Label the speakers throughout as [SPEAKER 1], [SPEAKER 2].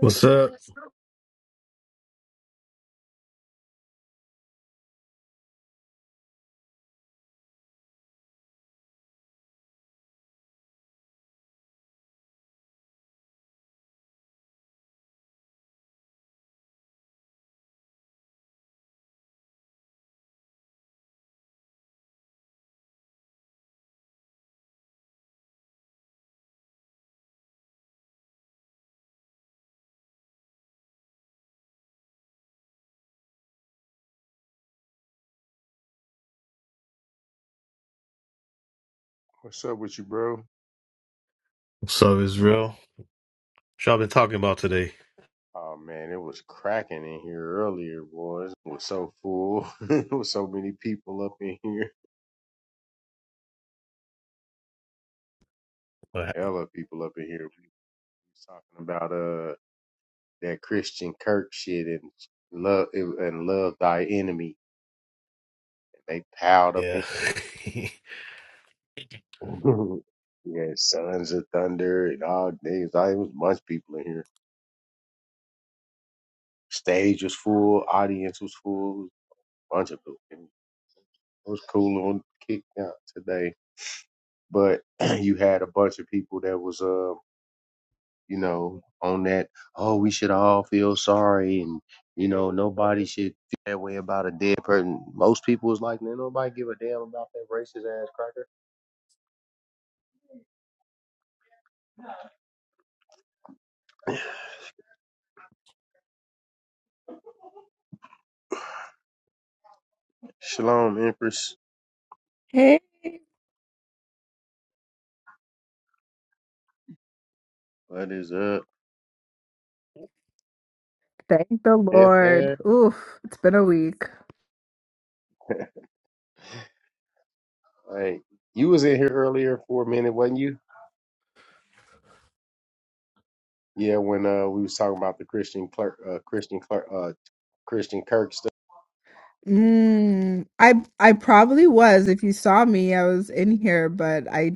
[SPEAKER 1] What's up?
[SPEAKER 2] What's up with you, bro?
[SPEAKER 1] What's up, Israel? What y'all been talking about today?
[SPEAKER 2] Oh man, it was cracking in here earlier, boys. It was so full. it was so many people up in here.
[SPEAKER 1] What hap-
[SPEAKER 2] Hella people up in here. We was talking about uh that Christian Kirk shit and love and love thy enemy. They piled up in
[SPEAKER 1] Yeah.
[SPEAKER 2] yeah, sons of thunder and all days. I it was a bunch of people in here. Stage was full, audience was full, bunch of people. It was cool on kick out today. but you had a bunch of people that was uh you know on that oh we should all feel sorry and you know nobody should feel that way about a dead person most people was like man nobody give a damn about that racist ass cracker shalom empress
[SPEAKER 3] Hey,
[SPEAKER 2] what is up
[SPEAKER 3] thank the Lord. Oof, it's been a week.
[SPEAKER 2] hey you was in here earlier for a minute wasn't you yeah when uh we was talking about the christian clerk uh christian clerk uh christian kirk stuff
[SPEAKER 3] Mm, I I probably was. If you saw me, I was in here, but I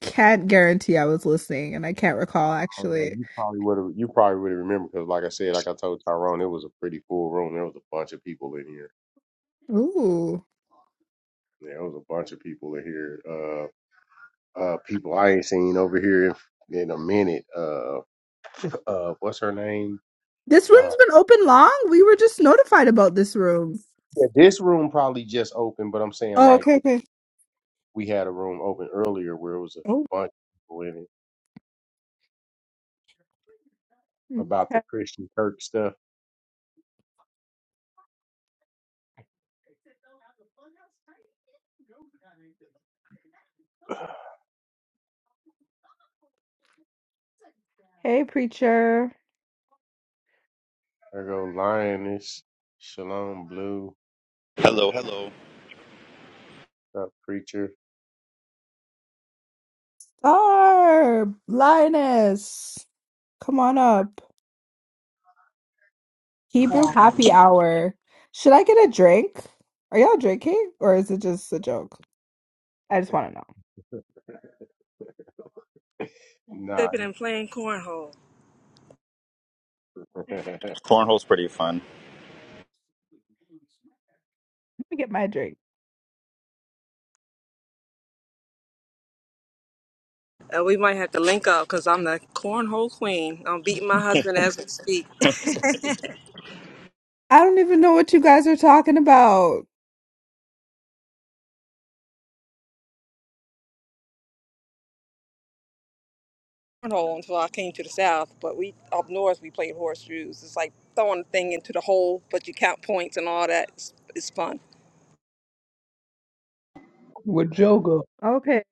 [SPEAKER 3] can't guarantee I was listening, and I can't recall
[SPEAKER 2] Oh no,
[SPEAKER 3] actually.
[SPEAKER 2] you probably would have. You probably would have remembered because, like I said, like I told Tyrone, it was a pretty full room. There was a bunch of people in here.
[SPEAKER 3] Ooh,
[SPEAKER 2] Yeah, there was a bunch of people in here. Uh, uh, people I ain't seen over here in, in a minute. Uh, uh, what's her name?
[SPEAKER 3] this
[SPEAKER 2] Uh,
[SPEAKER 3] room's been open long. We were just notified about this room.
[SPEAKER 2] yeah, this room probably just opened, but I'm saying
[SPEAKER 3] Oh,
[SPEAKER 2] like
[SPEAKER 3] okay,
[SPEAKER 2] th-
[SPEAKER 3] okay.
[SPEAKER 2] we had a room open earlier where it was a
[SPEAKER 3] Oh,
[SPEAKER 2] bunch of people in it about the
[SPEAKER 3] okay.
[SPEAKER 2] Christian Kirk stuff.
[SPEAKER 3] Hey, preacher.
[SPEAKER 2] There go lioness, shalom blue,
[SPEAKER 4] Hello, hello.
[SPEAKER 2] up preacher.
[SPEAKER 3] Barb, Linus, come on up. Hebrew happy hour. Should I get a drink? Are y'all drinking or is it just a joke? I just want to know. Let
[SPEAKER 2] Nah,
[SPEAKER 5] sipping and playing cornhole.
[SPEAKER 2] Michael,
[SPEAKER 4] Cornhole's pretty fun.
[SPEAKER 3] me get my drink.
[SPEAKER 5] Uh, we might have to link up because I'm the cornhole queen. I'm beating my husband as we speak.
[SPEAKER 3] I don't even know what you guys are talking about.
[SPEAKER 5] Cornhole until I came to the south, but we up north we played horseshoes. It's like throwing a thing into the hole, but you count points and all that. It's, it's fun.
[SPEAKER 6] with yoga.
[SPEAKER 3] Okay.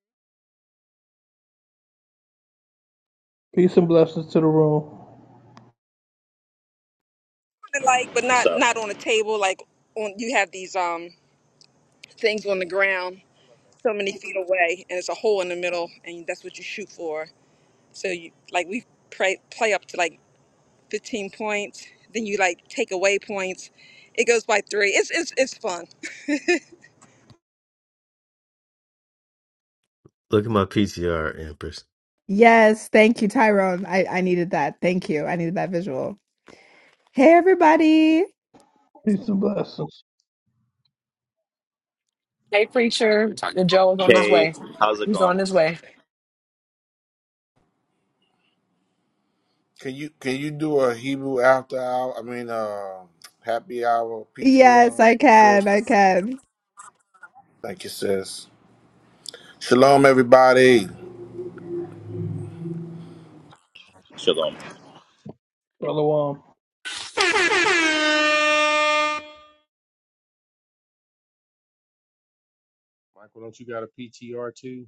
[SPEAKER 6] Peace and blessings to the room.
[SPEAKER 5] Kinda Like, but
[SPEAKER 4] What's
[SPEAKER 5] not
[SPEAKER 4] up?
[SPEAKER 5] not on a table. Like on you have these um things on the ground, so many feet away, and it's a hole in the middle, and that's what you shoot for. So you like we play play up to like 15 points. Then you like take away points. It goes by three. It's it's it's fun.
[SPEAKER 1] Look at my PTR, Empress.
[SPEAKER 3] Yes, thank you, Tyrone. I, I needed that. Thank you. I needed that visual. Hey, everybody.
[SPEAKER 6] Peace and blessings.
[SPEAKER 4] Hey, how's it going?
[SPEAKER 7] Can you can you do a Hebrew after hour? I mean, uh, happy hour
[SPEAKER 3] Yes,
[SPEAKER 7] PTR,
[SPEAKER 3] I
[SPEAKER 7] sis.
[SPEAKER 3] can. I can.
[SPEAKER 7] Thank you, sis. Shalom, everybody.
[SPEAKER 4] Shalom.
[SPEAKER 6] Shalom.
[SPEAKER 8] Hey.
[SPEAKER 2] don't you got a PTR too?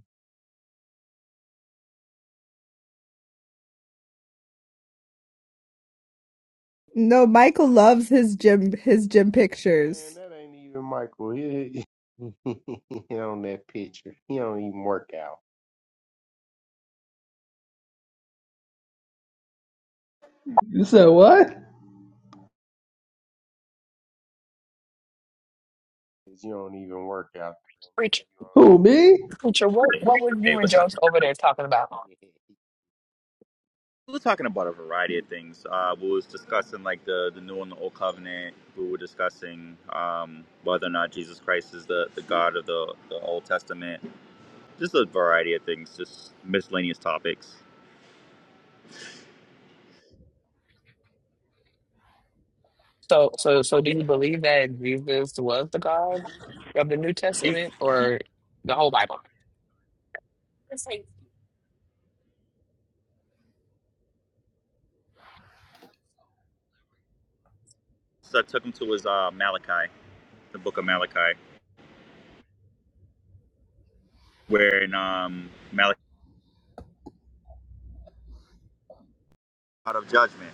[SPEAKER 3] No, Michael loves his gym his gym
[SPEAKER 2] Man,
[SPEAKER 3] pictures.
[SPEAKER 2] that ain't even Michael. He, he, he on that picture. He don't even work out.
[SPEAKER 6] You said what?
[SPEAKER 2] 'Cause You don't even work out. You on
[SPEAKER 6] Who,
[SPEAKER 2] that
[SPEAKER 6] me?
[SPEAKER 4] Hey, hey what's up?
[SPEAKER 2] picture.
[SPEAKER 4] We were talking about a variety of things. Uh, we was discussing like the, the new and the old covenant. We were discussing um, whether or not Jesus Christ is the, the God of the, the Old Testament. Just a variety of things, just miscellaneous topics. He so I took him to his uh, Malachi, the book of Malachi, where in um, Malachi, out of judgment.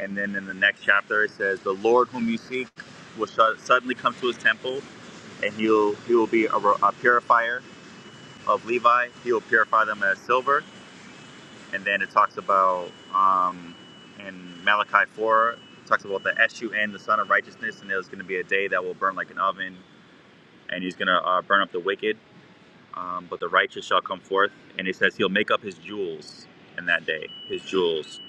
[SPEAKER 4] And then in the next chapter, it says, "The Lord whom you seek will su- suddenly come to his temple, and he'll he will be a, a purifier of Levi. He will purify them as silver." And then it talks about um, in Malachi four it talks about the sun, the Son of Righteousness, and there's going to be a day that will burn like an oven, and he's going to uh, burn up the wicked, um, but the righteous shall come forth. And he says he'll make up his jewels in that day, his jewels.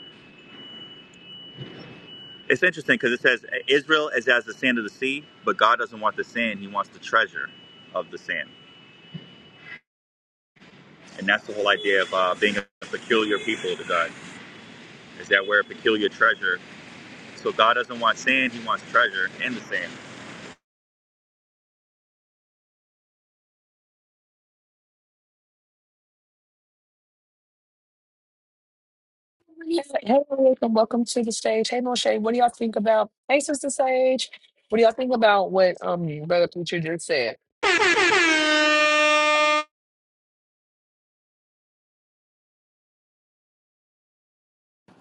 [SPEAKER 4] It's interesting because it says Israel is as the sand of the sea, but God doesn't want the sand; He wants the treasure of the sand, and that's the whole idea of uh, being a peculiar people to God. Is that we're a peculiar treasure? So God doesn't want sand; He wants treasure in the sand.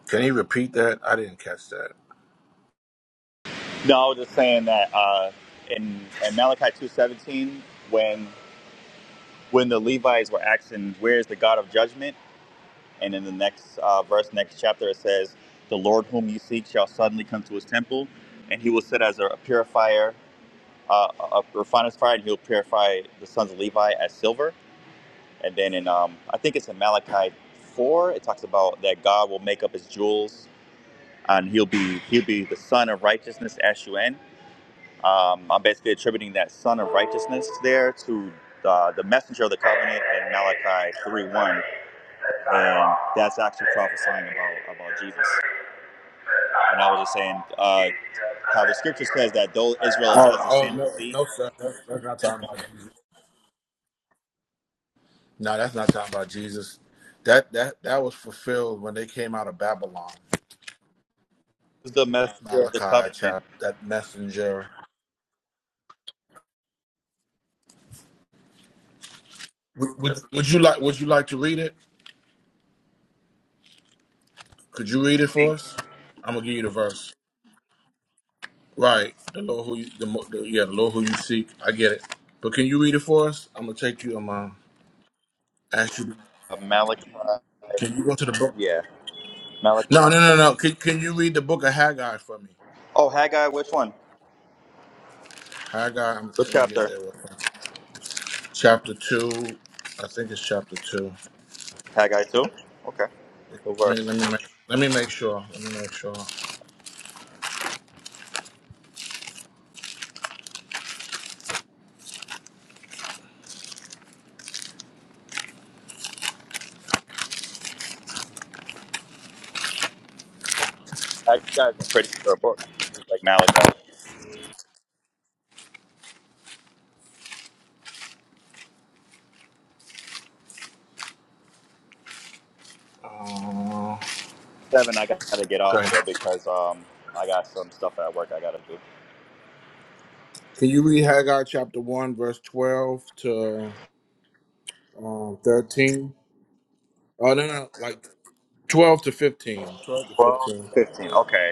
[SPEAKER 7] Can you repeat that? I didn't catch that.
[SPEAKER 4] No, I was just saying that uh, in, in Malachi two seventeen, when when the Levites were asking, "Where is the God of judgment?" and in the next uh, verse, next chapter, it says, "The Lord whom you seek shall suddenly come to His temple." and he will sit as a purifier uh, of refiner's fire, and he'll purify the sons of Levi as silver. And then in, um, I think it's in Malachi four, it talks about that God will make up his jewels, and he'll be he'll be the son of righteousness, S U N. Um, I'm basically attributing that son of righteousness there to the, the messenger of the covenant in
[SPEAKER 9] other
[SPEAKER 4] Malachi three one, and that's actually prophesying about about Jesus. And I was just saying uh, how the scripture says that though Israel is as
[SPEAKER 7] Oh,
[SPEAKER 4] the
[SPEAKER 7] oh
[SPEAKER 4] sand of the
[SPEAKER 7] no,
[SPEAKER 4] sea,
[SPEAKER 7] no, sir. That's, that's not talking about Jesus. No, that's not talking about Jesus. That that that was fulfilled when they came out of Babylon.
[SPEAKER 4] is the messenger of the
[SPEAKER 7] Malachi
[SPEAKER 4] covenant.
[SPEAKER 7] chapter that messenger. Would, would, would you like would you like to read it? Could you read it for us? I'm gonna give you the verse. Right. The Lord who you, the, mo- the yeah, the Lord who you seek. I get it. But can you read it for us? I'm gonna take you. I'm uh, ask you.
[SPEAKER 4] Uh, Malachi.
[SPEAKER 7] Can you go to the book?
[SPEAKER 4] Yeah, Malachi.
[SPEAKER 7] No, no, no, no. Can, can you read the book of Haggai for me?
[SPEAKER 4] Oh, Haggai, which one?
[SPEAKER 7] Haggai. I'm
[SPEAKER 4] What
[SPEAKER 7] gonna get
[SPEAKER 4] chapter?
[SPEAKER 7] there. Real quick. Chapter two. I think it's chapter two.
[SPEAKER 4] Haggai 2? Okay. The
[SPEAKER 7] Let me
[SPEAKER 4] verse.
[SPEAKER 7] let me make, let me make sure. Let me make sure.
[SPEAKER 4] Haggai's a pretty short book, just like Malachi.
[SPEAKER 7] Uh,
[SPEAKER 4] 7, I gotta get off
[SPEAKER 7] okay.
[SPEAKER 4] here because um, I got some stuff at work I gotta do.
[SPEAKER 7] Can you read Haggai chapter one, verse twelve to um, thirteen? Oh no, no, like twelve to fifteen. Twelve to
[SPEAKER 4] 12
[SPEAKER 7] fifteen.
[SPEAKER 4] to 15. Okay.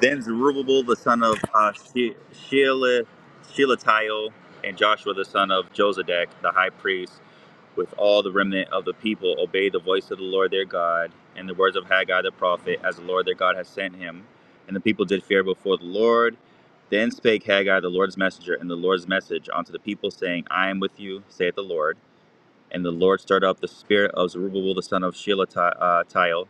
[SPEAKER 4] Then Zerubbabel, the son of uh, She- Sheala- Shealtiel, and Joshua, the son of Josedek, the high priest, with all the remnant of the people obeyed the voice of the Lord their God and the words of Haggai the prophet, as the Lord their God has sent him. And the people did fear before the Lord. Then spake Haggai the Lord's messenger and the Lord's message unto the people, saying, I am with you, saith the Lord. And the Lord stirred up the spirit of Zerubbabel the son of Shealtiel,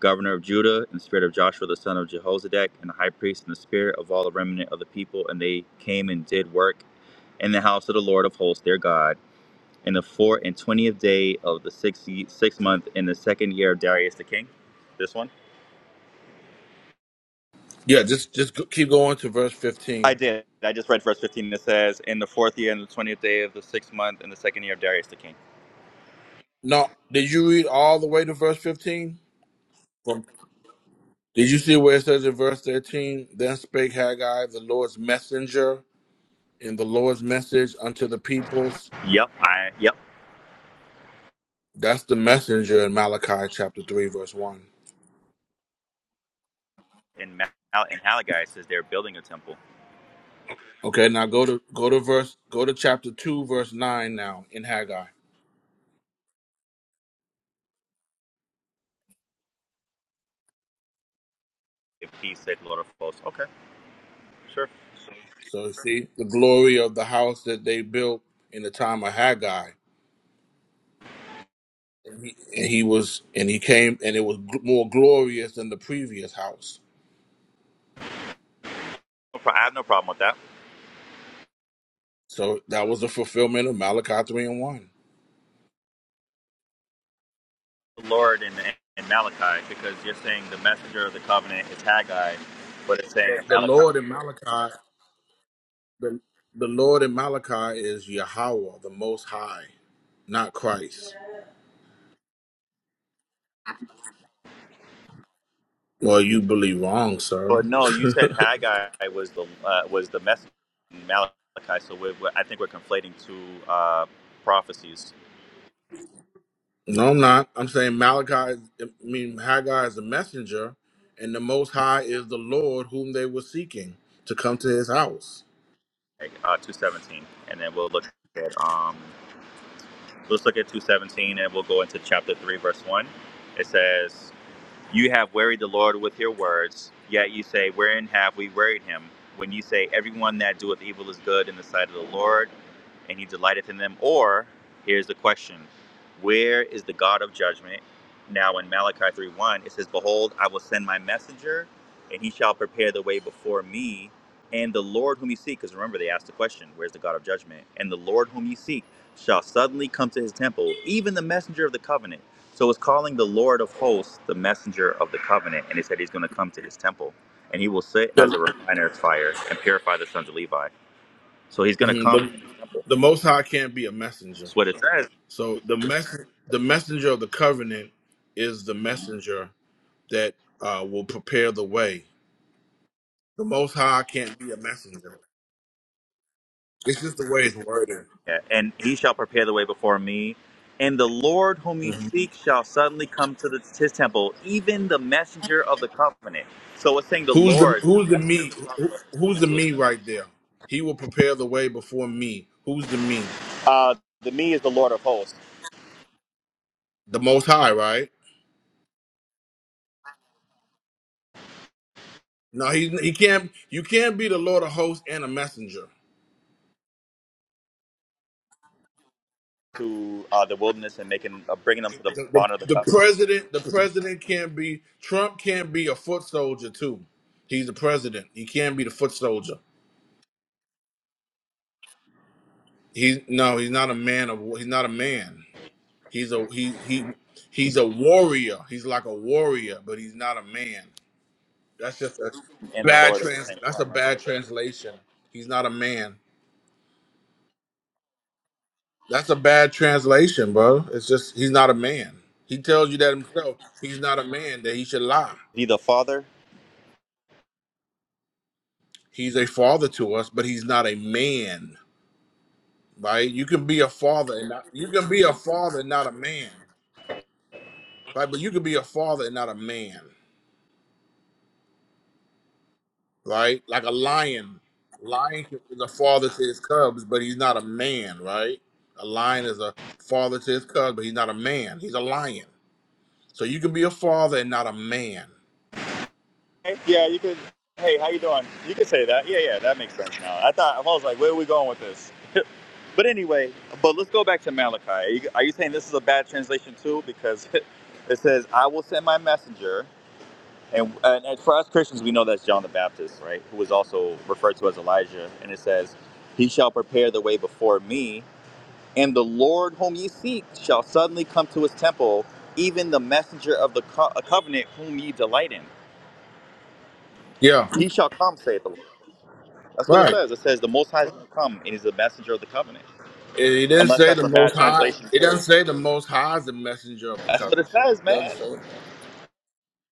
[SPEAKER 4] governor of Judah, and the spirit of Joshua the son of Jehozadak, and the high priest, and the spirit of all the remnant of the people. And they came and did work in the house of the Lord of hosts their God in the fourth and twentieth day of the sixth sixth month in the second year of Darius the king. This one
[SPEAKER 7] Yeah, just just go- keep going to verse
[SPEAKER 4] I
[SPEAKER 7] fifteen.
[SPEAKER 4] did. I just read verse fifteen. It says, "In the fourth year and the twentieth day of the sixth month in the second year of Darius the king."
[SPEAKER 7] Now, did you read all the way to verse fifteen? From did you see where it says in verse thirteen? Then spake Haggai, the Lord's messenger, in the Lord's message unto the peoples.
[SPEAKER 4] Yep. I yep.
[SPEAKER 7] That's the messenger in Malachi chapter three, verse one.
[SPEAKER 4] In Mal- in Haggai it says they're building a temple.
[SPEAKER 7] Okay, now go to go to verse go to chapter two, verse nine now in Haggai.
[SPEAKER 4] If he said Lord of hosts, okay, sure.
[SPEAKER 7] So see the glory of the house that they built in the time of Haggai he was and he came and it was gl- more glorious than the previous house
[SPEAKER 4] No pro- I have no problem with that.
[SPEAKER 7] so that was the fulfillment of malachi 3 and 1
[SPEAKER 4] The Lord in, in Malachi because you're saying the messenger of the covenant is Haggai, but it's saying
[SPEAKER 7] the,
[SPEAKER 4] in
[SPEAKER 7] the
[SPEAKER 4] Malachi.
[SPEAKER 7] lord in malachi the, the lord in malachi is yahweh the most high not christ well you believe wrong sir
[SPEAKER 4] But no, you said Haggai was the uh, was the message in Malachi. So we're, we're, I think we're conflating two uh, prophecies,
[SPEAKER 7] no i'm not i'm saying malachi is, i mean haggai is the messenger and the most high is the lord whom they were seeking to come to his house
[SPEAKER 4] like, uh, two seventeen, and then we'll look at um, let's look at two seventeen, and we'll go into chapter three, verse one. It says. You have wearied the Lord with your words, yet you say, Wherein have we wearied him? When you say, Everyone that doeth evil is good in the sight of the Lord, and he delighteth in them. Or, here's the question Where is the God of judgment? Now, in Malachi 3 1, it says, Behold, I will send my messenger, and he shall prepare the way before me, and the Lord whom you seek. Because remember, they asked the question, Where's the God of judgment? And the Lord whom you seek shall suddenly come to his temple, even the messenger of the covenant. So it's calling the Lord of hosts the messenger of the covenant, and he said he's going to come to his temple, and he will sit
[SPEAKER 7] the,
[SPEAKER 4] as a refiner of fire and purify the sons of Levi. So he's going to
[SPEAKER 7] mhm,
[SPEAKER 4] come to
[SPEAKER 7] the,
[SPEAKER 4] his temple.
[SPEAKER 7] the most high can't be a messenger
[SPEAKER 4] That's what it says.
[SPEAKER 7] So the mess the messenger of the covenant is the messenger that uh, will prepare the way. The Most High can't be a messenger. It's just the way it's worded.
[SPEAKER 4] Yeah, And he shall prepare the way before me. And the Lord whom you
[SPEAKER 7] Mhm.
[SPEAKER 4] seek shall suddenly come to the, his temple, even the messenger of the covenant. So it's saying the
[SPEAKER 7] Who's the
[SPEAKER 4] Lord,
[SPEAKER 7] Who's
[SPEAKER 4] the
[SPEAKER 7] the
[SPEAKER 4] messenger of
[SPEAKER 7] me?
[SPEAKER 4] the
[SPEAKER 7] Who,
[SPEAKER 4] covenant, is
[SPEAKER 7] who's
[SPEAKER 4] coming
[SPEAKER 7] the
[SPEAKER 4] to his
[SPEAKER 7] me
[SPEAKER 4] temple.
[SPEAKER 7] right there? He will prepare the way before me. Who's the me?
[SPEAKER 4] Uh, the me is the Lord of hosts
[SPEAKER 7] The Most High, right? No, he he can't. You can't be the Lord of Hosts and a messenger.
[SPEAKER 4] to uh, the wilderness and making uh, bringing them to the
[SPEAKER 7] The,
[SPEAKER 4] bond of the
[SPEAKER 7] the, the
[SPEAKER 4] covenant
[SPEAKER 7] president, the president can't be Trump. Can't be a foot soldier too. He's the president. He can't be the foot soldier. He no, he's not a man of war. he's not a man. He's a he he he's a warrior. He's like a warrior, but he's not a man. That's just a
[SPEAKER 4] and the
[SPEAKER 7] bad
[SPEAKER 4] Lord at the
[SPEAKER 7] trans
[SPEAKER 4] same
[SPEAKER 7] that's a
[SPEAKER 4] time, right?
[SPEAKER 7] bad translation. He's not a man. That's a bad translation, bro. It's just he's not a man. He tells you that himself. He's not a man that he should lie.
[SPEAKER 4] be the father.
[SPEAKER 7] He's a father to us, but he's not a man, right? You can be a father and not you can be a father and not a man. Right? But you can be a father and not a man. right? Like a lion. Lion is a father to his cubs, but he's not a man, right? A lion is a father to his cubs, but he's not a man. He's a lion. So you can be a father and not a man.
[SPEAKER 4] Hey, yeah, you could. Hey, how you doing? You could say that. Yeah, yeah, that makes sense now. I thought I was like, where are we going with this? But anyway, but let's go back to Malachi. Are you, are you saying this is a bad translation too? Because it says, "I will send my messenger," and, and, and for us Christians, we know that's John the Baptist, right? Who was also referred to as Elijah. And it says, "He shall prepare the way before me, and the Lord whom ye seek shall suddenly come to his temple, even the messenger of the co- covenant whom ye delight in.
[SPEAKER 7] Yeah,
[SPEAKER 4] He shall come," saith the Lord. That's what it
[SPEAKER 7] right.
[SPEAKER 4] says. It says the Most High is going to come and he's the messenger of the covenant.
[SPEAKER 7] And he didn't
[SPEAKER 4] Unless
[SPEAKER 7] say
[SPEAKER 4] that's
[SPEAKER 7] the
[SPEAKER 4] a bad
[SPEAKER 7] most high.
[SPEAKER 4] translation,
[SPEAKER 7] It
[SPEAKER 4] too.
[SPEAKER 7] doesn't say the most high is the messenger of the
[SPEAKER 4] That's what it
[SPEAKER 7] covenant.
[SPEAKER 4] says,
[SPEAKER 7] It doesn't
[SPEAKER 4] man.
[SPEAKER 7] say.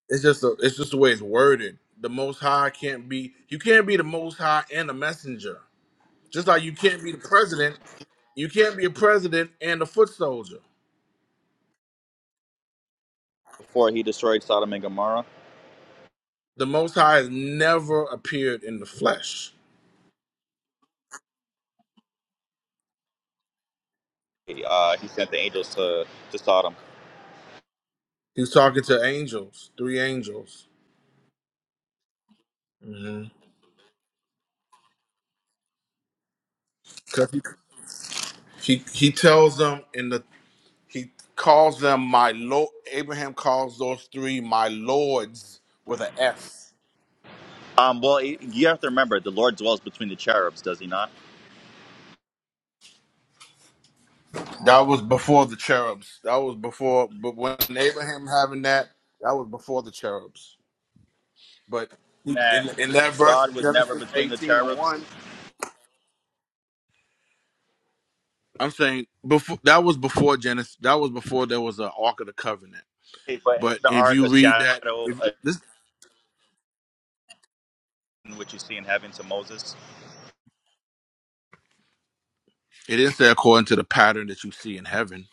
[SPEAKER 7] It's just a, it's just the way it's worded. The most high can't be. You can't be the most high and a messenger. Just like you can't be the president. You can't be a president and a foot soldier.
[SPEAKER 4] Before he destroyed Sodom and Gomorrah,
[SPEAKER 7] The Most High has never appeared in the flesh.
[SPEAKER 4] he, uh, he sent the angels to, to Sodom.
[SPEAKER 7] He was talking to angels, three angels. hmm Cause he, he he tells them in the he calls them my lord. Abraham calls those three my lords with an S.
[SPEAKER 4] Um, well, you have to remember, the Lord dwells between the cherubs, does he not?
[SPEAKER 7] That was before the cherubs. That was before. But when Abraham having that, that was before the cherubs. But he-
[SPEAKER 4] That
[SPEAKER 7] in in that verse
[SPEAKER 4] God
[SPEAKER 7] in
[SPEAKER 4] was never
[SPEAKER 7] Genesis
[SPEAKER 4] between the
[SPEAKER 7] eighteen and
[SPEAKER 4] cherubs.
[SPEAKER 7] one, I'm saying before that was before Genesis. That was before there was an Ark of the Covenant.
[SPEAKER 4] Hey, But is
[SPEAKER 7] But
[SPEAKER 4] the
[SPEAKER 7] if
[SPEAKER 4] ark
[SPEAKER 7] you
[SPEAKER 4] a
[SPEAKER 7] read
[SPEAKER 4] shadow
[SPEAKER 7] that, if
[SPEAKER 4] of
[SPEAKER 7] this,
[SPEAKER 4] what you see in heaven to Moses?
[SPEAKER 7] it did according to the pattern that you see in heaven.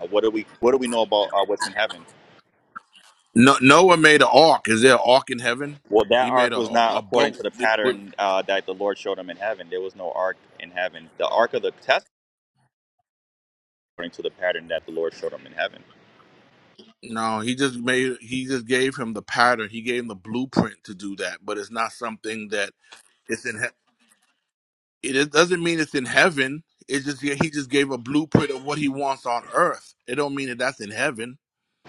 [SPEAKER 4] Uh, what do we What do we know about uh, what's in heaven?
[SPEAKER 7] No, Noah made an ark. Is there an ark in heaven?
[SPEAKER 4] Well, that
[SPEAKER 7] He made
[SPEAKER 4] ark was
[SPEAKER 7] a
[SPEAKER 4] not
[SPEAKER 7] a
[SPEAKER 4] according
[SPEAKER 7] boat.
[SPEAKER 4] to the
[SPEAKER 7] that would-
[SPEAKER 4] pattern uh, that the Lord showed him in heaven. There was no ark in heaven. The ark of the test according to the pattern that the Lord showed him in heaven.
[SPEAKER 7] no, he just made. He just gave him the pattern. He gave him the blueprint to do that. But it's not something that it's in. He- it is- doesn't mean it's in heaven. It just yeah, he just gave a blueprint of what he wants on earth. It don't mean that that's in heaven.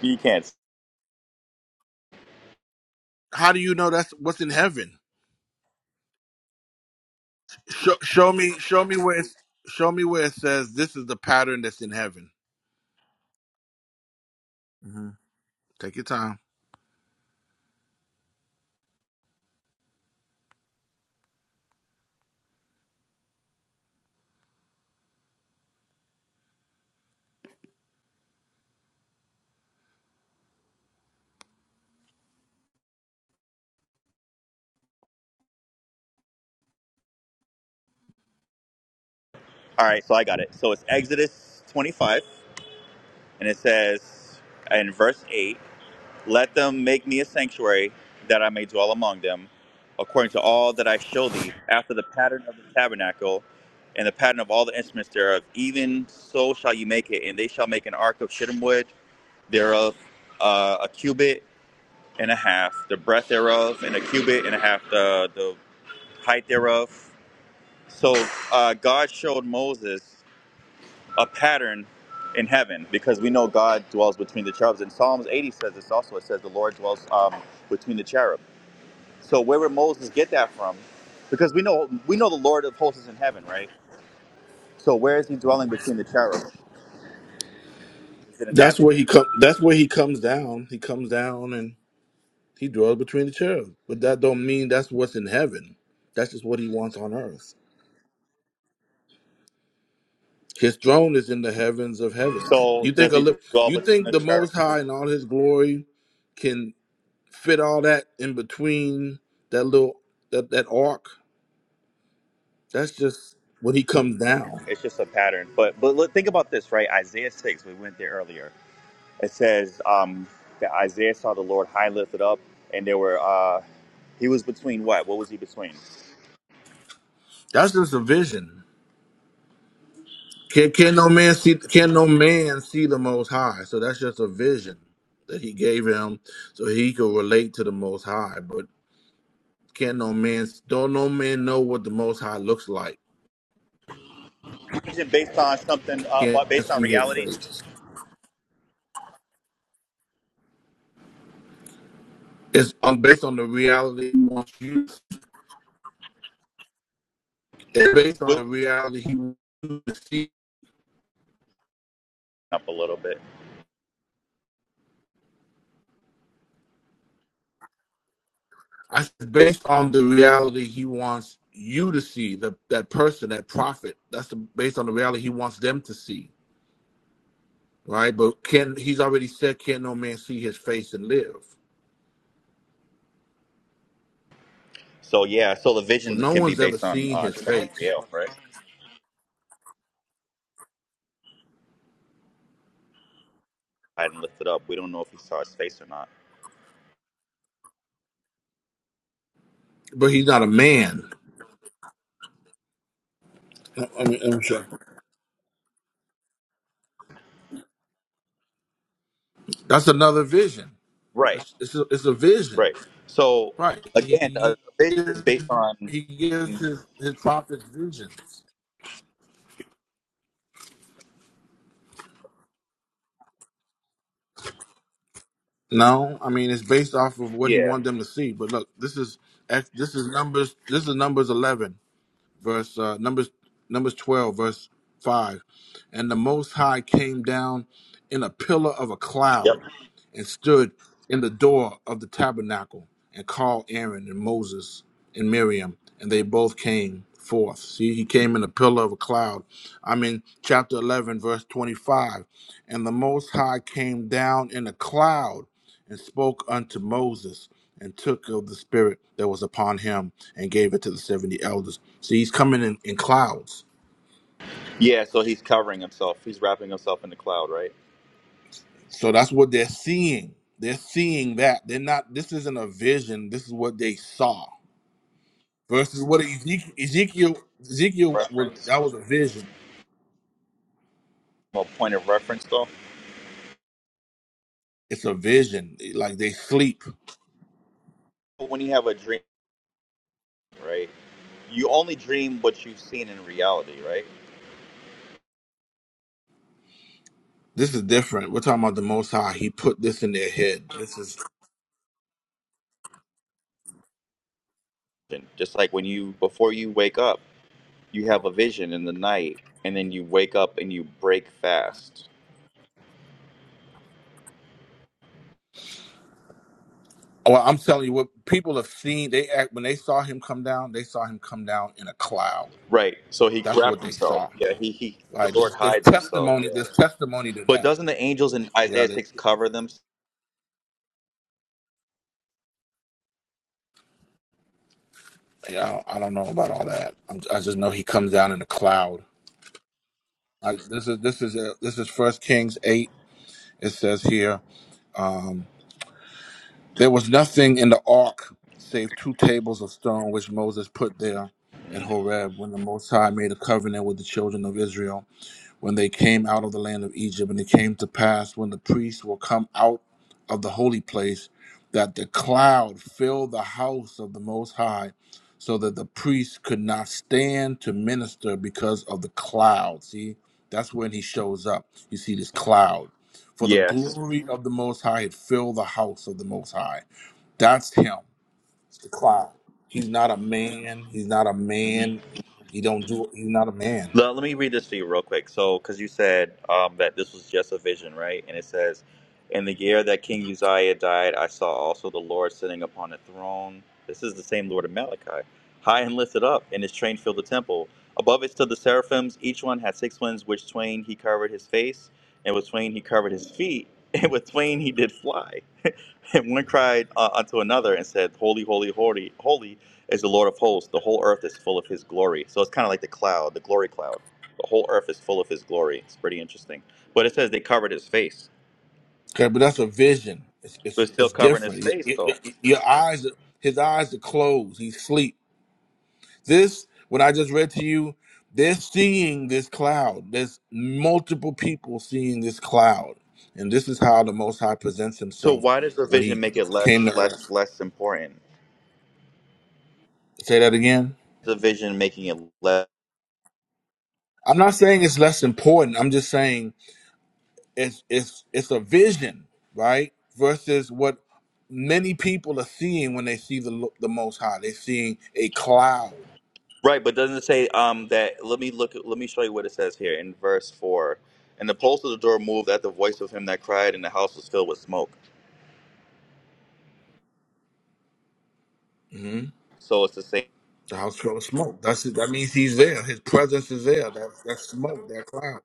[SPEAKER 4] You can't.
[SPEAKER 7] How do you know that's what's in heaven? Show, show me. Show me where. It's, show me where it says this is the pattern that's in heaven. hmm Take your time.
[SPEAKER 4] All right, so I got it. So it's Exodus 25, and it says in verse 8, "Let them make me a sanctuary that I may dwell among them, according to all that I show thee, after the pattern of the tabernacle." And the pattern of all the instruments thereof, even so shall you make it, and they shall make an ark of shittim wood thereof, uh, a cubit, and a half, the breadth thereof, and a cubit and a half, the, the height thereof. So uh, God showed Moses a pattern in heaven because we know God dwells between the cherubs. And Psalms 80 says this also. It says the Lord dwells um, between the cherub. So where would Moses get that from? Because we know we know the Lord of hosts is in heaven, right? So where is he dwelling between the cherub? Is it in
[SPEAKER 7] That's
[SPEAKER 4] heaven?
[SPEAKER 7] where he come. That's where he comes down. He comes down and he dwells between the cherubs. But that don't mean that's what's in heaven. That's just what he wants on earth. His throne is in the heavens of heavens.
[SPEAKER 4] So
[SPEAKER 7] You
[SPEAKER 4] does
[SPEAKER 7] think a
[SPEAKER 4] he
[SPEAKER 7] li-
[SPEAKER 4] dwell
[SPEAKER 7] you
[SPEAKER 4] between
[SPEAKER 7] think the
[SPEAKER 4] the cherubs?
[SPEAKER 7] Most High and all His glory can fit all that in between that little that that ark? That's just when he comes down.
[SPEAKER 4] It's just a pattern. But but look, think about this, right? Isaiah 6, we went there earlier. it says um, that Isaiah saw the Lord high and lifted up, and there were uh, he was between what? What was he between?
[SPEAKER 7] That's just a vision. Can, can no man see? Can no man see the Most High? So that's just a vision that He gave him, so he could relate to the Most High. But can no man? Don't no man know what the Most High looks like?
[SPEAKER 4] Is it based on something? Uh,
[SPEAKER 7] Can't
[SPEAKER 4] but based on
[SPEAKER 7] see His
[SPEAKER 4] reality?
[SPEAKER 7] face. It's um, based on the reality He wants you. To see. It's based on
[SPEAKER 4] What-
[SPEAKER 7] the reality He wants you to see.
[SPEAKER 4] Up a little bit.
[SPEAKER 7] I said based on the reality He wants you to see. The that person, that prophet. That's the, based on the reality He wants them to see right? But can he's already said, can no man see his face and live?
[SPEAKER 4] So yeah, so the
[SPEAKER 7] So
[SPEAKER 4] vision
[SPEAKER 7] no
[SPEAKER 4] can be
[SPEAKER 7] one's ever
[SPEAKER 4] based on
[SPEAKER 7] seen
[SPEAKER 4] uh,
[SPEAKER 7] his
[SPEAKER 4] something
[SPEAKER 7] face,
[SPEAKER 4] real, right? High and lifted up. We don't know if he saw his face or not.
[SPEAKER 7] but he's not a man. I- mean, I'm sure that's another vision.
[SPEAKER 4] Right,
[SPEAKER 7] That's, it's, a, it's a vision,
[SPEAKER 4] right. So
[SPEAKER 7] right?
[SPEAKER 4] again, a a
[SPEAKER 7] He
[SPEAKER 4] vision is
[SPEAKER 7] gives,
[SPEAKER 4] based on
[SPEAKER 7] he gives his his prophets visions. No, I mean it's based off of what he
[SPEAKER 4] yeah,
[SPEAKER 7] wanted them to see. But look, this is this is numbers. This is numbers eleven. verse uh, Numbers Numbers twelve, verse five, and the Most High came down in a pillar of a
[SPEAKER 4] yep,
[SPEAKER 7] cloud and stood in the door of the tabernacle and called Aaron and Moses and Miriam, and they both came forth. See, he came in a pillar of a cloud. I'm in chapter eleven, verse twenty-five, and the Most High came down in a cloud and spoke unto Moses and took of the spirit that was upon him and gave it to the 70 elders. See, he's coming in, in clouds.
[SPEAKER 4] yeah. So he's covering himself. He's wrapping himself in the cloud, right?
[SPEAKER 7] So that's what they're seeing. They're seeing that. They're not, this isn't a vision. This is what they saw versus what Ezekiel, Ezekiel, Ezekiel was,
[SPEAKER 4] Reference,
[SPEAKER 7] that was a vision.
[SPEAKER 4] a point of reference, though
[SPEAKER 7] It's a vision. Like they sleep.
[SPEAKER 4] when you have a dream right? You only dream what you've seen in reality, right?
[SPEAKER 7] This is different. We're talking about the Most High. He put this in their head. This is,
[SPEAKER 4] Just like when you, before you wake up, you have a vision in the night, and then you wake up and you break fast.
[SPEAKER 7] well, I'm telling you what people have seen. They act, when they saw him come down, they saw him come down in a cloud.
[SPEAKER 4] Right. So he
[SPEAKER 7] That's
[SPEAKER 4] grabbed
[SPEAKER 7] what they
[SPEAKER 4] himself.
[SPEAKER 7] saw.
[SPEAKER 4] Yeah. He, he the
[SPEAKER 7] Like
[SPEAKER 4] Lord
[SPEAKER 7] there's, there's
[SPEAKER 4] hides himself.
[SPEAKER 7] testimony,
[SPEAKER 4] Yeah.
[SPEAKER 7] there's testimony to
[SPEAKER 4] But
[SPEAKER 7] that.
[SPEAKER 4] doesn't the angels in Isaiah
[SPEAKER 7] Yeah,
[SPEAKER 4] 6 cover them?
[SPEAKER 7] Yeah, I don't, I don't know about all that. I'm, I just know he comes down in a cloud. I, this is this is a, this is First Kings eight. It says here, um, there was nothing in the ark save two tables of stone which Moses put there at
[SPEAKER 4] Mhm.
[SPEAKER 7] Horeb when the Most High made a covenant with the children of Israel. when they came out of the land of Egypt. And it came to pass when the priests were come out of the holy place that the cloud filled the house of the Most High, so that the priests could not stand to minister because of the cloud. See, that's when he shows up. You see this cloud. For the
[SPEAKER 4] Yes.
[SPEAKER 7] glory of the Most High had filled the house of the Most High. That's him. It's the cloud. He's not a man. He's not a
[SPEAKER 4] Mhm.
[SPEAKER 7] man. He don't do. He's not a man.
[SPEAKER 4] Le- Let me read this to you real quick. So, because you said um, that this was just a vision, right? And it says, In the year that King Uzziah died, I saw also the Lord sitting upon a throne. This is the same Lord of Malachi, high and lifted up, and his train filled the temple. Above it stood the seraphims. Each one had six wings, which twain he covered his face, and with twain he covered his feet, and with twain he did fly. And one cried uh, unto another and said, Holy, holy, holy, holy is the Lord of hosts. The whole earth is full of his glory. So it's kind of like the cloud, the glory cloud. The whole earth is full of his glory. It's pretty interesting. But it says they covered his face.
[SPEAKER 7] Okay, but that's a vision. It's
[SPEAKER 4] But
[SPEAKER 7] it's,
[SPEAKER 4] it's still
[SPEAKER 7] it's
[SPEAKER 4] covering his
[SPEAKER 7] different.
[SPEAKER 4] face,
[SPEAKER 7] Your, your,
[SPEAKER 4] though.
[SPEAKER 7] your eyes, are- his eyes are closed. He's asleep. This, what I just read to you, they're seeing this cloud. There's multiple people seeing this cloud, and this is how the Most High presents
[SPEAKER 4] So
[SPEAKER 7] Himself
[SPEAKER 4] why does the
[SPEAKER 7] when
[SPEAKER 4] vision
[SPEAKER 7] He
[SPEAKER 4] make it
[SPEAKER 7] came
[SPEAKER 4] less,
[SPEAKER 7] to
[SPEAKER 4] less,
[SPEAKER 7] Earth.
[SPEAKER 4] less important?
[SPEAKER 7] Say that again.
[SPEAKER 4] The vision making it less.
[SPEAKER 7] I'm not saying it's less important. I'm just saying it's it's it's a vision, right? Versus what many people are seeing when they see the lo- the Most High. They're seeing a cloud.
[SPEAKER 4] Right, but doesn't it say um, that? Let me look. Let me show you what it says here in verse four. And the post of the door moved at the voice of him that cried, and the house was filled with smoke.
[SPEAKER 7] hmm
[SPEAKER 4] So it's the same.
[SPEAKER 7] The house full of smoke. That's it. That means he's there. His presence is there. That that smoke, that cloud.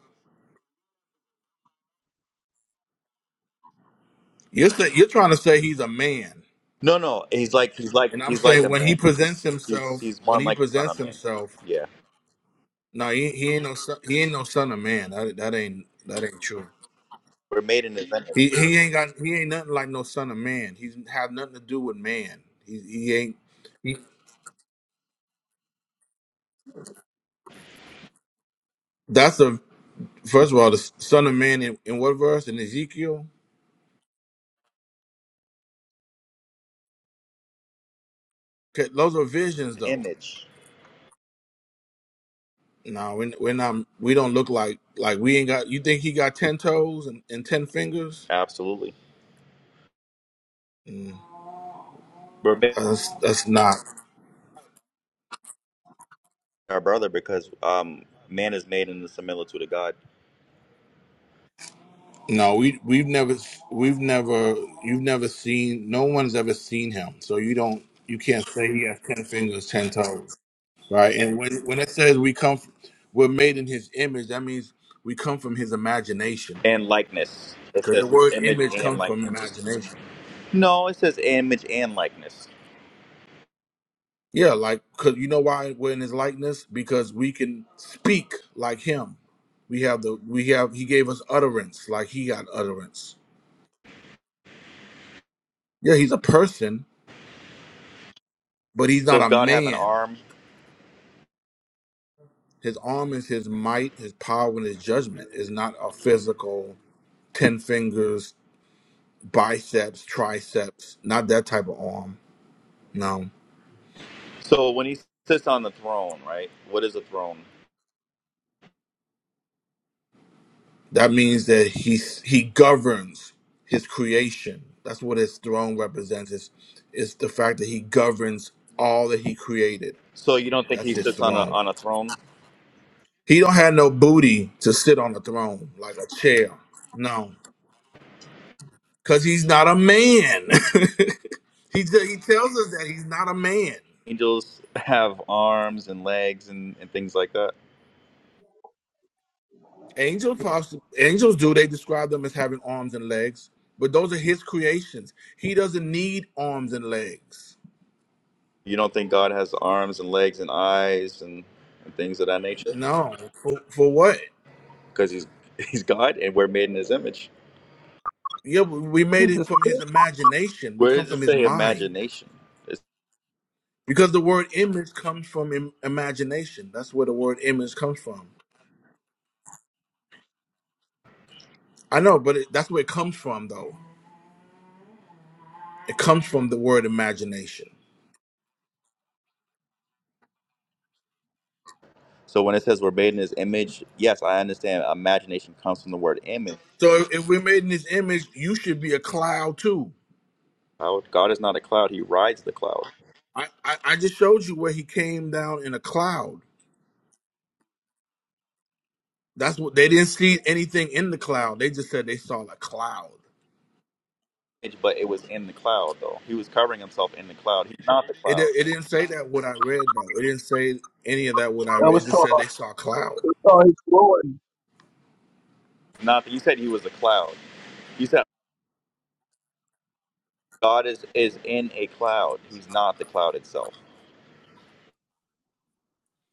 [SPEAKER 7] You're say, you're trying to say he's a man,
[SPEAKER 4] No, no, he's like he's like
[SPEAKER 7] and I'm
[SPEAKER 4] he's like
[SPEAKER 7] saying
[SPEAKER 4] a
[SPEAKER 7] when he
[SPEAKER 4] man.
[SPEAKER 7] presents
[SPEAKER 4] He's he's,
[SPEAKER 7] himself,
[SPEAKER 4] he's
[SPEAKER 7] when
[SPEAKER 4] one
[SPEAKER 7] he
[SPEAKER 4] like the son of
[SPEAKER 7] presents
[SPEAKER 4] man.
[SPEAKER 7] himself,
[SPEAKER 4] Yeah,
[SPEAKER 7] no, he, he ain't no son, he ain't no son of man. That that ain't that ain't true.
[SPEAKER 4] we're made in his
[SPEAKER 7] He
[SPEAKER 4] image.
[SPEAKER 7] he ain't got he ain't nothing like no son of man. He's have nothing to do with man. He he ain't. He, that's a first of all the son of man in, in what verse in Ezekiel? Okay, those are visions though.
[SPEAKER 4] Image,
[SPEAKER 7] No, we're, we're not. We don't look like like we ain't got. You think he got ten toes and, and ten fingers?
[SPEAKER 4] absolutely.
[SPEAKER 7] Mm,
[SPEAKER 4] We're made
[SPEAKER 7] that's that's not.
[SPEAKER 4] by our brother because um, man is made in the similitude of God
[SPEAKER 7] No, we we've never we've never you've never seen. No one's ever seen him, so you don't. You can't say he has ten fingers, ten toes, right? And when when it says we come, f- we're made in his image. That means we come from his imagination,
[SPEAKER 4] and likeness. It
[SPEAKER 7] because
[SPEAKER 4] says
[SPEAKER 7] the
[SPEAKER 4] his
[SPEAKER 7] word
[SPEAKER 4] image
[SPEAKER 7] image
[SPEAKER 4] and
[SPEAKER 7] comes from
[SPEAKER 4] likeness.
[SPEAKER 7] imagination.
[SPEAKER 4] No, it says image and likeness.
[SPEAKER 7] Yeah, like, cause you know why we're in his likeness? Because we can speak like him. We have the, we have, he gave us utterance, like he got utterance. Yeah, he's a person, but he's not
[SPEAKER 4] Does
[SPEAKER 7] a
[SPEAKER 4] God have an
[SPEAKER 7] man.
[SPEAKER 4] arm?
[SPEAKER 7] His arm is his might, his power, and his judgment is not a physical 10 fingers, biceps, triceps, not that type of arm. No.
[SPEAKER 4] So when he sits on the throne, right? What is a throne?
[SPEAKER 7] That means that he's he governs his creation. That's what his throne represents. Is is the fact that he governs all that he created.
[SPEAKER 4] So you don't think
[SPEAKER 7] That's
[SPEAKER 4] he
[SPEAKER 7] his
[SPEAKER 4] sits on a
[SPEAKER 7] throne.
[SPEAKER 4] on a throne?
[SPEAKER 7] He don't have no booty to sit on the throne like a chair. No, because he's not a man. he t- he tells us that he's not a man.
[SPEAKER 4] Angels have arms and legs and, and things like that.
[SPEAKER 7] Angels possi angels do they describe them as having arms and legs, but those are his creations. He doesn't need arms and legs.
[SPEAKER 4] You don't think God has arms and legs and eyes and, and things of that nature?
[SPEAKER 7] No, for, for what?
[SPEAKER 4] Because he's he's God and we're made in his image.
[SPEAKER 7] Yeah, we we made
[SPEAKER 6] He's
[SPEAKER 7] it
[SPEAKER 6] a
[SPEAKER 7] from his
[SPEAKER 6] spirit.
[SPEAKER 7] imagination. We
[SPEAKER 4] Where
[SPEAKER 7] come
[SPEAKER 4] does it
[SPEAKER 7] from his
[SPEAKER 4] say
[SPEAKER 7] mind.
[SPEAKER 4] imagination? It's-
[SPEAKER 7] Because the word image comes from Im- imagination. That's where the word image comes from. I know, but it, that's where it comes from, though. It comes from the word imagination.
[SPEAKER 4] so when it says we're made in his image, yes, I understand imagination comes from the word image.
[SPEAKER 7] So if, if we're made in his image, you should be a cloud too.
[SPEAKER 4] Cloud. God is not a cloud, he rides the cloud.
[SPEAKER 7] I, I, I just showed you where he came down in a cloud. That's what they didn't see anything in the cloud. They just said they saw a cloud.
[SPEAKER 4] But it was in the cloud though. He was covering himself in the cloud. He's not the
[SPEAKER 7] It, di-
[SPEAKER 4] cloud.
[SPEAKER 7] it didn't say that what I read though. It didn't say any of that what I
[SPEAKER 6] I
[SPEAKER 7] read. It
[SPEAKER 6] was
[SPEAKER 7] just
[SPEAKER 6] taught
[SPEAKER 7] said
[SPEAKER 6] I
[SPEAKER 7] they saw a cloud.
[SPEAKER 6] was taught his glory.
[SPEAKER 4] Not you said he was the cloud. You said God is, is in a cloud. He's not the cloud itself.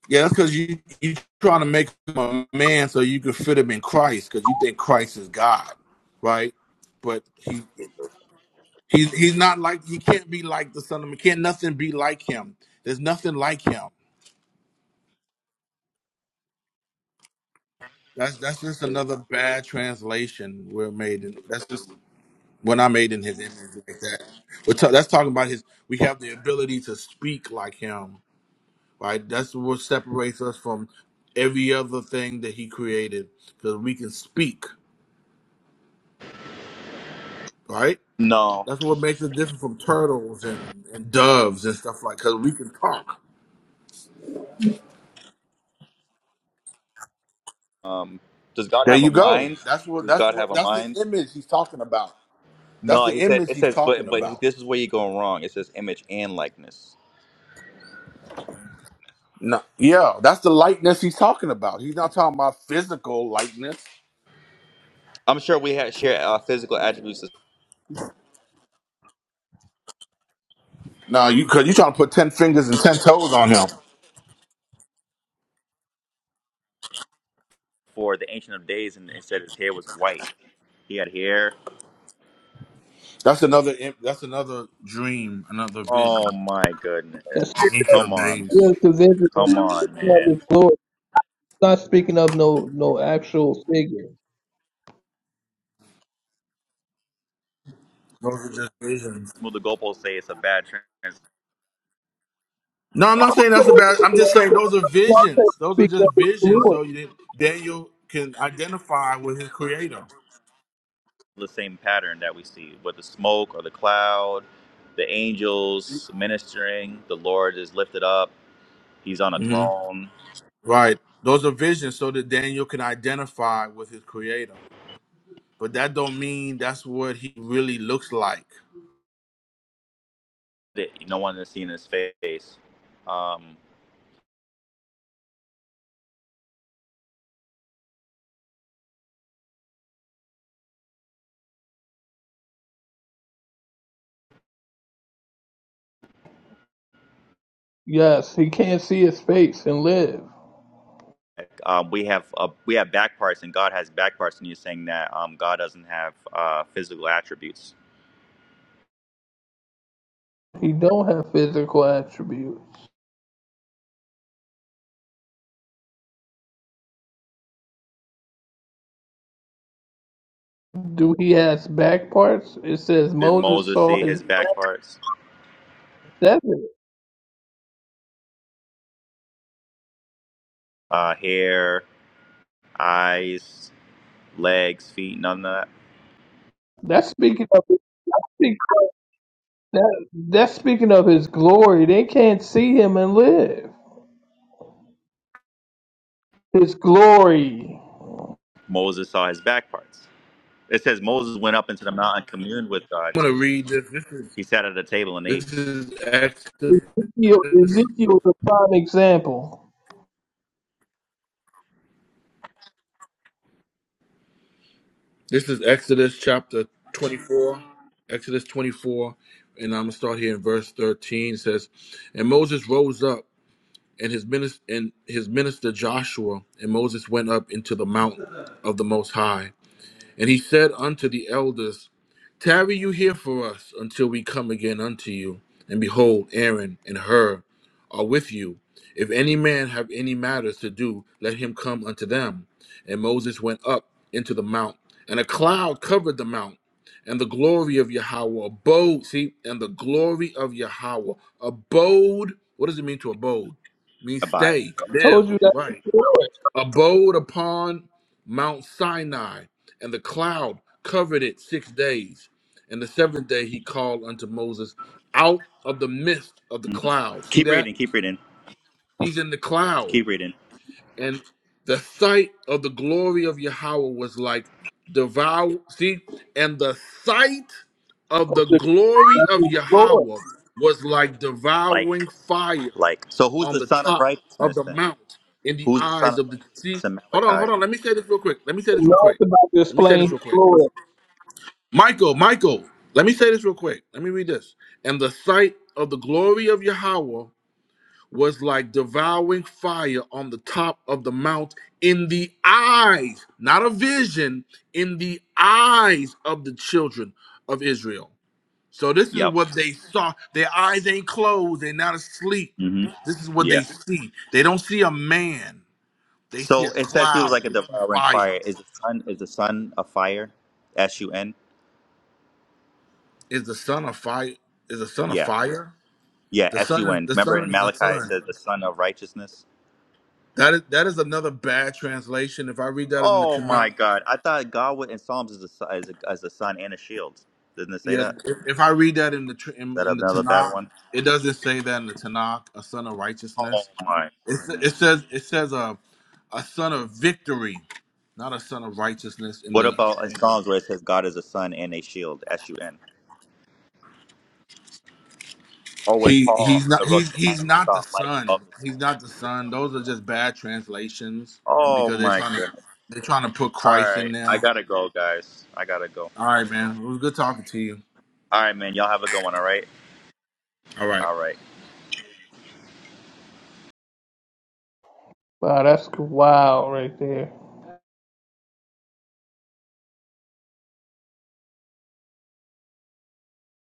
[SPEAKER 7] Yeah, that's because you you trying to make him a man so you can fit him in Christ because you think Christ is God, right? But he he's he's not like he can't be like the Son of Man. Can't nothing be like him? There's nothing like him. That's that's just another bad translation we're made. In, that's just when I made in his image like that. We're ta- that's talking about his. We have the ability to speak like him, right? That's what separates us from every other thing that he created because we can speak, right?
[SPEAKER 4] No,
[SPEAKER 7] That's what makes it different from turtles and, and doves and stuff like. Because we can talk.
[SPEAKER 4] um, does God
[SPEAKER 7] There
[SPEAKER 4] have a
[SPEAKER 7] you go.
[SPEAKER 4] mind?
[SPEAKER 7] That's what.
[SPEAKER 4] Does
[SPEAKER 7] That's
[SPEAKER 4] God have
[SPEAKER 7] what.
[SPEAKER 4] a
[SPEAKER 7] That's the
[SPEAKER 4] mind?
[SPEAKER 7] image he's talking about. That's
[SPEAKER 4] No,
[SPEAKER 7] the
[SPEAKER 4] he said.
[SPEAKER 7] image
[SPEAKER 4] It
[SPEAKER 7] he's
[SPEAKER 4] says, but
[SPEAKER 7] talking
[SPEAKER 4] but
[SPEAKER 7] about.
[SPEAKER 4] this is where you're going wrong. It says image and likeness.
[SPEAKER 7] No, yeah, that's the likeness he's talking about. He's not talking about physical likeness.
[SPEAKER 4] I'm sure we had share uh, physical attributes
[SPEAKER 7] No, you because you're trying to put ten fingers and ten toes on him.
[SPEAKER 4] for the ancient of days, and it said his hair was white. He had hair.
[SPEAKER 7] That's another. im- That's another dream, another vision,
[SPEAKER 4] Oh my goodness!
[SPEAKER 6] That spirit of
[SPEAKER 7] ancient
[SPEAKER 4] Come
[SPEAKER 7] of
[SPEAKER 4] on, man.
[SPEAKER 7] days.
[SPEAKER 6] yes, the vision
[SPEAKER 4] come on,
[SPEAKER 6] of
[SPEAKER 4] man.
[SPEAKER 6] his glory. Not speaking of no no actual figure.
[SPEAKER 7] Those are just visions.
[SPEAKER 4] Move the goalposts. Say it's a bad trend.
[SPEAKER 7] No, I'm not saying that's a bad. I'm just saying those are visions. Those are
[SPEAKER 6] Speaking
[SPEAKER 7] just
[SPEAKER 6] of his
[SPEAKER 7] visions.
[SPEAKER 6] glory.
[SPEAKER 7] So you Daniel can identify with his creator.
[SPEAKER 4] The same pattern that we see with the smoke or the cloud, the angels ministering. The Lord is lifted up. He's on a
[SPEAKER 7] hmm
[SPEAKER 4] throne.
[SPEAKER 7] Right. Those are visions, so that Daniel can identify with his creator. But that don't mean that's what he really looks like.
[SPEAKER 4] it. No one has seen his face. Um,
[SPEAKER 6] Yes, he can't see his face and live.
[SPEAKER 4] um, we have uh, we have back parts, and God has back parts, and you're saying that um, God doesn't have uh, physical attributes.
[SPEAKER 6] He don't have physical attributes. Do he has back parts? It says
[SPEAKER 4] Did
[SPEAKER 6] Moses
[SPEAKER 4] Moses
[SPEAKER 6] saw
[SPEAKER 4] see
[SPEAKER 6] his
[SPEAKER 4] his back parts?
[SPEAKER 6] desert.
[SPEAKER 4] Uh, hair, eyes, legs, feet, none of that.
[SPEAKER 6] That's speaking of speak- that, that's speaking of his glory. They can't see him and live. His glory.
[SPEAKER 4] Moses saw his back parts. It says Moses went up into the mountain and communed with God
[SPEAKER 7] I'm gonna
[SPEAKER 4] too.
[SPEAKER 7] read this. This is
[SPEAKER 4] He sat at a table and ate.
[SPEAKER 7] this is Exodus.
[SPEAKER 6] Ezekiel, Ezekiel is a prime example.
[SPEAKER 7] This is Exodus chapter 24. Exodus 24, and I'm gonna start here in verse 13. It says, "And Moses rose up." and his minister and his minister Joshua and Moses went up into the mount of the Most High, and he said unto the elders Tarry you here for us until we come again unto you. And behold, Aaron and Hur are with you. If any man have any matters to do, let him come unto them. And Moses went up into the mount, and a cloud covered the mount, and the glory of Yahweh abode. See, and the glory of Yahweh abode. What does it mean to abode? It means
[SPEAKER 4] Abide.
[SPEAKER 7] stay, live,
[SPEAKER 6] Told you that's
[SPEAKER 7] right?
[SPEAKER 6] the glory.
[SPEAKER 7] abode upon Mount Sinai, and the cloud covered it six days. And the seventh day he called unto Moses out of the midst of the cloud. See
[SPEAKER 4] Keep reading.
[SPEAKER 7] that?
[SPEAKER 4] Keep reading.
[SPEAKER 7] He's in the cloud.
[SPEAKER 4] Keep reading.
[SPEAKER 7] And the sight of the glory of Yahweh was like devour. See? And the sight of
[SPEAKER 6] Of
[SPEAKER 7] the
[SPEAKER 6] the
[SPEAKER 7] glory of
[SPEAKER 6] God's glory.
[SPEAKER 7] Yahweh was like
[SPEAKER 4] Like,
[SPEAKER 7] devouring fire
[SPEAKER 4] like. So who's
[SPEAKER 7] on
[SPEAKER 4] the
[SPEAKER 7] the
[SPEAKER 4] son of
[SPEAKER 7] top of
[SPEAKER 4] righteousness
[SPEAKER 7] the
[SPEAKER 4] then?
[SPEAKER 7] mount in the
[SPEAKER 4] Who's the son
[SPEAKER 7] eyes
[SPEAKER 4] of
[SPEAKER 7] of the see.
[SPEAKER 4] righteousness in
[SPEAKER 7] Hold on, hold
[SPEAKER 4] Malachi?
[SPEAKER 7] on. Let me say this real quick. Let me say this real
[SPEAKER 6] Not
[SPEAKER 7] quick.
[SPEAKER 6] about
[SPEAKER 7] Let me say this
[SPEAKER 6] displaying his
[SPEAKER 7] real quick.
[SPEAKER 6] glory.
[SPEAKER 7] Michael, Michael, let me say this real quick. Let me read this. And the sight of the glory of Yahweh was like devouring fire on the top of the mount in the eyes, not a vision, in the eyes of the children of Israel. So this is
[SPEAKER 4] Yep.
[SPEAKER 7] what they saw. Their eyes ain't closed. They're not asleep.
[SPEAKER 4] hmm
[SPEAKER 7] This is what
[SPEAKER 4] Yeah.
[SPEAKER 7] they see. They don't see a man. They see
[SPEAKER 4] So
[SPEAKER 7] a
[SPEAKER 4] it says he was
[SPEAKER 7] cloud.
[SPEAKER 4] like a
[SPEAKER 7] They see
[SPEAKER 4] devouring
[SPEAKER 7] fire.
[SPEAKER 4] fire. Is the sun is the sun a fire? S U N?
[SPEAKER 7] Is the sun a fire? Is the sun a
[SPEAKER 4] Yeah.
[SPEAKER 7] fire?
[SPEAKER 4] Yeah,
[SPEAKER 7] The
[SPEAKER 4] S
[SPEAKER 7] sun
[SPEAKER 4] U
[SPEAKER 7] is
[SPEAKER 4] N.
[SPEAKER 7] the
[SPEAKER 4] Remember in
[SPEAKER 7] sun is the
[SPEAKER 4] Malachi it
[SPEAKER 7] sun.
[SPEAKER 4] says the son of righteousness?
[SPEAKER 7] That is that is another bad translation. If I read that in the
[SPEAKER 4] Oh
[SPEAKER 7] Tanakh,
[SPEAKER 4] my God. I thought God would in Psalms is a su- is a, as a sun and a shield. Didn't it say
[SPEAKER 7] yeah.
[SPEAKER 4] that? Is
[SPEAKER 7] If, if I read that in the tr- in,
[SPEAKER 4] that
[SPEAKER 7] in the
[SPEAKER 4] another bad
[SPEAKER 7] Tanakh,
[SPEAKER 4] one?
[SPEAKER 7] it doesn't say that in the Tanakh. A son of
[SPEAKER 4] Oh
[SPEAKER 7] righteousness.
[SPEAKER 4] my
[SPEAKER 7] It, sa- it
[SPEAKER 4] goodness.
[SPEAKER 7] says it says a a son of victory not a son of righteousness in
[SPEAKER 4] What
[SPEAKER 7] the
[SPEAKER 4] about in Psalms where it says God is a sun and a shield? S U N. Or when
[SPEAKER 7] He
[SPEAKER 4] Paul
[SPEAKER 7] he's
[SPEAKER 4] on
[SPEAKER 7] not
[SPEAKER 4] the road
[SPEAKER 7] he's
[SPEAKER 4] to
[SPEAKER 7] he's
[SPEAKER 4] Damascus
[SPEAKER 7] not
[SPEAKER 4] saw
[SPEAKER 7] the
[SPEAKER 4] light
[SPEAKER 7] son.
[SPEAKER 4] above the sun.
[SPEAKER 7] He's not the son. Those are just bad translations
[SPEAKER 4] Oh
[SPEAKER 7] because they're
[SPEAKER 4] my
[SPEAKER 7] trying to
[SPEAKER 4] God.
[SPEAKER 7] they're trying to put
[SPEAKER 4] All
[SPEAKER 7] Christ in
[SPEAKER 4] right. I
[SPEAKER 7] there.
[SPEAKER 4] gotta go, guys. I gotta go.
[SPEAKER 7] All right, man. It was good talking to you.
[SPEAKER 4] All right, man. Y'all have a good one. All right.
[SPEAKER 7] All right.
[SPEAKER 4] All right.
[SPEAKER 6] Wow, that's wild right there.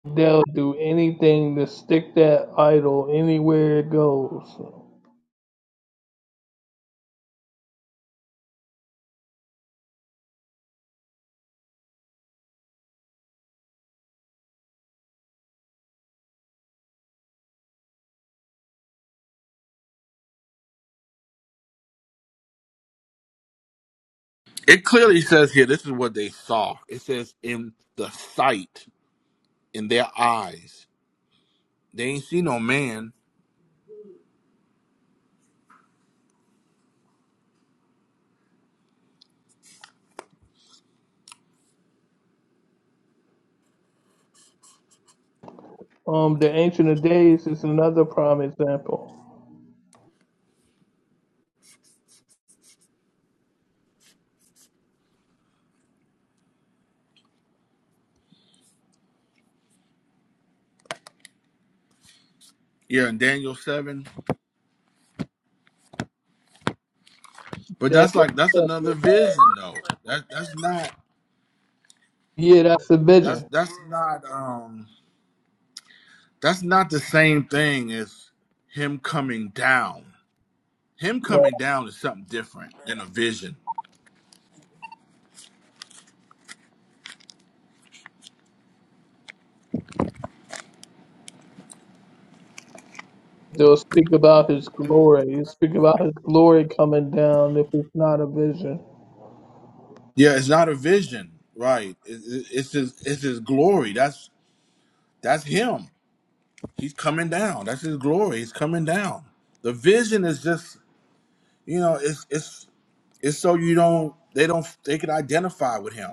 [SPEAKER 6] They'll do anything to stick that idol anywhere it goes.
[SPEAKER 7] It clearly says here, this is what they saw. It says in the sight, in their eyes. They ain't see no man.
[SPEAKER 6] Um, the Ancient of Days is another prime example.
[SPEAKER 7] Yeah, in Daniel seven. But
[SPEAKER 6] That,
[SPEAKER 7] that's like that's another vision though. That that's not
[SPEAKER 6] yeah, that's the
[SPEAKER 7] that's
[SPEAKER 6] vision.
[SPEAKER 7] that's not um that's not the same thing as him coming down. him coming down is something different than a vision.
[SPEAKER 6] They will speak about his glory. You speak about his glory coming down if it's not a vision.
[SPEAKER 7] Yeah, it's not a vision, right? It, it, it's his it's his glory. That's that's him. He's coming down. That's his glory. He's coming down. The vision is just you know it's it's it's so you don't they don't they can identify with him.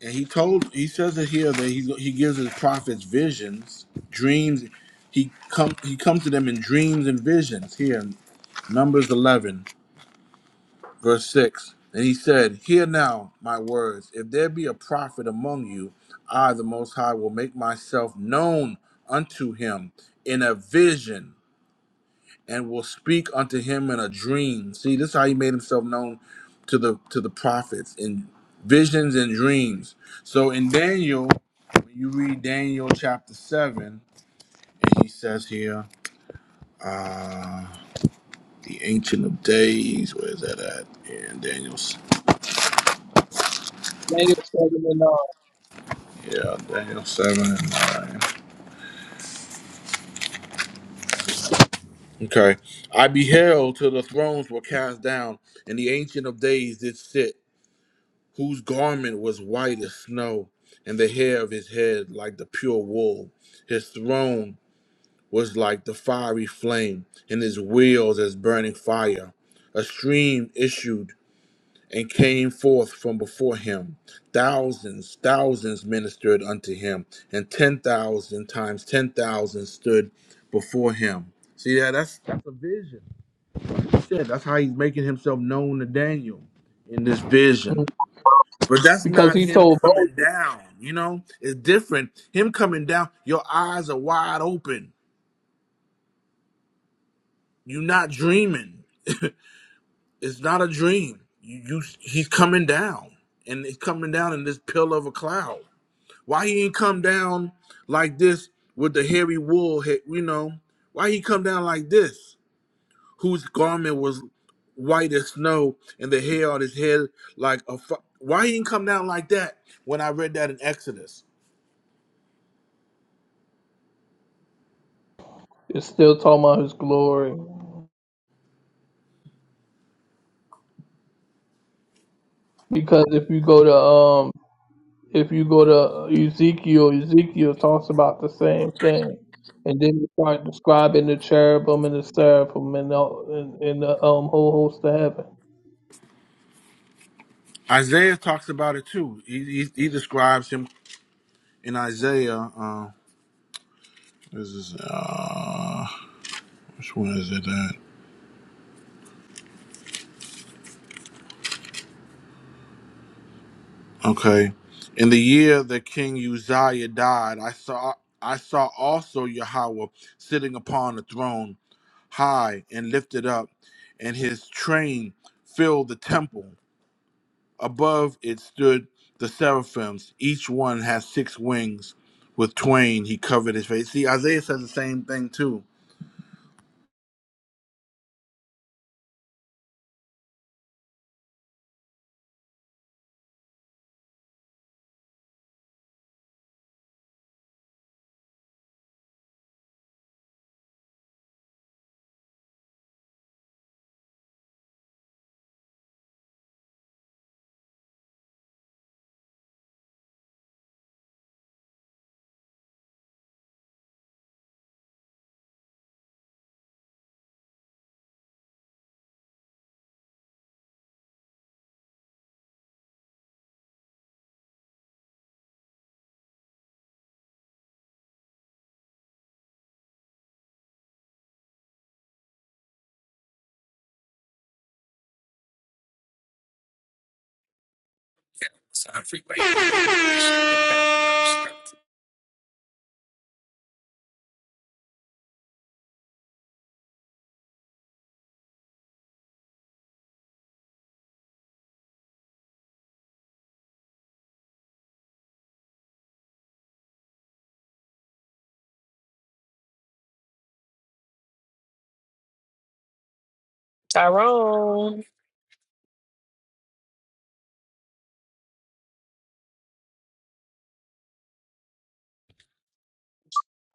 [SPEAKER 7] And he told he says it here that he he gives his prophets visions, dreams. He come he comes to them in dreams and visions here in Numbers eleven. Verse 6 And he said, Hear now my words. If there be a prophet among you, I, the Most High, will make myself known unto him in a vision and will speak unto him in a dream. See, this is how he made himself known to the to the prophets in visions and dreams. So in Daniel, when you read Daniel chapter 7, and he says here, uh, the Ancient of Days, where is that at? In Daniel.
[SPEAKER 6] Daniel 7 and
[SPEAKER 7] Yeah, Daniel 7 and 9. Okay. I beheld till the thrones were cast down, and the Ancient of Days did sit, whose garment was white as snow, and the hair of his head like the pure wool. His throne was like the fiery flame, and his wheels as burning fire. A stream issued. and came forth from before him. Thousands, thousands ministered unto him, and 10,000 times 10,000 stood before him. See that? That's, that's a vision. Shit, that's how he's making himself known to Daniel in this
[SPEAKER 6] 9.
[SPEAKER 7] vision.
[SPEAKER 6] Mm.
[SPEAKER 7] But that's
[SPEAKER 6] Because
[SPEAKER 7] not
[SPEAKER 6] he
[SPEAKER 7] him
[SPEAKER 6] told
[SPEAKER 7] coming
[SPEAKER 6] Moses,
[SPEAKER 7] down, you know? It's different. Him coming down, your eyes are wide open. You're not dreaming. It's not a dream. You, you he's coming down. And he's coming down in this pillar of a cloud. Why he ain't come down like this with the hairy wool? he- You know, why he come down like this? Whose garment was white as snow, and the hair on his head like a. Fu- why he ain't come down like that? When I read that in Exodus,
[SPEAKER 6] it's still talking about his glory. Because if you go to um if you go to Ezekiel, Ezekiel talks about the same thing. And then you start describing the cherubim and the seraphim and the, and, and the um whole host of heaven.
[SPEAKER 7] Isaiah talks about it too. He he, he describes him in Isaiah. Uh, this is uh, which one is it? Okay. In the year that King Uzziah died, I saw I saw also Yahweh sitting upon a throne, high and lifted up, and his train filled the temple. Above it stood the seraphims. Each one has six wings. With twain, he covered his face. See, Isaiah says the same thing too.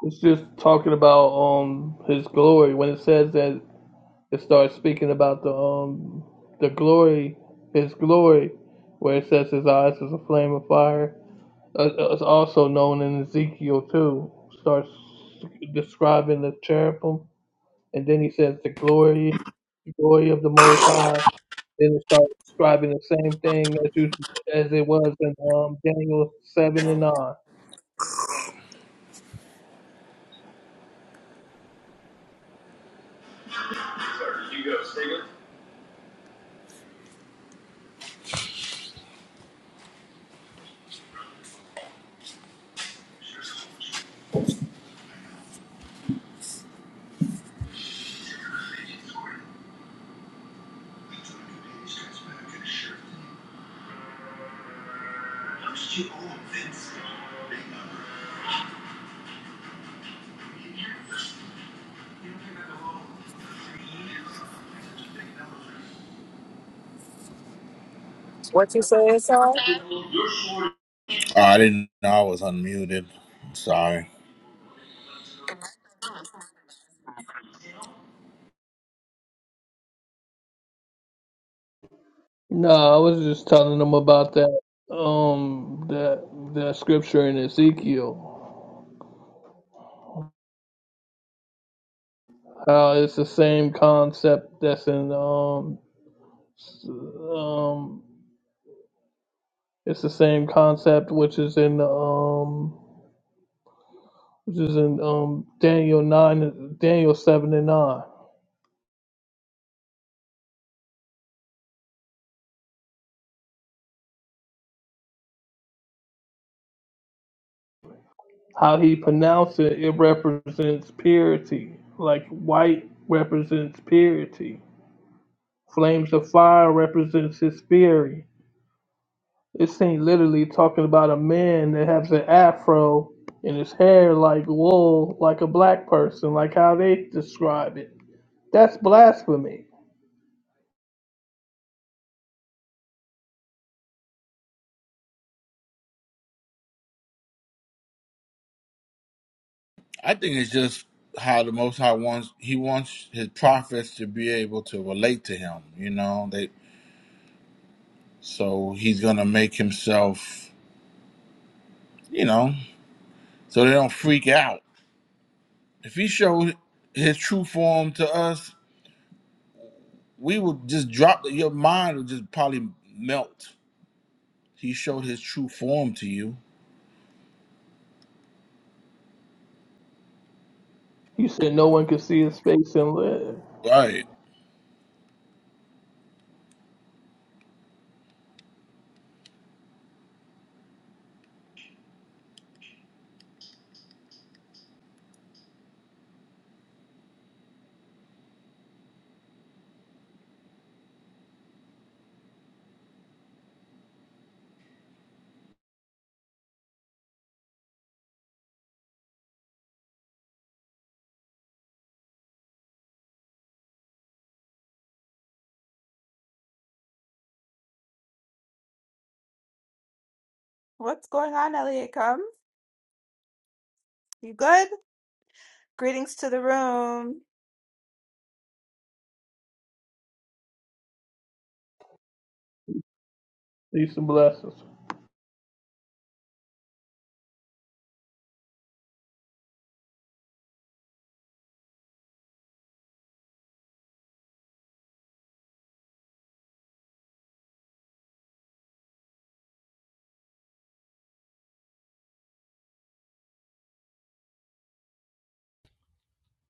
[SPEAKER 6] It's just talking about um his glory when it says that it starts speaking about the um the glory, his glory, where it says his eyes is a flame of fire. Uh, It's also known in Ezekiel too. Starts describing the cherubim, and then he says the glory, the glory of the Most High. Then it starts describing the same thing as you, as it was in um, Daniel seven and nine.
[SPEAKER 7] Oh, I didn't know I was unmuted. Sorry.
[SPEAKER 6] No, I was just telling them about that um that that scripture in Ezekiel Uh, it's the same concept that's in um, s- um, it's the same concept which is in um, which is in um Daniel nine, Daniel seven and nine. How he pronounced it, it represents purity. Like white represents purity. Flames of fire represents his fury. This ain't literally talking about a man that has an afro and his hair like wool, like a black person, like how they describe it. That's blasphemy.
[SPEAKER 7] I think it's just how the Most High wants He wants His prophets to be able to relate to Him. You know, they so He's gonna make Himself, you know, so they don't freak out. If He showed His true form to us, we would just drop. Your mind would just probably melt. He showed His true form to you,
[SPEAKER 6] You said no one could see his face and live.
[SPEAKER 7] right?
[SPEAKER 3] What's going on, Elliot? Come, you good? Greetings to the room.
[SPEAKER 6] These some blessings.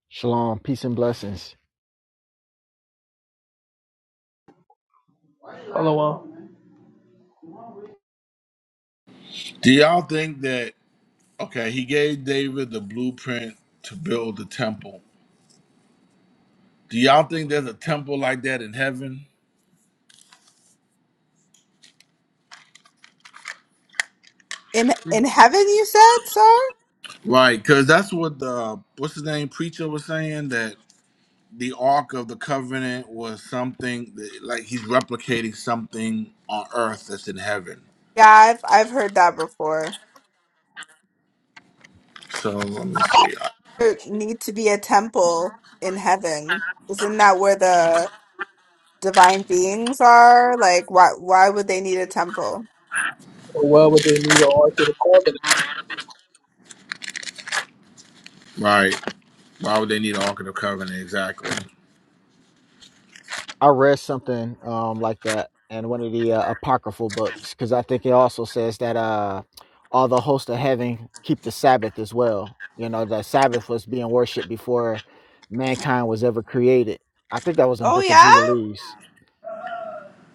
[SPEAKER 10] Shalom, peace and blessings.
[SPEAKER 6] Allah.
[SPEAKER 7] Do y'all think that? Okay, He gave David the blueprint to build the temple. Do y'all think there's a temple like that in heaven?
[SPEAKER 3] In in heaven, you said, sir?
[SPEAKER 7] Right, because that's what the what's his name preacher was saying that the Ark of the Covenant was something that, like he's replicating something on Earth that's in heaven.
[SPEAKER 3] Yeah, I've I've heard that before.
[SPEAKER 7] So let me see.
[SPEAKER 3] There need to be a temple in heaven. Isn't that where the divine beings are? Like why why would they need a temple?
[SPEAKER 6] why would they need an ark of the covenant?
[SPEAKER 7] Right, why would they need an Ark of the Covenant exactly?
[SPEAKER 10] I read something um like that in one of the uh, apocryphal books because I think it also says that uh all the hosts of heaven keep the Sabbath as well. You know, the Sabbath was being worshipped before mankind was ever created. I think that was in
[SPEAKER 3] Oh
[SPEAKER 10] Book of
[SPEAKER 3] yeah?
[SPEAKER 10] Jubilees.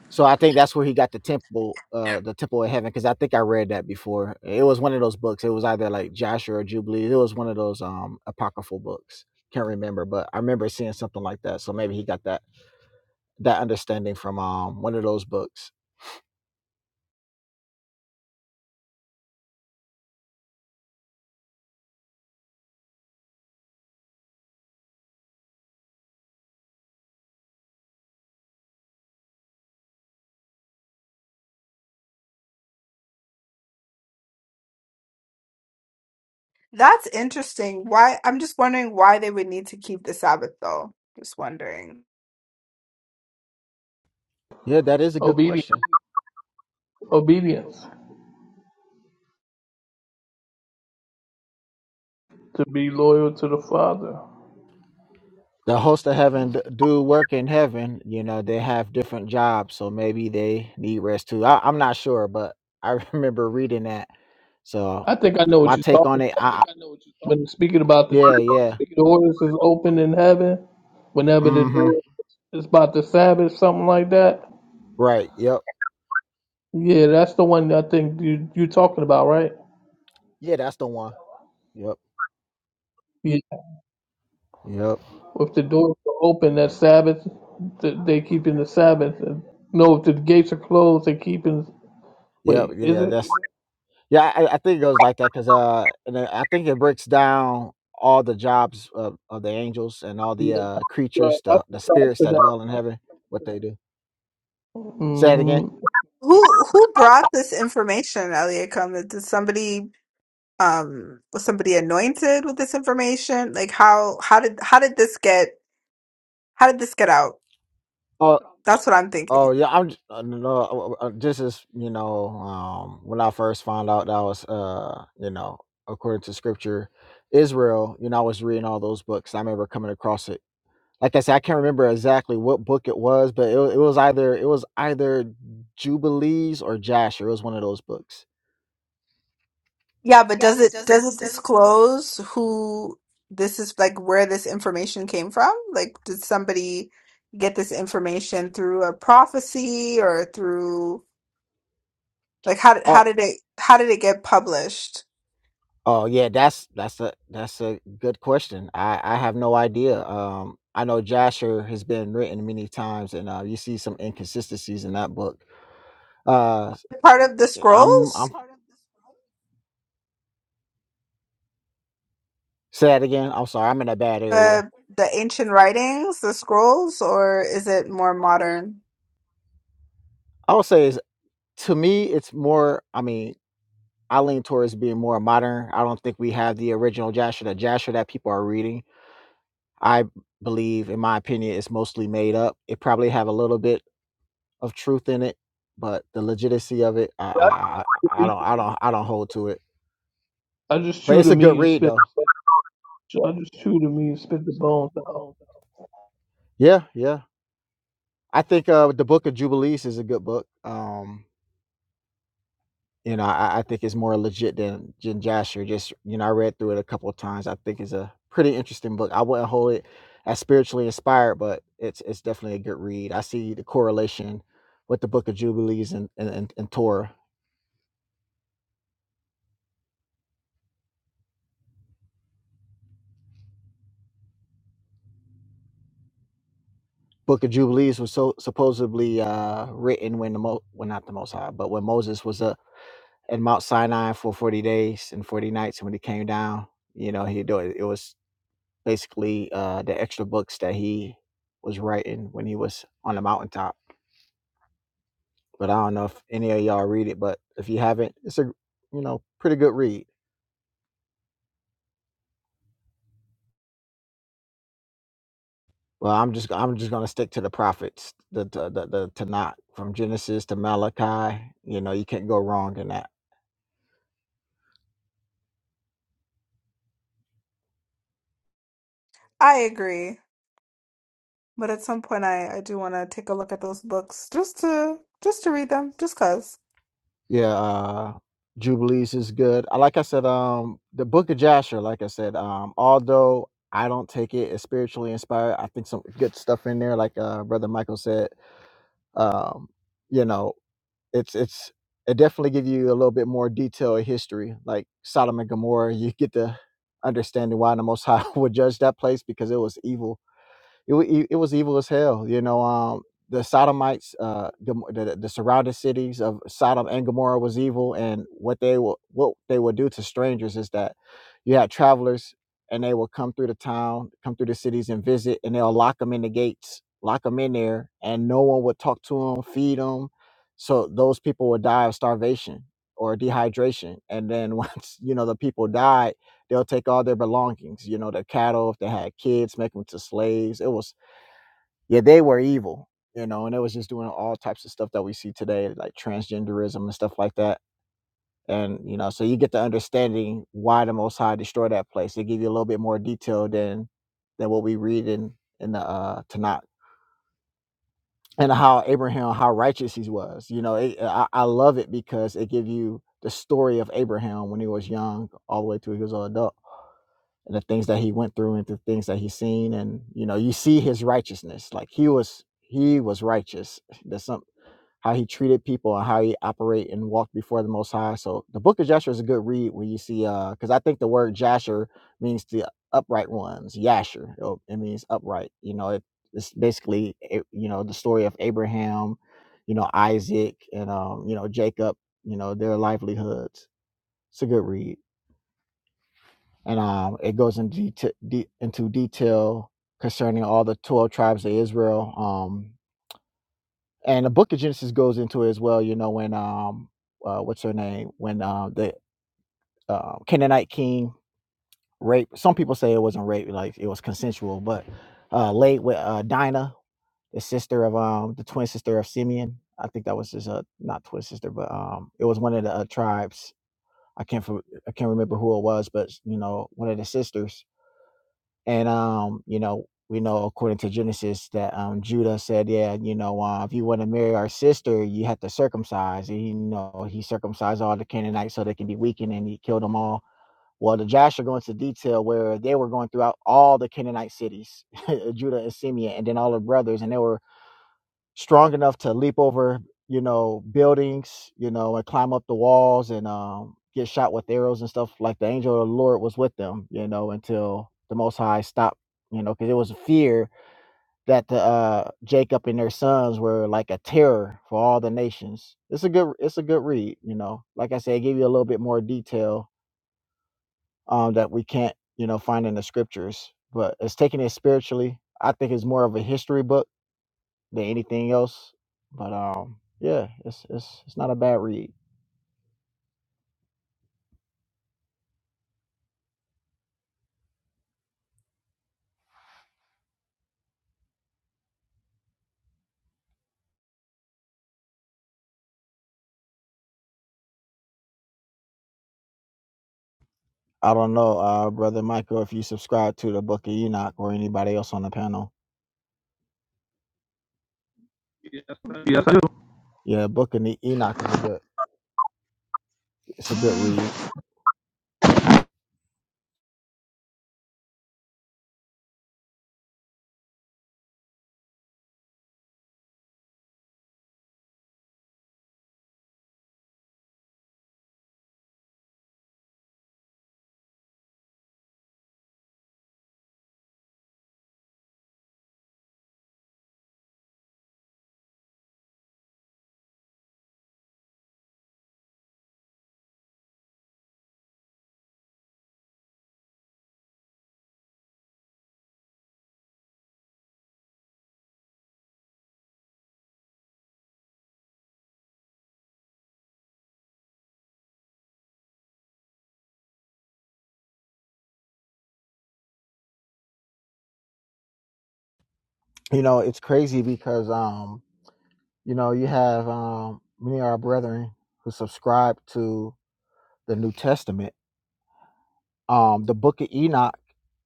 [SPEAKER 10] So I think that's where he got the temple, uh, the temple of heaven, because I think I read that before. It was one of those books. It was either like Joshua or Jubilees. It was one of those um apocryphal books. Can't remember, but I remember seeing something like that. So maybe he got that that understanding from um one of those books?
[SPEAKER 3] That's interesting. Why I'm just wondering why they would need to keep the Sabbath though. Just wondering.
[SPEAKER 10] Yeah, that is a good
[SPEAKER 6] Obedience.
[SPEAKER 10] question.
[SPEAKER 6] Obedience. To be loyal to the Father.
[SPEAKER 10] The hosts of heaven d- do work in heaven. You know, they have different jobs, so maybe they need rest too. I, I'm not sure, but I remember reading that. So
[SPEAKER 6] I think I know what
[SPEAKER 10] my
[SPEAKER 6] you're talking
[SPEAKER 10] take on it,
[SPEAKER 6] about.
[SPEAKER 10] I, I know what you're
[SPEAKER 6] When
[SPEAKER 10] talking.
[SPEAKER 6] speaking about the,
[SPEAKER 10] yeah, yeah.
[SPEAKER 6] the doors is open in heaven, whenever the
[SPEAKER 10] Mm-hmm.
[SPEAKER 6] door is about the Sabbath, something like that.
[SPEAKER 10] Right. Yep.
[SPEAKER 6] Yeah, that's the one I think you you're talking about, right?
[SPEAKER 10] Yeah, that's the one. Yep.
[SPEAKER 6] Yeah.
[SPEAKER 10] Yep.
[SPEAKER 6] If the doors are open, that Sabbath, th- they keeping the Sabbath. And, no, if the gates are closed, they keeping.
[SPEAKER 10] Yep.
[SPEAKER 6] Wait, is
[SPEAKER 10] Yeah.
[SPEAKER 6] it?
[SPEAKER 10] That's Yeah, I, I think it goes like that because uh, and then I think it breaks down all the jobs of, of the angels and all the
[SPEAKER 6] Yeah.
[SPEAKER 10] uh
[SPEAKER 6] Well,
[SPEAKER 10] creatures,
[SPEAKER 6] I,
[SPEAKER 10] the the spirits that dwell in heaven, what they do. Say it again.
[SPEAKER 6] hmm
[SPEAKER 3] Who who brought this information, Eliakim? Did did somebody um was somebody anointed with this information? Like how how did how did this get how did this get out?
[SPEAKER 10] Oh,
[SPEAKER 3] That's what I'm thinking.
[SPEAKER 10] oh yeah. I'm j- uh, no, no, uh, uh, uh, this is you know um when I first found out that I was uh you know according to scripture Israel. You know I was reading all those books. I remember coming across it. Like I said, I can't remember exactly what book it was, but it, wa- it was either it was either Jubilees or Jasher. It was one of those books
[SPEAKER 3] Yeah, but does it does it disclose who this is like where this information came from? Like did somebody get this information through a prophecy or through like how did how
[SPEAKER 10] Oh,
[SPEAKER 3] did it how did it get published?
[SPEAKER 10] oh yeah, that's that's a that's a good question. I I have no idea. Um, I know Jasher has been written many times, and uh, you see some inconsistencies in that book. Uh,
[SPEAKER 3] Part of the
[SPEAKER 10] i am
[SPEAKER 3] scrolls?
[SPEAKER 10] I'm I'm say that again. I'm sorry, I'm in a bad
[SPEAKER 3] Uh
[SPEAKER 10] area.
[SPEAKER 3] the ancient writings, the scrolls, or is it more modern?
[SPEAKER 10] I would say is to me, it's more. I mean, I lean towards being more modern. I don't think we have the original Jasher, the Jasher that people are reading. I believe, in my opinion, it's mostly made up. It probably have a little bit of truth in it, but the legitimacy of it, I, I,
[SPEAKER 6] I just
[SPEAKER 10] I
[SPEAKER 6] eat-
[SPEAKER 10] don't, I don't, I don't hold to it.
[SPEAKER 6] I just
[SPEAKER 10] But
[SPEAKER 6] chew
[SPEAKER 10] it's
[SPEAKER 6] the
[SPEAKER 10] a good
[SPEAKER 6] meat and
[SPEAKER 10] read
[SPEAKER 6] spit.
[SPEAKER 10] though.
[SPEAKER 6] I just chew the meat and spit the bones out.
[SPEAKER 10] Yeah, yeah. I think uh, the book of Jubilees is a good book. Um, you know, I, I think it's more legit than Jin Jasher. Just you know, I read through it a couple of times. I think it's a pretty interesting book. I wouldn't hold it as spiritually inspired, but it's it's definitely a good read. I see the correlation with the book of Jubilees and and, and, and Torah. Book of Jubilees was so supposedly uh, written when the Mo, well not the Most High, but when Moses was uh, at Mount Sinai for forty days and forty nights, and when he came down, you know, he do it. It was basically uh, the extra books that he was writing when he was on the mountaintop. But I don't know if any of y'all read it, but if you haven't, it's a you know pretty good read. Well, I'm just I'm just gonna stick to the prophets, the the the, the Tanakh from Genesis to Malachi. You know, you can't go wrong in that.
[SPEAKER 3] I agree. But at some point I, I do want to take a look at those books just to just to read them, just 'cause.
[SPEAKER 10] Yeah, uh, Jubilees is good. Uh, Like I said, um, the Book of Jasher. Like I said, um, although I don't take it as spiritually inspired, I think some good stuff in there. Like uh, Brother Michael said, um, you know. it's it's it definitely give you a little bit more detail of history, like Sodom and Gomorrah. You get the understanding why the Most High would judge that place because it was evil it, wa- it, it was evil as hell. You know, um, the Sodomites, uh, Gom- the, the, surrounding cities of Sodom and Gomorrah was evil, and what they will what they would do to strangers is that you had travelers, and they will come through the town, come through the cities, and visit, and they'll lock them in the gates, lock them in there, and no one would talk to them, feed them, so those people would die of starvation or dehydration, and then once you know the people died They'll take all their belongings, you know, their cattle, if they had kids, make them to slaves. It was, yeah, they were evil, you know, and it was just doing all types of stuff that we see today, like transgenderism and stuff like that. And, you know, so you get the understanding why the Most High destroyed that place. They give you a little bit more detail than than what we read in, in the uh, Tanakh and how Abraham, how righteous he was. You know, it, I, I love it because it gives you the story of Abraham when he was young all the way through he was an adult the things that he went through and the things that he's seen and you know you see his righteousness like he was he was righteous that's some how he treated people and how he operate and walked before the most high so the book of jasher is a good read when you see uh because i think the word jasher means the upright ones yasher you it means upright you know it, it's basically eh, you know the story of abraham you know isaac and um you know jacob you know their livelihoods it's a good read and um, it goes into deta- de- into detail concerning all the twelve tribes of Israel. Um, and the Book of Genesis goes into it as well. You know when um, uh, what's her name when uh, the uh, Canaanite king raped Some people say it wasn't rape, like it was consensual, but uh, laid with uh, Dinah, the sister of um, the twin sister of Simeon. I think that was his uh, not twin sister, but um, it was one of the uh, tribes. I can't for, I can't remember who it was, but you know, one of the sisters And um, you know, we know according to Genesis that um Judah said, Yeah, you know, uh, if you want to marry our sister, you have to circumcise. And you know, he circumcised all the Canaanites so they can be weakened and he killed them all. Well, the Jasher go into detail where they were going throughout all the Canaanite cities, Judah and Simeon, and then all the brothers, and they were strong enough to leap over, you know, buildings, you know, and climb up the walls and um, get shot with arrows and stuff. Like the angel of the Lord was with them, you know, until the Most High stopped, you know, because it was a fear that the uh, Jacob and their sons were like a terror for all the nations. It's a good, it's a good read, you know. Like I said, it gave you a little bit more detail um, that we can't, you know, find in the scriptures, but it's taking it spiritually. I think it's more of a history book than anything else. But um, yeah, it's it's it's not a bad read. I don't know, uh, brother Michael, if you subscribe to the Book of Enoch or anybody else on the panel. Yeah, Book of Ne- Enoch is a good it's a good read. You know, it's crazy because um, you know, you have um many of our brethren who subscribe to the New Testament. Um, the Book of Enoch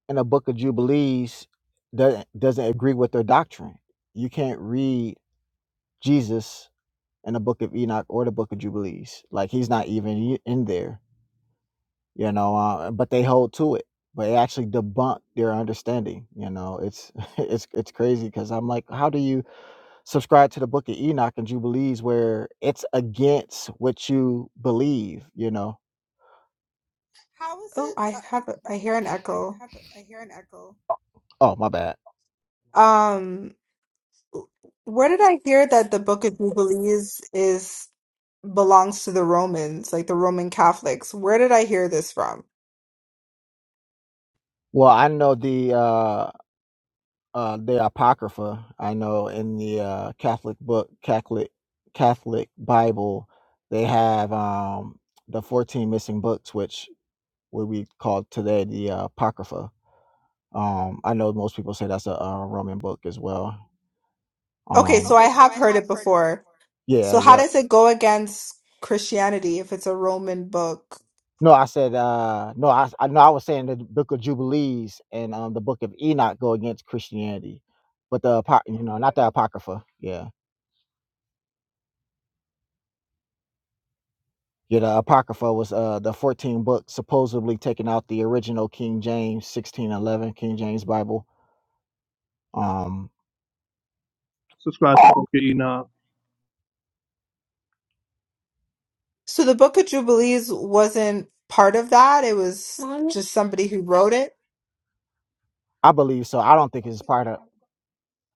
[SPEAKER 10] and the Book of Jubilees doesn't doesn't agree with their doctrine. You can't read Jesus in the book of Enoch or the book of Jubilees. Like he's not even in there, you know. Uh, but they hold to it, but it actually debunked their understanding. You know, it's it's it's crazy because I'm like, how do you subscribe to the book of Enoch and Jubilees where it's against what you believe? You know.
[SPEAKER 3] Oh, I have a, I hear an echo.
[SPEAKER 10] Oh my bad.
[SPEAKER 3] Um, where did I hear that the Book of Jubilees is belongs to the Romans, like the Roman Catholics? Where did I hear this from?
[SPEAKER 10] Well, I know the uh, uh, the Apocrypha. I know in the uh, Catholic book, Catholic Catholic Bible, they have um, the 14 missing books, which what we call today the uh, Apocrypha. Um, I know most people say that's a, a Roman book as well.
[SPEAKER 3] Okay,
[SPEAKER 10] Um,
[SPEAKER 3] so I have heard it before.
[SPEAKER 10] yeah,
[SPEAKER 3] So how
[SPEAKER 10] yep.
[SPEAKER 3] does it go against Christianity if it's a Roman book?
[SPEAKER 10] No, I said uh, no. I I know I was saying the Book of Jubilees and um, the Book of Enoch go against Christianity, but the apo- you know not the Apocrypha. Yeah, yeah. The Apocrypha was uh, the 14 book supposedly taken out the original King James 1611 King James Bible. Um,
[SPEAKER 6] You know,
[SPEAKER 3] So the Book of Jubilees wasn't part of that. It was Mommy? just somebody who wrote it.
[SPEAKER 10] I believe so. I don't think it's part of.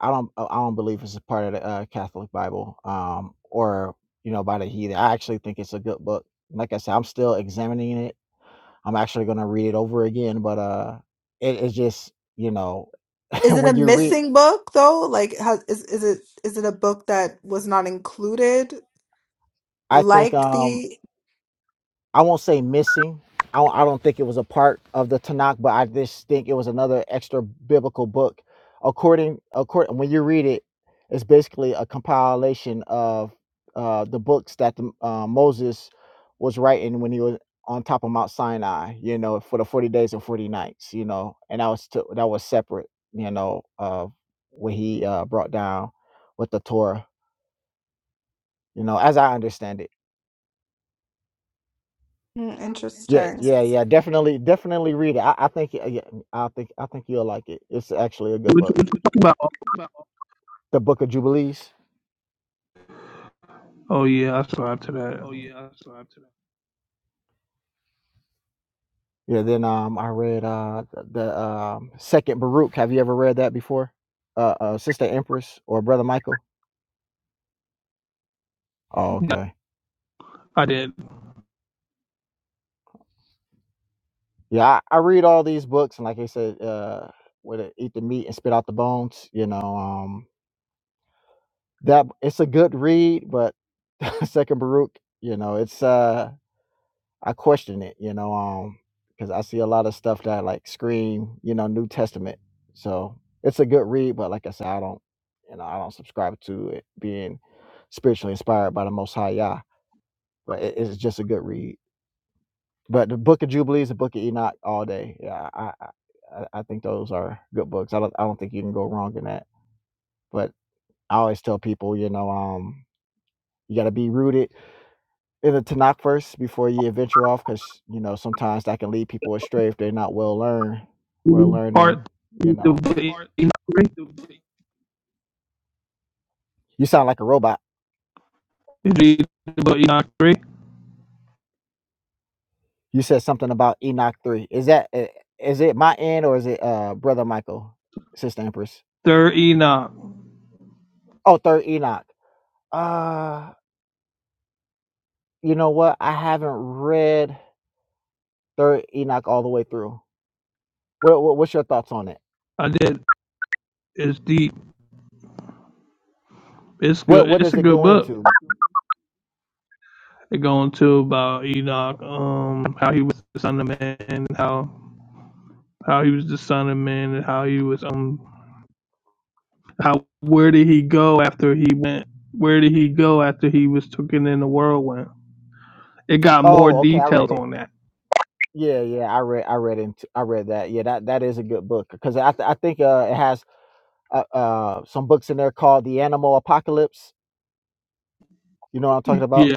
[SPEAKER 10] I don't I don't believe it's a part of the uh, Catholic Bible um, or you know by the heathen. I actually think it's a good book. Like I said, I'm still examining it. I'm actually going to read it over again, but uh, it, it's just you know
[SPEAKER 3] Is it a
[SPEAKER 10] when you read,
[SPEAKER 3] missing book though? Like, how, is is it is it a book that was not included?
[SPEAKER 10] I think
[SPEAKER 3] Like
[SPEAKER 10] um
[SPEAKER 3] the
[SPEAKER 10] I won't say missing. I don't, I don't think it was a part of the Tanakh, but I just think it was another extra biblical book. According, according, when you read it, it's basically a compilation of uh, the books that the, uh, Moses was writing when he was on top of Mount Sinai. You know, for the forty days and forty nights. You know, and that was to, that was separate. You know, uh, what he uh, brought down with the Torah. You know, as I understand it
[SPEAKER 3] Hmm,
[SPEAKER 10] Yeah,
[SPEAKER 3] interesting.
[SPEAKER 10] yeah, yeah. Definitely, definitely read it. I, I think, yeah, I think, I think you'll like it. It's actually a good
[SPEAKER 6] what you,
[SPEAKER 10] book.
[SPEAKER 6] what you talking about?
[SPEAKER 10] The Book of Jubilees.
[SPEAKER 6] Oh yeah, I subscribe to that.
[SPEAKER 10] Yeah. Then, um, I read uh the um Second Baruch. Have you ever read that before? Uh, uh Sister Empress or Brother Michael? Oh,
[SPEAKER 6] Yeah,
[SPEAKER 10] okay.
[SPEAKER 6] I did.
[SPEAKER 10] Yeah, I, I read all these books, and like I said, uh, where they eat the meat and spit out the bones. You know, um, that it's a good read, but Second Baruch, you know, it's uh. I question it, you know, um, because I see a lot of stuff that like scream, you know, New Testament. So it's a good read, but like I said, I don't, you know, I don't subscribe to it being spiritually inspired by the Most High Yah. But it, it's just a good read. But the Book of Jubilees, the Book of Enoch, all day. Yeah, I, I, I I think those are good books. I don't, I don't think you can go wrong in that. But I always tell people, you know, um, you got to be rooted in the Tanakh first before you venture off, because you know sometimes that can lead people astray if they're not well learned, well learned in.
[SPEAKER 6] Part
[SPEAKER 10] You
[SPEAKER 6] the
[SPEAKER 10] know,
[SPEAKER 6] book of Enoch three,
[SPEAKER 10] you sound like a robot.
[SPEAKER 6] Did you Read the book of Enoch three,
[SPEAKER 10] You said something about Enoch three. Is that i- is it my end or is it uh brother Michael, sister Empress?
[SPEAKER 6] third Enoch.
[SPEAKER 10] Oh, third Enoch. Uh, you know what? I haven't read third Enoch all the way through. What, what what's your thoughts on it?
[SPEAKER 6] I did. It's deep. It's
[SPEAKER 10] What
[SPEAKER 6] good.
[SPEAKER 10] what
[SPEAKER 6] It's
[SPEAKER 10] does
[SPEAKER 6] a
[SPEAKER 10] it
[SPEAKER 6] good
[SPEAKER 10] go
[SPEAKER 6] book.
[SPEAKER 10] into?
[SPEAKER 6] They go into about Enoch, um, how he was the son of man, and how how he was the son of man, and how he was um, how where did he go after he went? Where did he go after he was taken in the whirlwind? It got more
[SPEAKER 10] Oh, okay, I read
[SPEAKER 6] details
[SPEAKER 10] it.
[SPEAKER 6] on that.
[SPEAKER 10] Yeah, yeah, I read, I read into, I read that. Yeah, that that is a good book because I, th- I think uh, it has uh, uh some books in there called The Animal Apocalypse. You know what I'm talking about?
[SPEAKER 6] Yeah,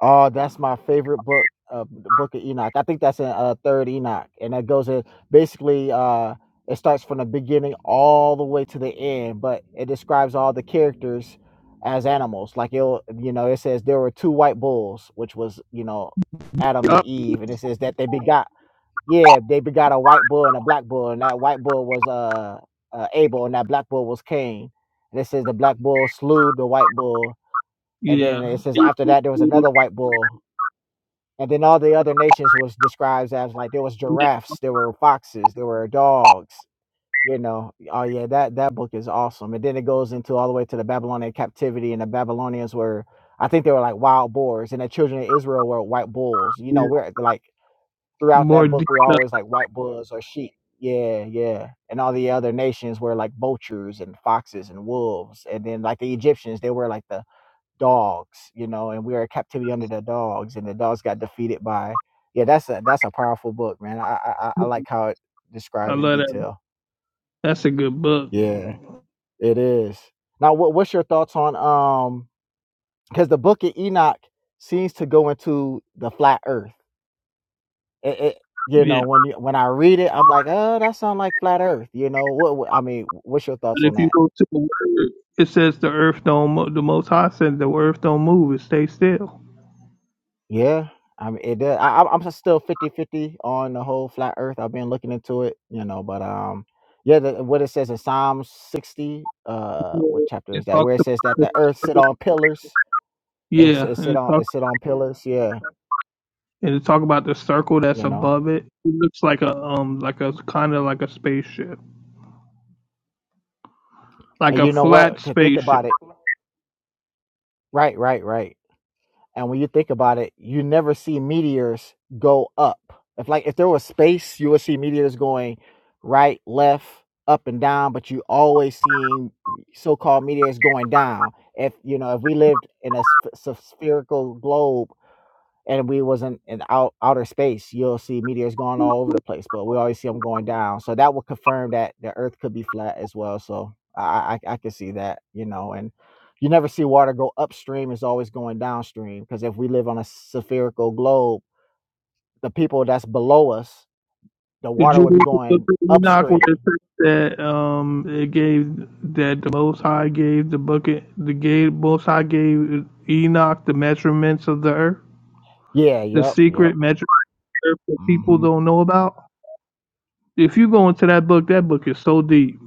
[SPEAKER 10] Oh, that's my favorite book. Uh, the Book of Enoch. I think that's in uh, Third Enoch, and that goes in basically. Uh, it starts from the beginning all the way to the end, but it describes all the characters as animals. Like it, you know, it says there were two white bulls, which was you know Adam and Eve, and it says that they begot Yeah, they begot a white bull and a black bull, and that white bull was uh, uh Abel, and that black bull was Cain. And it says the black bull slew the white bull, and
[SPEAKER 6] yeah,
[SPEAKER 10] then it says after that there was another white bull, and then all the other nations was described as like there was giraffes, there were foxes, there were dogs. You know, oh yeah, that that book is awesome. And then it goes into all the way to the Babylonian captivity, and the Babylonians were, I think they were like wild boars, and the children of Israel were white bulls. You know, we're like throughout
[SPEAKER 6] more.
[SPEAKER 10] that
[SPEAKER 6] De-
[SPEAKER 10] book we always like white bulls or sheep. Yeah, yeah. And all the other nations were like vultures and foxes and wolves. And then like the Egyptians, they were like the dogs, you know, and we were in captivity under the dogs and the dogs got defeated by yeah, that's a that's a powerful book, man. I I, I I like how it
[SPEAKER 6] I
[SPEAKER 10] described in
[SPEAKER 6] love that.
[SPEAKER 10] detail.
[SPEAKER 6] That's a good book.
[SPEAKER 10] Yeah, it is. Now what what's your thoughts on um because the book of Enoch seems to go into the flat earth it, it you
[SPEAKER 6] Yeah,
[SPEAKER 10] know when you when I read it, I'm like, oh, that sounds like flat Earth. You know what, what? I mean, what's your thoughts
[SPEAKER 6] but
[SPEAKER 10] on
[SPEAKER 6] if you
[SPEAKER 10] that?
[SPEAKER 6] go to the word, it says the earth don't. Mo- the Most High said the earth don't move; it stays still.
[SPEAKER 10] Yeah, I mean, it does. I, I'm I'm just still fifty fifty on the whole flat Earth. I've been looking into it, you know, but um, yeah, the, what it says in Psalm 60, uh, what chapter
[SPEAKER 6] It
[SPEAKER 10] is that?
[SPEAKER 6] talks
[SPEAKER 10] Where it says
[SPEAKER 6] about
[SPEAKER 10] that
[SPEAKER 6] the
[SPEAKER 10] the Earth sit
[SPEAKER 6] circle.
[SPEAKER 10] on pillars. It's
[SPEAKER 6] Yeah,
[SPEAKER 10] it
[SPEAKER 6] and
[SPEAKER 10] sit
[SPEAKER 6] it
[SPEAKER 10] on
[SPEAKER 6] talk
[SPEAKER 10] it sit on pillars. Yeah,
[SPEAKER 6] and it talk about the circle that's
[SPEAKER 10] you know,
[SPEAKER 6] above it. It looks like a um like a kind of like a spaceship, like
[SPEAKER 10] and
[SPEAKER 6] a
[SPEAKER 10] you know
[SPEAKER 6] flat
[SPEAKER 10] what? To think
[SPEAKER 6] spaceship.
[SPEAKER 10] about it. Right, right, right. And when you think about it, you never see meteors go up. If like if there was space, you would see meteors going right, left, up and down, but you always seeing so-called meteors going down. If you know, if we lived in a sp- sp- spherical globe and we wasn't in in out, outer space, you'll see meteors going all over the place, but we always see them going down. So that would confirm that the Earth could be flat as well. So I I, I can see that, you know, and you never see water go upstream; it's always going downstream. Because if we live on a spherical globe, the people that's below us, the
[SPEAKER 6] Did
[SPEAKER 10] water
[SPEAKER 6] you
[SPEAKER 10] would be
[SPEAKER 6] read the book
[SPEAKER 10] going
[SPEAKER 6] of Enoch where it
[SPEAKER 10] upstream.
[SPEAKER 6] says that um it gave that the Most High gave the bucket the gave Most High gave Enoch the measurements of the earth,
[SPEAKER 10] Yeah.
[SPEAKER 6] the
[SPEAKER 10] Yep. Yep.
[SPEAKER 6] secret measurement of the earth that people
[SPEAKER 10] hmm
[SPEAKER 6] don't know about. If you go into that book, that book is so deep.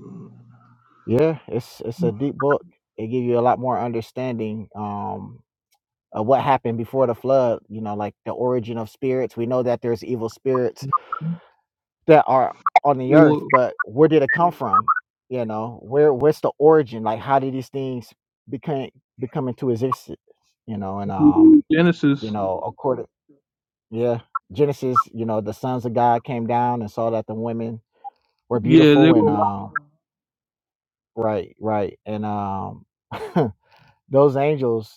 [SPEAKER 10] Yeah. It's it's a deep book. It gives you a lot more understanding. Um, uh, what happened before the flood, you know, like the origin of spirits. We know that there's evil spirits that are on the
[SPEAKER 6] It
[SPEAKER 10] earth,
[SPEAKER 6] will,
[SPEAKER 10] but where did it come from? You know, where where's the origin? Like how did these things become become into existence? You know, and um, you
[SPEAKER 6] Genesis.
[SPEAKER 10] know, according yeah, Genesis, you know, the sons of God came down and saw that the women were
[SPEAKER 6] Yeah, they
[SPEAKER 10] beautiful
[SPEAKER 6] were
[SPEAKER 10] and um right, right. And um those angels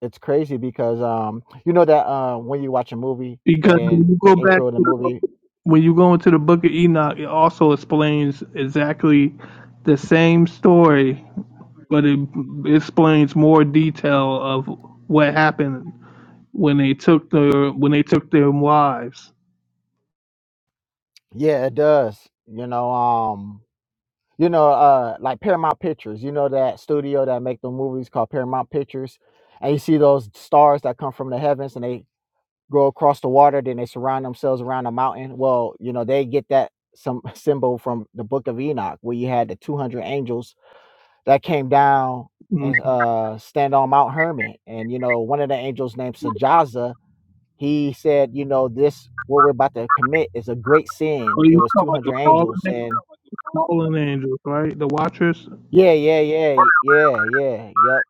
[SPEAKER 10] It's crazy because, um, you know that, uh, when you watch a movie and
[SPEAKER 6] Because when
[SPEAKER 10] then
[SPEAKER 6] you
[SPEAKER 10] the
[SPEAKER 6] go back
[SPEAKER 10] intro of the
[SPEAKER 6] to,
[SPEAKER 10] movie
[SPEAKER 6] when you go into the book of Enoch, it also explains exactly the same story, but it explains more detail of what happened when they took their when they took their wives.
[SPEAKER 10] Yeah, it does. You know, um, you know, uh, like Paramount Pictures, you know that studio that make the movies called Paramount Pictures, and you see those stars that come from the heavens and they go across the water, then they surround themselves around a mountain. Well, you know, they get that some symbol from the Book of Enoch, where you had the 200 angels that came down
[SPEAKER 6] Mm.
[SPEAKER 10] and uh stand on Mount Hermon, and you know, one of the angels named Sajaza He said, you know, this what we're about to commit is a great sin.
[SPEAKER 6] So
[SPEAKER 10] It
[SPEAKER 6] you
[SPEAKER 10] was
[SPEAKER 6] call it the
[SPEAKER 10] 200
[SPEAKER 6] fallen,
[SPEAKER 10] angels and
[SPEAKER 6] fallen angels, right? The Watchers.
[SPEAKER 10] yeah, yeah, yeah, yeah, yeah, yep.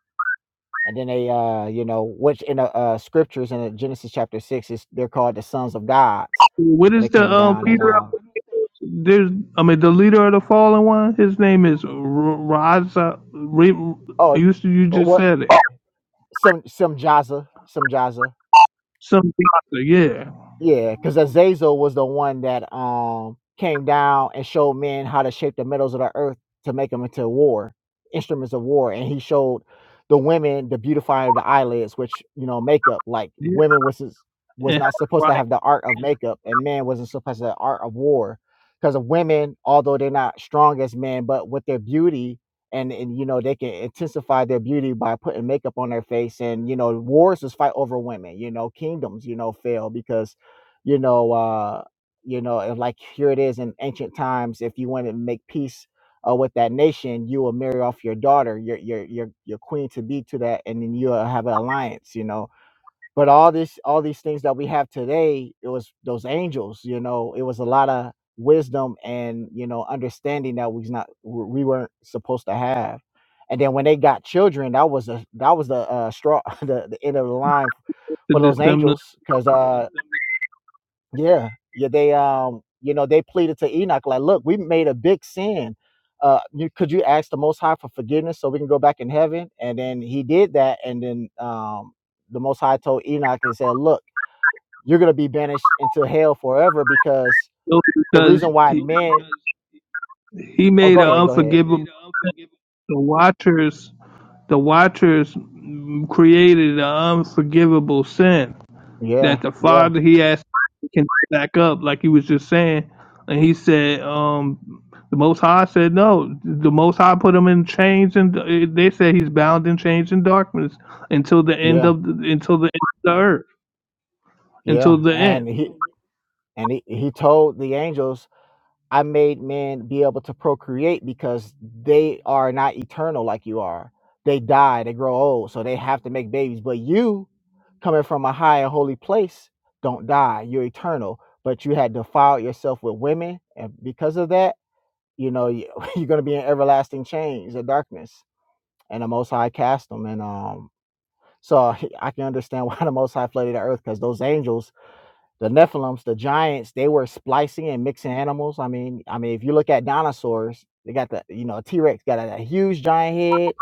[SPEAKER 10] And then they, uh, you know, which in the uh, scriptures in Genesis chapter six is they're called the sons of gods
[SPEAKER 6] What
[SPEAKER 10] when they
[SPEAKER 6] is the
[SPEAKER 10] came
[SPEAKER 6] um
[SPEAKER 10] down and
[SPEAKER 6] leader? Of,
[SPEAKER 10] um,
[SPEAKER 6] there's I mean the leader of the fallen one. His name is R- Raza. Re,
[SPEAKER 10] oh,
[SPEAKER 6] you you just
[SPEAKER 10] what
[SPEAKER 6] said it.
[SPEAKER 10] some some Jaza, some Jaza.
[SPEAKER 6] Some Raza, yeah.
[SPEAKER 10] Yeah, because Azazel was the one that um came down and showed men how to shape the metals of the earth to make them into war instruments of war, and he showed the women the beautifying of the eyelids, which you know makeup. Like women was is-
[SPEAKER 6] and
[SPEAKER 10] was
[SPEAKER 6] have
[SPEAKER 10] not
[SPEAKER 6] a
[SPEAKER 10] supposed
[SPEAKER 6] right
[SPEAKER 10] to have the art of makeup, and men wasn't supposed to have the art of war, because of women, although they're not strong as men, but with their beauty. And, and you know they can intensify their beauty by putting makeup on their face and you know wars was fight over women you know kingdoms you know fail because you know uh you know and like here it is in ancient times if you want to make peace uh, with that nation you will marry off your daughter your your your, your queen to be to that and then you'll have an alliance you know but all this all these things that we have today it was those angels you know it was a lot of wisdom and you know understanding that we not we weren't supposed to have and then when they got children that was a that was the uh straw the, the end of the line
[SPEAKER 6] to
[SPEAKER 10] for those
[SPEAKER 6] dissemble
[SPEAKER 10] angels because uh yeah, yeah. They um, you know, they pleaded to Enoch like, "Look, we made a big sin. Uh, you, could you ask the Most High for forgiveness so we can go back in heaven?" And then he did that, and then um, the Most High told Enoch and said, "Look, you're gonna be banished into hell forever because the
[SPEAKER 6] because
[SPEAKER 10] reason why
[SPEAKER 6] he,
[SPEAKER 10] men."
[SPEAKER 6] he
[SPEAKER 10] Oh,
[SPEAKER 6] made
[SPEAKER 10] go
[SPEAKER 6] an
[SPEAKER 10] ahead, go ahead.
[SPEAKER 6] unforgivable. The Watchers, the Watchers mm, created an unforgivable sin
[SPEAKER 10] Yeah,
[SPEAKER 6] that the
[SPEAKER 10] yeah,
[SPEAKER 6] Father he asked can back up, like he was just saying, and he said, um, the Most High said no. The Most High put him in chains, and eh, they said he's bound in chains and darkness until the end
[SPEAKER 10] yeah,
[SPEAKER 6] of the, until the end of the earth,
[SPEAKER 10] yeah.
[SPEAKER 6] until the
[SPEAKER 10] And he and he, he told the angels I made men be able to procreate because they are not eternal like you are. They die, they grow old, so they have to make babies. But you, coming from a high and holy place, don't die. You're eternal. But you had defiled yourself with women, and because of that, you know you- you're going to be in everlasting chains and darkness. And the Most High cast them. And um, so I can understand why the Most High flooded the earth because those angels the Nephilims, the giants, they were splicing and mixing animals. I mean, I mean, if you look at dinosaurs, they got the you know T Rex got a, a huge giant head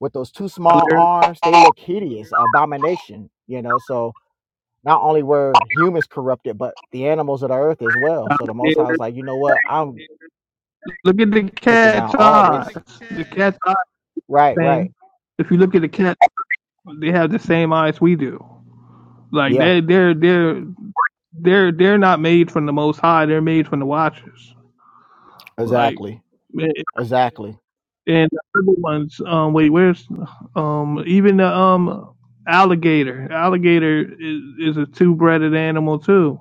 [SPEAKER 10] with those two small arms. They look hideous, abomination. You know, so not only were humans corrupted, but the animals of the earth as well. So the Most
[SPEAKER 6] end.
[SPEAKER 10] High was like, you know what? I'm
[SPEAKER 6] Look at the
[SPEAKER 10] taking down
[SPEAKER 6] cat's
[SPEAKER 10] all this.
[SPEAKER 6] eyes. The cat's eye
[SPEAKER 10] Right, right.
[SPEAKER 6] thing. If you look at the cat, they have the same eyes we do. Like
[SPEAKER 10] Yeah,
[SPEAKER 6] they they're they're they're they're not made from the Most High. They're made from the Watchers. Like
[SPEAKER 10] exactly.
[SPEAKER 6] and
[SPEAKER 10] Exactly.
[SPEAKER 6] the other ones. Um, wait, where's um even the um alligator? Alligator is is a two-breeded animal too.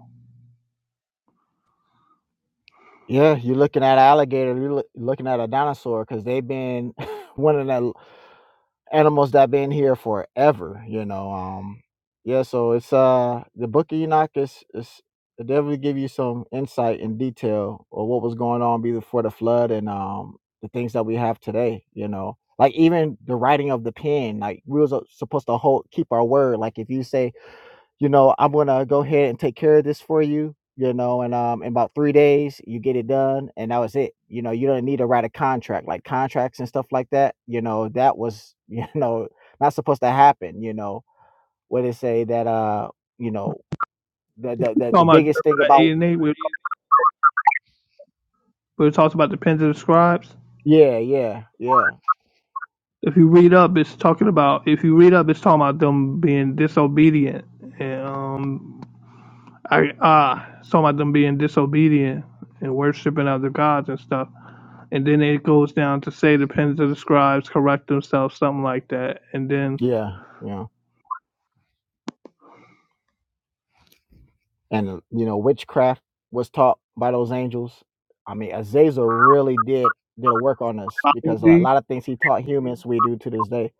[SPEAKER 10] Yeah, you're looking at an alligator, you're loo- looking at a dinosaur because they've been one of the animals that been here forever, you know. Um yeah, so it's uh the book of Enoch is is it definitely give you some insight and detail of what was going on before the flood and um the things that we have today, you know. Like even the writing of the pen, like we was uh, supposed to hold keep our word. Like if you say you know, I'm gonna go ahead and take care of this for you, you know, and um in about three days you get it done and that was it. You know, you don't need to write a contract, like contracts and stuff like that, you know, that was, you know, not supposed to happen, you know. where they say that uh, you know, the the the,
[SPEAKER 6] We're
[SPEAKER 10] the
[SPEAKER 6] talking about
[SPEAKER 10] biggest thing
[SPEAKER 6] Jeremiah
[SPEAKER 10] about
[SPEAKER 6] eight and eight. We're, we're talking about the pens of the scribes.
[SPEAKER 10] yeah, yeah, yeah.
[SPEAKER 6] If you read up, it's talking about if you read up, it's talking about them being disobedient, and um, I ah, it's talking about them being disobedient and worshiping other gods and stuff. And then it goes down to say the pens of the scribes correct themselves, something like that. And then
[SPEAKER 10] Yeah. Yeah. and uh, you know witchcraft was taught by those angels i mean azazel really did did a work on us because a lot of things he taught humans we do to this day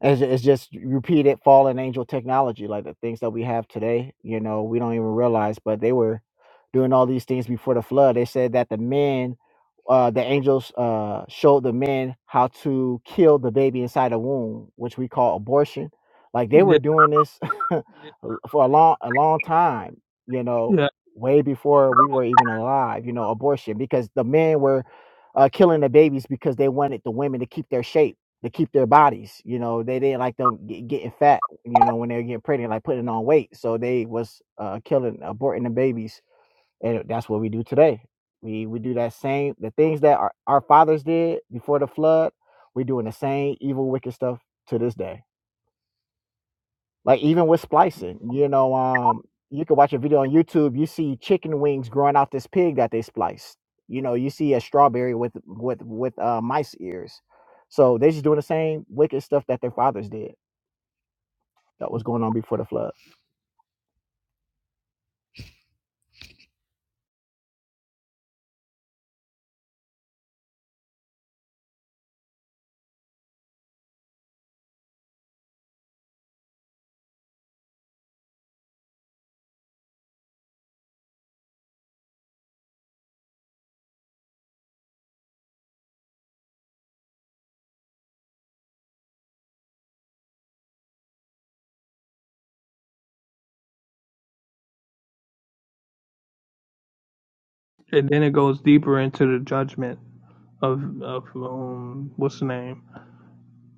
[SPEAKER 10] it's, it's just repeated fallen angel technology like the things that we have today you know we don't even realize but they were doing all these things before the flood they said that the men uh, the angels uh, showed the men how to kill the baby inside the womb which we call abortion like they were doing this l- for a long a long time you know
[SPEAKER 6] yeah,
[SPEAKER 10] way before we were even alive you know abortion because the men were uh, killing the babies because they wanted the women to keep their shape to keep their bodies you know they didn't like them ge- getting fat you know when they were getting pregnant like putting on weight so they was uh, killing aborting the babies and that's what we do today we we do that same the things that our, our fathers did before the flood we're doing the same evil wicked stuff to this day like even with splicing you know um you can watch a video on youtube you see chicken wings growing out this pig that they spliced you know you see a strawberry with with with uh mice ears so they just doing the same wicked stuff that their fathers did that was going on before the flood
[SPEAKER 6] and then it goes deeper into the judgment of of um, what's the name?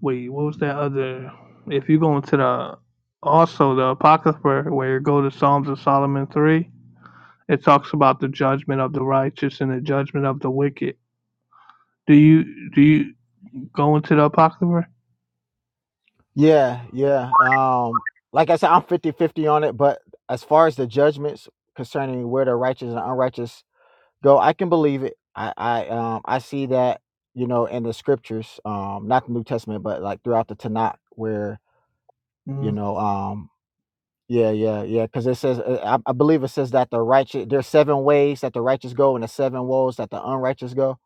[SPEAKER 6] Wait, what was that other? If you go into the also the apocrypha where you go to Psalms of Solomon three It talks about the judgment of the righteous and the judgment of the wicked. Do you do you go into the apocrypha?
[SPEAKER 10] yeah yeah um like i said i'm fifty fifty on it but as far as the judgments concerning where the righteous and unrighteous Go, I can believe it. I I um I see that you know in the scriptures, um, not the New Testament, but like throughout the Tanakh, where you
[SPEAKER 6] Mm.
[SPEAKER 10] know, um, yeah, yeah, yeah, because it says, uh, I, I believe it says that the righteous, there's seven ways that the righteous go, and the seven woes that the unrighteous go,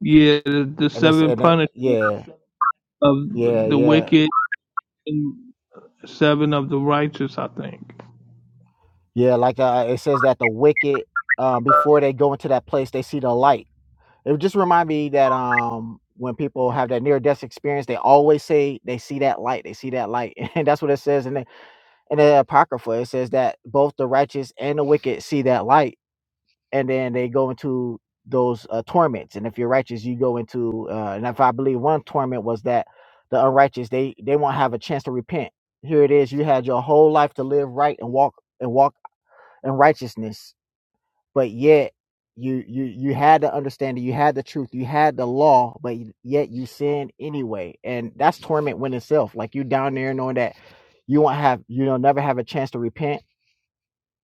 [SPEAKER 6] Yeah, the, the
[SPEAKER 10] and it's
[SPEAKER 6] seven
[SPEAKER 10] and it,
[SPEAKER 6] punishments
[SPEAKER 10] yeah,
[SPEAKER 6] of
[SPEAKER 10] yeah,
[SPEAKER 6] the
[SPEAKER 10] yeah,
[SPEAKER 6] wicked and seven of the righteous. I think.
[SPEAKER 10] yeah, like uh, it says that the wicked, um, before they go into that place, they see the light It just remind me that um when people have that near death experience, they always say they see that light, they see that light, and that's what it says in the in the apocrypha. It says that both the righteous and the wicked see that light, and then they go into those uh, torments. And if you're righteous, you go into uh, and if I believe one torment was that the unrighteous they they won't have a chance to repent. Here it is, you had your whole life to live right and walk and walk in righteousness but yet you you you had the understanding you had the truth you had the law but yet you sinned anyway and that's torment when itself like you down there knowing that you won't have you know never have a chance to repent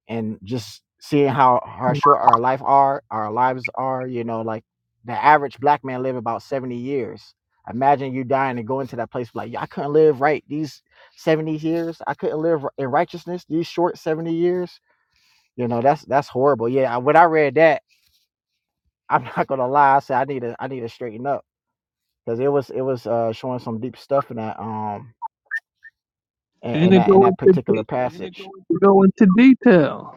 [SPEAKER 10] and just seeing how how short our life are our lives are you know like the average black man live about 70 years imagine you dying and going to that place like "Yeah, i couldn't live right these 70 years i couldn't live in righteousness these short 70 years you know that's that's horrible yeah when i read that I'm not gonna lie. I said I need to I need to straighten up because it was it was uh, showing some deep stuff in that um in,
[SPEAKER 6] And
[SPEAKER 10] in
[SPEAKER 6] it
[SPEAKER 10] that in
[SPEAKER 6] go
[SPEAKER 10] that
[SPEAKER 6] into
[SPEAKER 10] particular
[SPEAKER 6] de-
[SPEAKER 10] Didn't passage. go
[SPEAKER 6] it go into detail.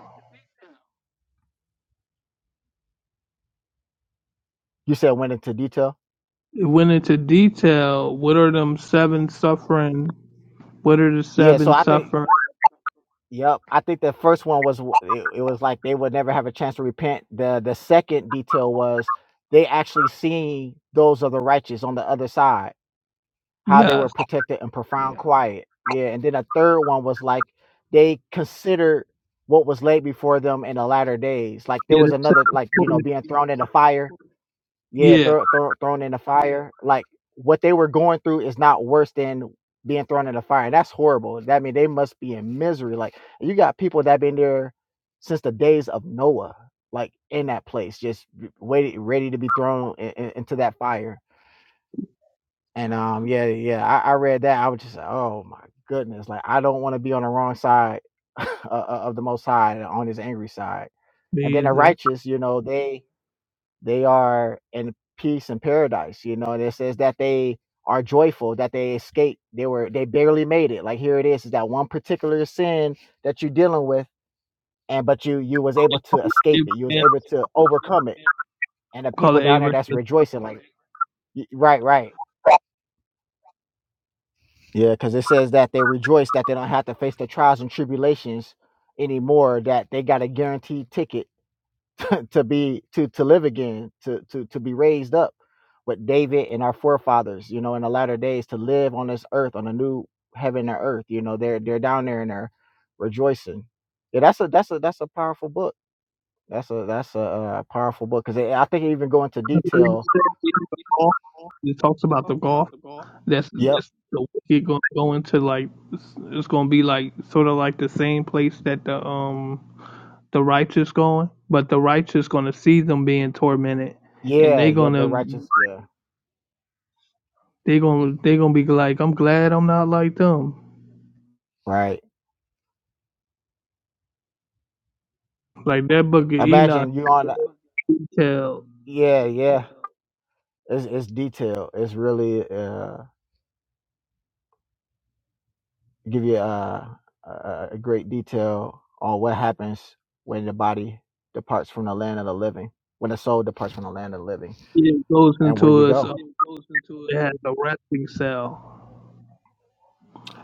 [SPEAKER 10] You said went into detail.
[SPEAKER 6] It went into detail. What are them seven suffering? What are the
[SPEAKER 10] Yeah. So
[SPEAKER 6] seven
[SPEAKER 10] I think
[SPEAKER 6] suffer?
[SPEAKER 10] Yep, I think the first one was w- it, it was like they would never have a chance to repent. The the second detail was they actually seeing those of the righteous on the other side how they
[SPEAKER 6] Yes.
[SPEAKER 10] were protected in profound quiet. Yeah, and then a third one was like they considered what was laid before them in the latter days. Like there
[SPEAKER 6] Yeah,
[SPEAKER 10] was
[SPEAKER 6] the
[SPEAKER 10] another, like you
[SPEAKER 6] seven.
[SPEAKER 10] know, being thrown in the fire. Yeah,
[SPEAKER 6] Yeah,
[SPEAKER 10] throw, throw, thrown in the fire. Like what they were going through is not worse than being thrown in the fire. And that's horrible. That mean they must be in misery. Like you got people that been there since the days of Noah, like in that place, just waiting, ready to be thrown in, in- into that fire and um, yeah, yeah, I, I read that. I was just like, oh my goodness, like I don't want to be on the wrong side o- o- of the Most High, on His angry side.
[SPEAKER 6] me
[SPEAKER 10] And then the
[SPEAKER 6] either.
[SPEAKER 10] righteous, you know, they they are in peace and paradise. You know, and it says that they are joyful that they escaped. They were they barely made it. Like here it is, is that one particular sin that you're dealing with, and but you you was able to escape it. You was
[SPEAKER 6] Abraham,
[SPEAKER 10] able to overcome it. And the
[SPEAKER 6] call
[SPEAKER 10] people
[SPEAKER 6] it
[SPEAKER 10] down there
[SPEAKER 6] Abraham.
[SPEAKER 10] that's rejoicing, like y- right, right Yeah, because it says that they rejoice that they don't have to face the trials and tribulations anymore. That they got a guaranteed ticket to be to to live again, to to to be raised up with David and our forefathers. You know, in the latter days, to live on this earth on a new heaven and earth. You know, they're they're down there and they're rejoicing. Yeah, that's a that's a that's a powerful book. That's a that's a, uh powerful book because I think it even go into
[SPEAKER 6] the
[SPEAKER 10] detail.
[SPEAKER 6] mindset in the golf. It talks about the golf. That's
[SPEAKER 10] Yep.
[SPEAKER 6] just the wicked going to go into like it's, it's going to be like sort of like the same place that the um the righteous going, but the righteous going to see them being tormented, and
[SPEAKER 10] Yeah.
[SPEAKER 6] they
[SPEAKER 10] Yeah. The
[SPEAKER 6] gonna
[SPEAKER 10] righteous. Yeah.
[SPEAKER 6] they gonna they gonna be like, I'm glad I'm not like them.
[SPEAKER 10] Right.
[SPEAKER 6] Like that book of Enoch,
[SPEAKER 10] Imagine you on. a-
[SPEAKER 6] you tell
[SPEAKER 10] Yeah. Yeah. It's it's detail. It's really uh, give you uh, a, a great detail on what happens when the body departs from the land of the living, when the soul departs from the land of the living,
[SPEAKER 6] it goes
[SPEAKER 10] and where you
[SPEAKER 6] into us.
[SPEAKER 10] go.
[SPEAKER 6] Uh, it has a resting cell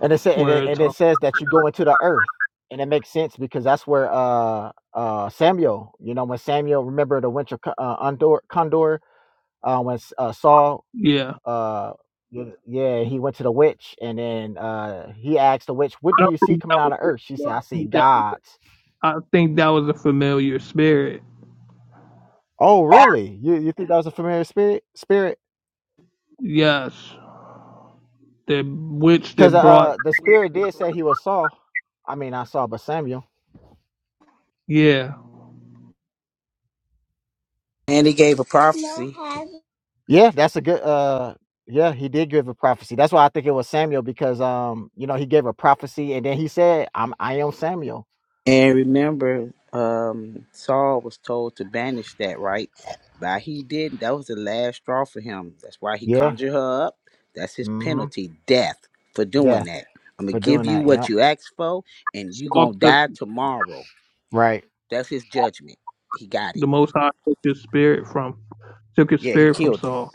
[SPEAKER 10] And it said, and
[SPEAKER 6] where
[SPEAKER 10] it,
[SPEAKER 6] it
[SPEAKER 10] and it
[SPEAKER 6] talks.
[SPEAKER 10] says that you go into the earth, and it makes sense because that's where uh uh Samuel, you know, when Samuel remember the winter co- uh, condor, condor uh, when uh, Saul
[SPEAKER 6] Yeah,
[SPEAKER 10] uh y- yeah he went to the witch and then uh he asked the witch what do you
[SPEAKER 6] I
[SPEAKER 10] see
[SPEAKER 6] think
[SPEAKER 10] coming
[SPEAKER 6] that
[SPEAKER 10] out of earth she
[SPEAKER 6] was
[SPEAKER 10] said i see gods
[SPEAKER 6] I think that was a familiar spirit.
[SPEAKER 10] oh really you you think that was a familiar spirit spirit
[SPEAKER 6] Yes, the witch
[SPEAKER 10] because
[SPEAKER 6] that brought
[SPEAKER 10] uh the spirit did say he was saul i mean i saw but samuel
[SPEAKER 6] yeah
[SPEAKER 11] And he gave a prophecy.
[SPEAKER 10] yeah that's a good uh yeah he did give a prophecy that's why i think it was samuel because um you know he gave a prophecy and then he said i'm i am samuel
[SPEAKER 11] And remember, um, Saul was told to banish that, right? But he didn't. That was the last straw for him. That's why he
[SPEAKER 10] yeah
[SPEAKER 11] conjured her up. That's his
[SPEAKER 10] mm-hmm
[SPEAKER 11] penalty, death, for doing
[SPEAKER 10] death
[SPEAKER 11] that. I'm gonna
[SPEAKER 10] for
[SPEAKER 11] give
[SPEAKER 10] doing
[SPEAKER 11] you
[SPEAKER 10] that
[SPEAKER 11] what
[SPEAKER 10] yep
[SPEAKER 11] you asked for, and you gonna
[SPEAKER 6] Saul took
[SPEAKER 11] die tomorrow.
[SPEAKER 10] right
[SPEAKER 11] That's his judgment. He got
[SPEAKER 6] the
[SPEAKER 11] it.
[SPEAKER 6] Most High took his spirit from took his
[SPEAKER 11] Yeah, he
[SPEAKER 6] spirit from
[SPEAKER 11] killed him.
[SPEAKER 6] Saul.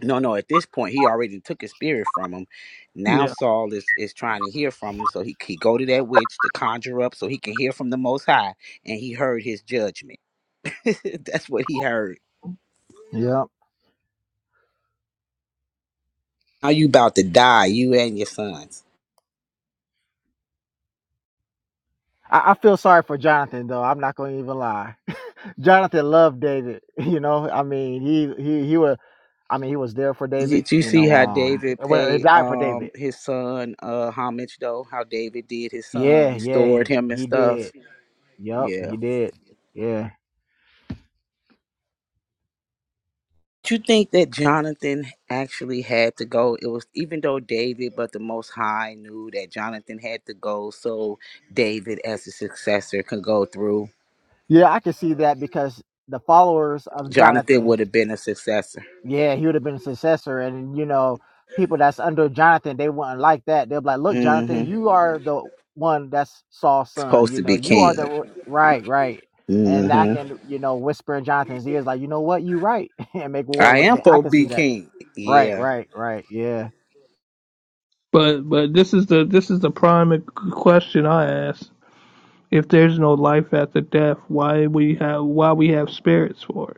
[SPEAKER 11] No, no. At this point, he already took his spirit from him. Now
[SPEAKER 6] Yeah,
[SPEAKER 11] Saul is is trying to hear from him, so he he go to that witch to conjure up, so he can hear from the Most High, and he heard his judgment. That's what he heard.
[SPEAKER 10] yep
[SPEAKER 11] Now you about to die, you and your sons.
[SPEAKER 10] I, I feel sorry for jonathan though i'm not gonna even lie Jonathan loved David. You know, I mean, he he he was. I mean, he was there for David.
[SPEAKER 11] Did you
[SPEAKER 10] You
[SPEAKER 11] see
[SPEAKER 10] know,
[SPEAKER 11] how
[SPEAKER 10] um,
[SPEAKER 11] David
[SPEAKER 10] well, he
[SPEAKER 11] paid
[SPEAKER 10] died for
[SPEAKER 11] um
[SPEAKER 10] David.
[SPEAKER 11] his son uh homage though? How David did his son,
[SPEAKER 10] Yeah, yeah,
[SPEAKER 11] restored him and
[SPEAKER 10] he did.
[SPEAKER 11] stuff.
[SPEAKER 10] Yep,
[SPEAKER 11] Yeah.
[SPEAKER 10] he did. Yeah,
[SPEAKER 11] Do you think that Jonathan actually had to go? It was even though David, but the Most High knew that Jonathan had to go, so David, as a successor, could go through.
[SPEAKER 10] yeah, I can see that because the followers of
[SPEAKER 11] Jonathan
[SPEAKER 10] Jonathan.
[SPEAKER 11] would have been a successor.
[SPEAKER 10] Yeah, he would have been a successor, and you know, people that's under Jonathan, they wouldn't like that. They'll be like, "Look, Jonathan,
[SPEAKER 11] Mm-hmm.
[SPEAKER 10] you are the one that's Saul's son.
[SPEAKER 11] Supposed
[SPEAKER 10] You
[SPEAKER 11] to
[SPEAKER 10] know,
[SPEAKER 11] be
[SPEAKER 10] you are
[SPEAKER 11] king.
[SPEAKER 10] the right, right." And I
[SPEAKER 11] Mm-hmm.
[SPEAKER 10] can, you know, whisper in Jonathan's ears, like, "You know what? You right," and make war
[SPEAKER 11] I
[SPEAKER 10] with
[SPEAKER 11] am
[SPEAKER 10] them. I
[SPEAKER 11] supposed to
[SPEAKER 10] can
[SPEAKER 11] be
[SPEAKER 10] see that.
[SPEAKER 11] king.
[SPEAKER 10] Right,
[SPEAKER 11] Yeah.
[SPEAKER 10] right, right. Yeah.
[SPEAKER 6] but but this is the this is the prime e-, question I ask: If there's no life after death, why we have why we have spirits for it?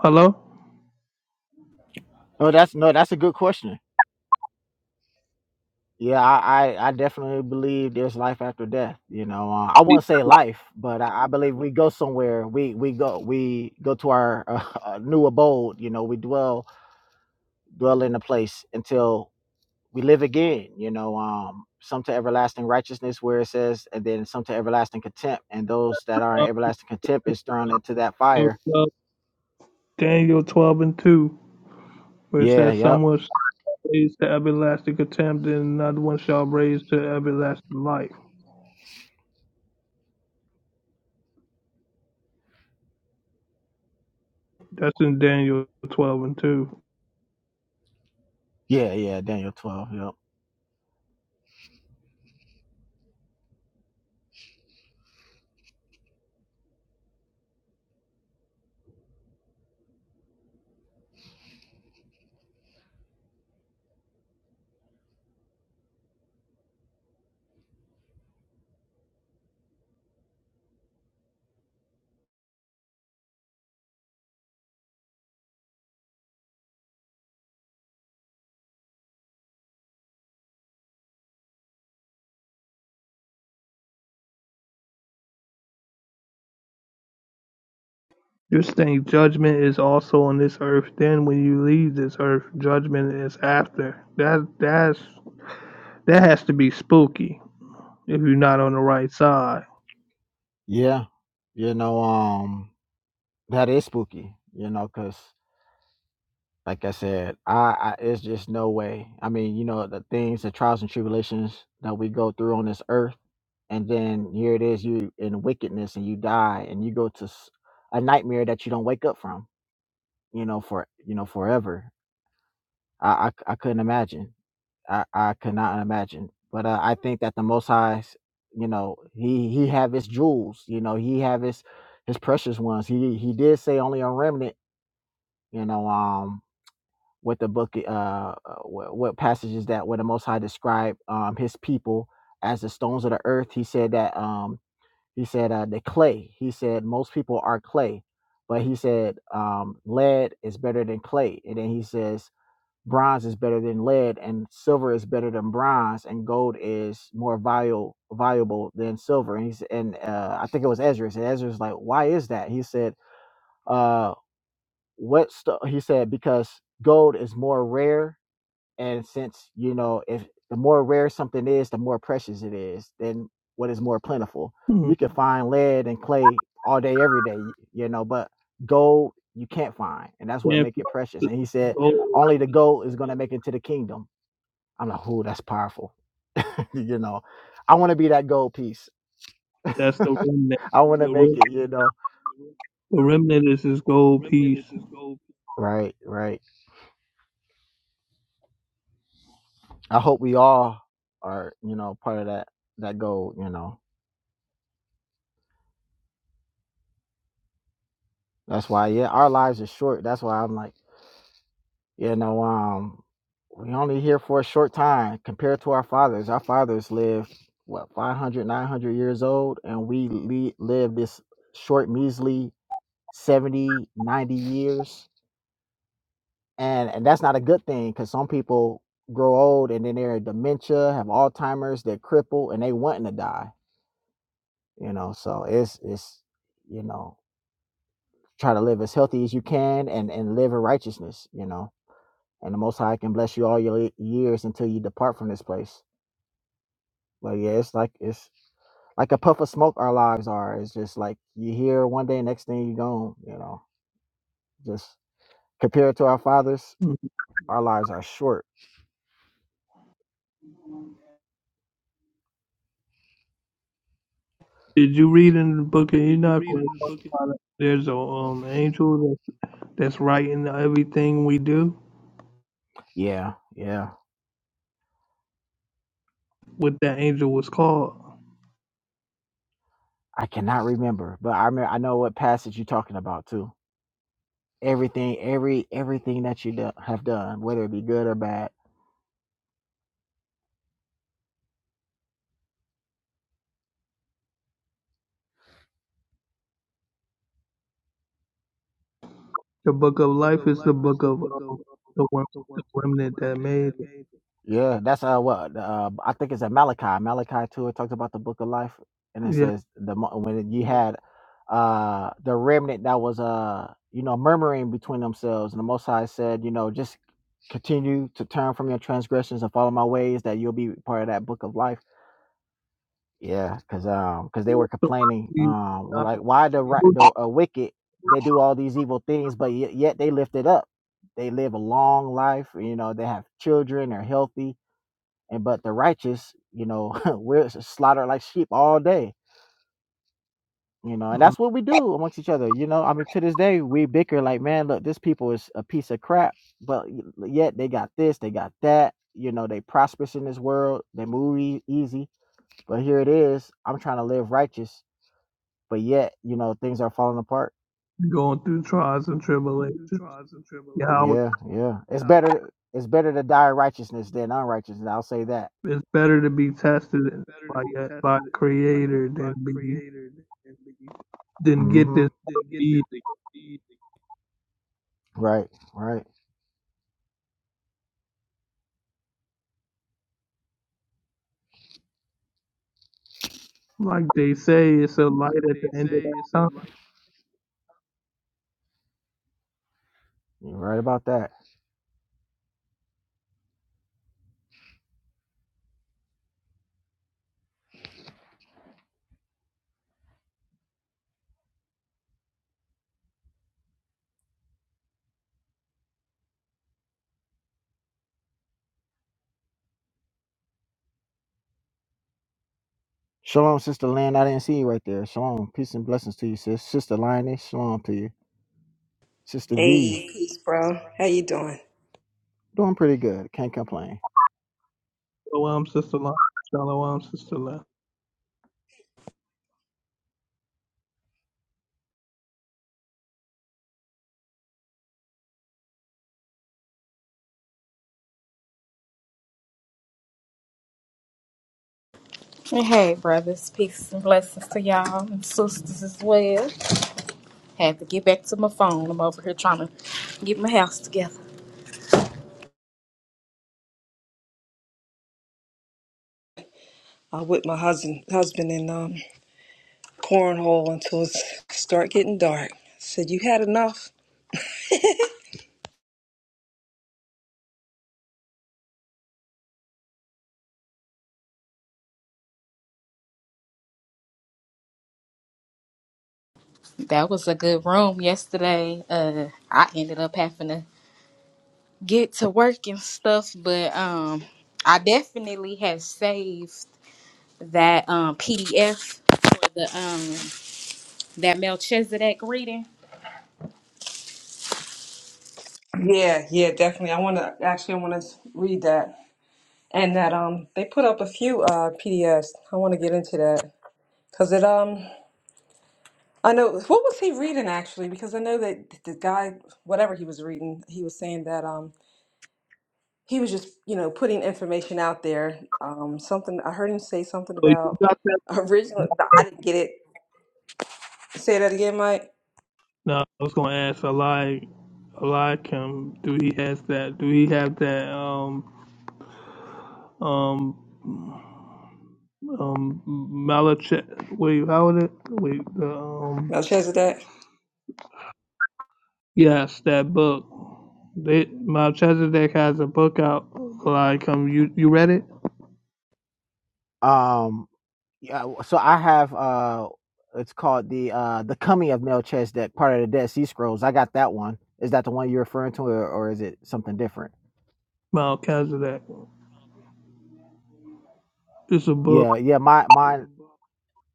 [SPEAKER 6] Hello,
[SPEAKER 10] No, that's no, that's a good question. Yeah, I, I, I definitely believe there's life after death. You know, uh, I will not say life, but I, I believe we go somewhere. We we go we go to our uh, new abode. You know, we dwell dwell in a place until we live again. You know, um, some to everlasting righteousness, where it says, and then some to everlasting contempt, and those that are in everlasting contempt is thrown into that
[SPEAKER 6] Daniel
[SPEAKER 10] fire.
[SPEAKER 6] 12, and two, where it
[SPEAKER 10] Yeah,
[SPEAKER 6] says,
[SPEAKER 10] yep,
[SPEAKER 6] "Someone shall raise to everlasting contempt, and another one shall raise to everlasting life." That's in Daniel 12 and 2.
[SPEAKER 10] yeah, yeah. Daniel twelve, yep,
[SPEAKER 6] You're saying judgment is also on this earth. Then when you leave this earth, judgment is after. That that's that has to be spooky if you're not on the right side.
[SPEAKER 10] yeah. You know, um, that is spooky. You know, cause. like I said, I, I it's just no way. I mean, you know, the things, the trials and tribulations that we go through on this earth, and then here it is, you in wickedness and you die and you go to s- a nightmare that you don't wake up from, you know, for you know forever. I I, c- I couldn't imagine. I I could not imagine. But uh, I think that the Most High's, you know, he he have his jewels, you know, he have his his precious ones. He he did say only a remnant, you know. um what the book uh uh, what, what passages that where the most high described um his people as the stones of the earth he said that um he said uh the clay he said most people are clay but he said um lead is better than clay and then he says bronze is better than lead and silver is better than bronze and gold is more valuable valuable than silver and he's and uh i think it was ezra and ezra's like why is that he said uh what st-? he said because gold is more rare and since, you know, if the more rare something is, the more precious it is, then what is more plentiful?
[SPEAKER 6] Hmm.
[SPEAKER 10] You can find lead and clay all day, every day, you know, but gold you can't find. And that's what
[SPEAKER 6] And
[SPEAKER 10] make it
[SPEAKER 6] for
[SPEAKER 10] precious. And he said,
[SPEAKER 6] gold,
[SPEAKER 10] only the gold is gonna make it to the kingdom. I'm like, oh, that's powerful. you know, I wanna be that gold piece.
[SPEAKER 6] that's the remnant.
[SPEAKER 10] I wanna
[SPEAKER 6] The, rem-
[SPEAKER 10] make it, you know.
[SPEAKER 6] the remnant is his gold piece.
[SPEAKER 10] Right, right. I hope we all are, you know, part of that that gold, you know. That's why, yeah, our lives are short. That's why I'm like You know, um, we only here for a short time compared to our fathers. Our fathers lived, what, 500, 900 years old, and we le- live this short, measly 70, 90 years. And, and that's not a good thing because some people grow old and then they're dementia, have Alzheimer's, they're crippled, and they wanting to die, you know. So it's, it's you know, try to live as healthy as you can and, and live in righteousness, you know. and the Most High can bless you all your years until you depart from this place. But yeah, it's like it's like a puff of smoke. Our lives are. It's just like you here one day, next thing you gone. You know, just compared to our fathers,
[SPEAKER 6] Hmm.
[SPEAKER 10] our lives are short.
[SPEAKER 6] Did you read in the book of Enoch where it talks about there's a um angel that- that's writing everything we do?
[SPEAKER 10] Yeah, yeah.
[SPEAKER 6] What that angel was called?
[SPEAKER 10] I cannot remember, but I remember, I know what passage you're talking about too. Everything, every everything that you do, have done, whether it be good or bad
[SPEAKER 6] The book of life is the book of um, the, one, the remnant that made it.
[SPEAKER 10] Yeah, that's uh what uh, I think it's at Malachi. Malachi too. It talks about the book of life, and it
[SPEAKER 6] Yeah.
[SPEAKER 10] says the mo- when you had uh the remnant that was uh you know murmuring between themselves, and the Most High said, you know, just continue to turn from your transgressions and follow my ways, that you'll be part of that book of life. Yeah, because um because they were complaining
[SPEAKER 6] Somebody,
[SPEAKER 10] um were like why the right
[SPEAKER 6] uh,
[SPEAKER 10] the uh, wicked they do all these evil things, but yet, yet they lift it up. They live a long life. You know, they have children. They're healthy and but the righteous, you know, we're slaughtered like sheep all day. You know, and that's what we do amongst each other. You know, I mean, to this day we bicker like, man, look, this people is a piece of crap, but y- yet they got this, they got that. You know, they prosperous in this world, they move ea- easy, but here it is. I'm trying to live righteous, but yet, you know, things are falling apart.
[SPEAKER 6] going through trials and tribulations. Yeah, I was-
[SPEAKER 10] Yeah, yeah. It's better. It's better to die righteousness than unrighteousness. I'll say that.
[SPEAKER 6] it's better to be tested by that by the Creator than be than get
[SPEAKER 10] Mm-hmm.
[SPEAKER 6] this easy.
[SPEAKER 10] Right, right.
[SPEAKER 6] Like they say, it's a light at the end of that tunnel.
[SPEAKER 10] You're right about that. Shalom, Sister Lynn. I didn't see you right there. Shalom. Peace and blessings to you, sis. Sister Lioness, shalom to you. Sister V,
[SPEAKER 5] Hey, peace, bro. How you doing?
[SPEAKER 10] doing pretty good. Can't complain.
[SPEAKER 6] Shalom, sister. love. Shalom, sister. love.
[SPEAKER 12] Hey, brothers. Peace and blessings to y'all and sisters as well. Had to get back to my phone. I'm over here trying to get my house together.
[SPEAKER 5] I'm with my husband, husband in um cornhole until it start getting dark. Said you had enough.
[SPEAKER 12] That was a good room yesterday. Uh, I ended up having to get to work and stuff, but um, I definitely have saved that um PDF for the um that Melchizedek reading.
[SPEAKER 5] Yeah, yeah, definitely. I want to actually, I want to read that and that um they put up a few uh PDFs. I want to get into that because it um I know what was he reading actually because I know that the guy whatever he was reading he was saying that um. he was just you know putting information out there um something i heard him say something
[SPEAKER 6] So you
[SPEAKER 5] about
[SPEAKER 6] got that
[SPEAKER 5] original i didn't get it say that again mike
[SPEAKER 6] no, I was gonna ask Eli Eliakim, do he has that do he have that um um um Malach wait how would it wait the um
[SPEAKER 5] no chance of that
[SPEAKER 6] yes that book they Melchizedek has a book out like come you you read it
[SPEAKER 10] Um, yeah, so I have uh it's called the uh the coming of Melchizedek, part of the Dead Sea Scrolls. I got that one. Is that the one you're referring to or, or is it something different?
[SPEAKER 6] Melchizedek it's a book
[SPEAKER 10] Yeah, yeah, my mine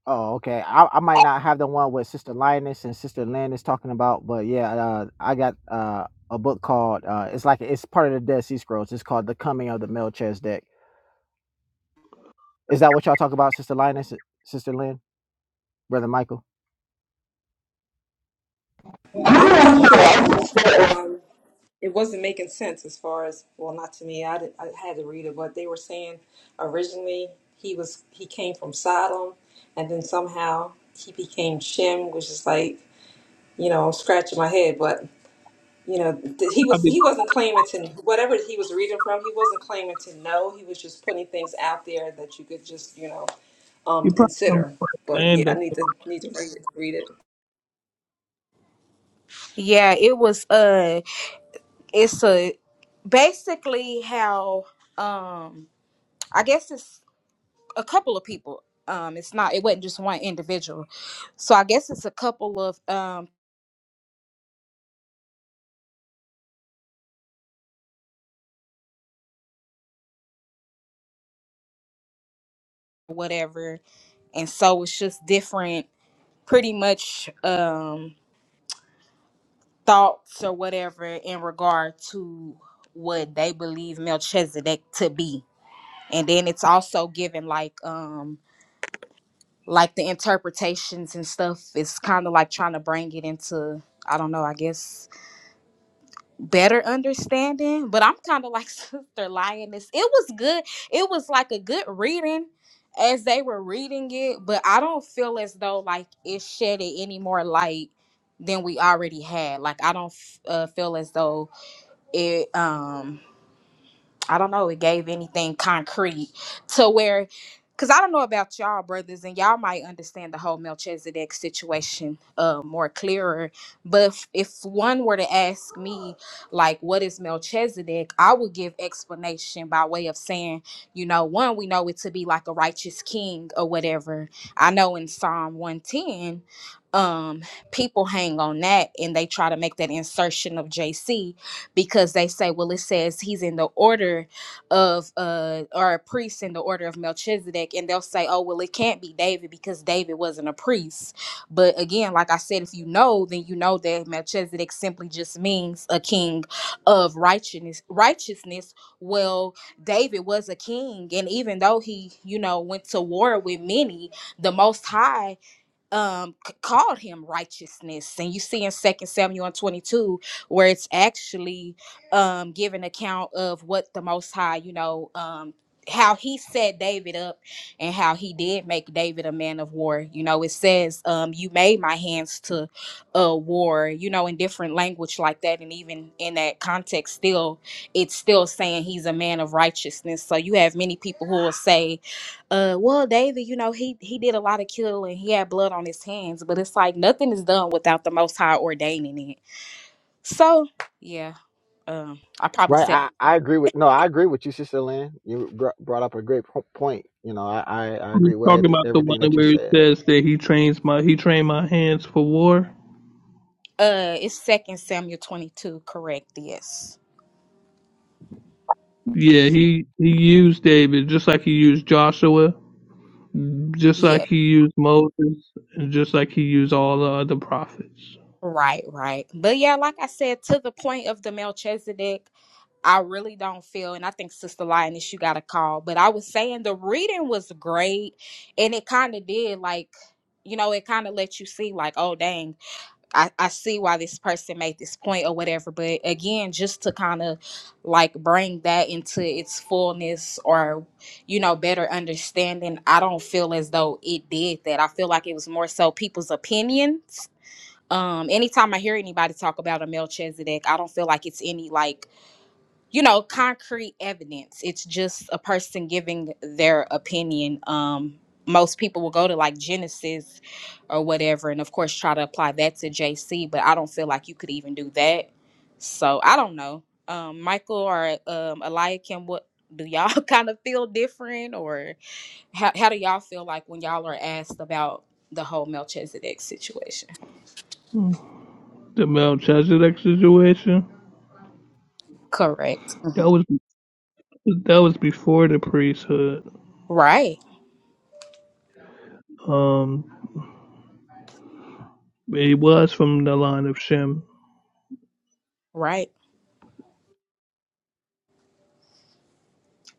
[SPEAKER 10] Oh, okay. I, I might not have the one with Sister Linus and Sister Lynn is talking about, but yeah, uh, I got uh, a book called uh, it's like it's part of the Dead Sea Scrolls. It's called The Coming of the Melchizedek. Is that what y'all talk about, Sister Linus, Sister Lynn, Brother Michael?
[SPEAKER 5] i'm not sure i just know um it wasn't making sense as far as well not to me i did, i had to read it but they were saying originally he was he came from sodom and then somehow he became shem which is like you know i'm scratching my head but you know th- he was
[SPEAKER 6] probably,
[SPEAKER 5] he wasn't claiming to whatever he was reading from he wasn't claiming to know he was just putting things out there that you could just you know um
[SPEAKER 6] you probably come
[SPEAKER 5] consider
[SPEAKER 6] from
[SPEAKER 5] but yeah
[SPEAKER 6] land
[SPEAKER 5] i
[SPEAKER 6] of
[SPEAKER 5] need to need to read it read it
[SPEAKER 12] Yeah, it was uh, it's a basically how um I guess it's a couple of people. Um, it's not it wasn't just one individual. So I guess it's a couple of um whatever, and so it's just different, pretty much um thoughts or whatever in regard to what they believe Melchizedek to be, and then it's also given like um like the interpretations and stuff. It's kind of like trying to bring it into I don't know. I guess better understanding but i'm kind of like sister lioness it was good it was like a good reading as they were reading it but i don't feel as though like it shedded any more light than we already had like i don't f- uh, feel as though it um I don't know, it gave anything concrete to where, because I don't know about y'all brothers, and y'all might understand the whole Melchizedek situation uh, more clearer. But if, if one were to ask me, like, what is Melchizedek, I would give explanation by way of saying, you know, one, we know it to be like a righteous king or whatever. I know in Psalm 110, um, people hang on that and they try to make that insertion of JC because they say, well, it says he's in the order of uh or a priest in the order of Melchizedek, and they'll say, oh, well, it can't be David because David wasn't a priest. But again, like I said, if you know, then you know that Melchizedek simply just means a king of righteousness. Righteousness. Well, David was a king, and even though he, you know, went to war with many, the Most High um c- called him righteousness and you see in second samuel and 22 where it's actually um giving account of what the most high you know um how he set david up and how he did make david a man of war you know it says um you made my hands to uh war you know in different language like that and even in that context still it's still saying he's a man of righteousness so you have many people who will say uh well david you know he he did a lot of killing he had blood on his hands but it's like nothing is done without the most high ordaining it so yeah um i probably
[SPEAKER 10] Right.
[SPEAKER 12] said
[SPEAKER 10] I, I agree with no, I agree with you, Sister Lynn. You br- brought up a great po- point. You know, I, I I
[SPEAKER 6] he's
[SPEAKER 10] agree
[SPEAKER 6] talking
[SPEAKER 10] with
[SPEAKER 6] about the one
[SPEAKER 10] everything that you
[SPEAKER 6] where it
[SPEAKER 10] said.
[SPEAKER 6] says that he trains my he trained my hands for war
[SPEAKER 12] uh it's second samuel 22 correct yes
[SPEAKER 6] yeah he he used David just like he used Joshua just like
[SPEAKER 12] yeah
[SPEAKER 6] he used Moses and just like he used all the other prophets
[SPEAKER 12] right right but yeah like i said to the point of the melchizedek i really don't feel and i think sister lioness you got a call but i was saying the reading was great and it kind of did like you know it kind of let you see like oh dang I, I see why this person made this point or whatever, but again, just to kind of like bring that into its fullness or, you know, better understanding, I don't feel as though it did that. I feel like it was more so people's opinions. Um, anytime I hear anybody talk about a Melchizedek, I don't feel like it's any like you know concrete evidence it's just a person giving their opinion um most people will go to like genesis or whatever and of course try to apply that to jc but i don't feel like you could even do that so i don't know um michael or um eliakim what do y'all kind of feel different or how, how do y'all feel like when y'all are asked about the whole melchizedek situation
[SPEAKER 6] The Melchizedek situation.
[SPEAKER 12] correct
[SPEAKER 6] That
[SPEAKER 12] Mhm.
[SPEAKER 6] was that was before the priesthood.
[SPEAKER 12] right
[SPEAKER 6] Um, it was from the line of Shem.
[SPEAKER 12] right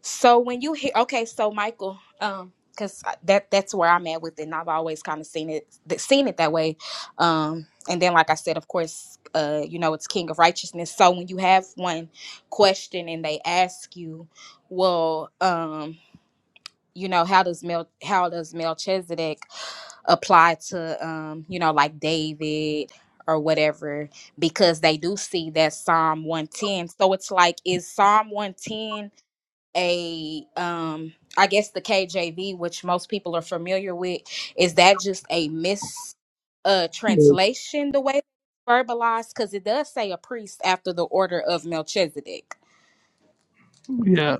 [SPEAKER 12] So when you hear, okay, so Michael, um, because that that's where I'm at with it, and I've always kind of seen it th- seen it that way. Um, and then like I said, of course, uh, you know, it's King of Righteousness. So when you have one question and they ask you, well, um, you know, how does Mel how does Melchizedek apply to um, you know, like David or whatever because they do see that Psalm 110. So it's like is Psalm 110 a um I guess the KJV, which most people are familiar with, is that just a mis uh
[SPEAKER 6] Which,
[SPEAKER 12] translation the way it's verbalized? Because it does say a priest after the order of Melchizedek.
[SPEAKER 6] yes.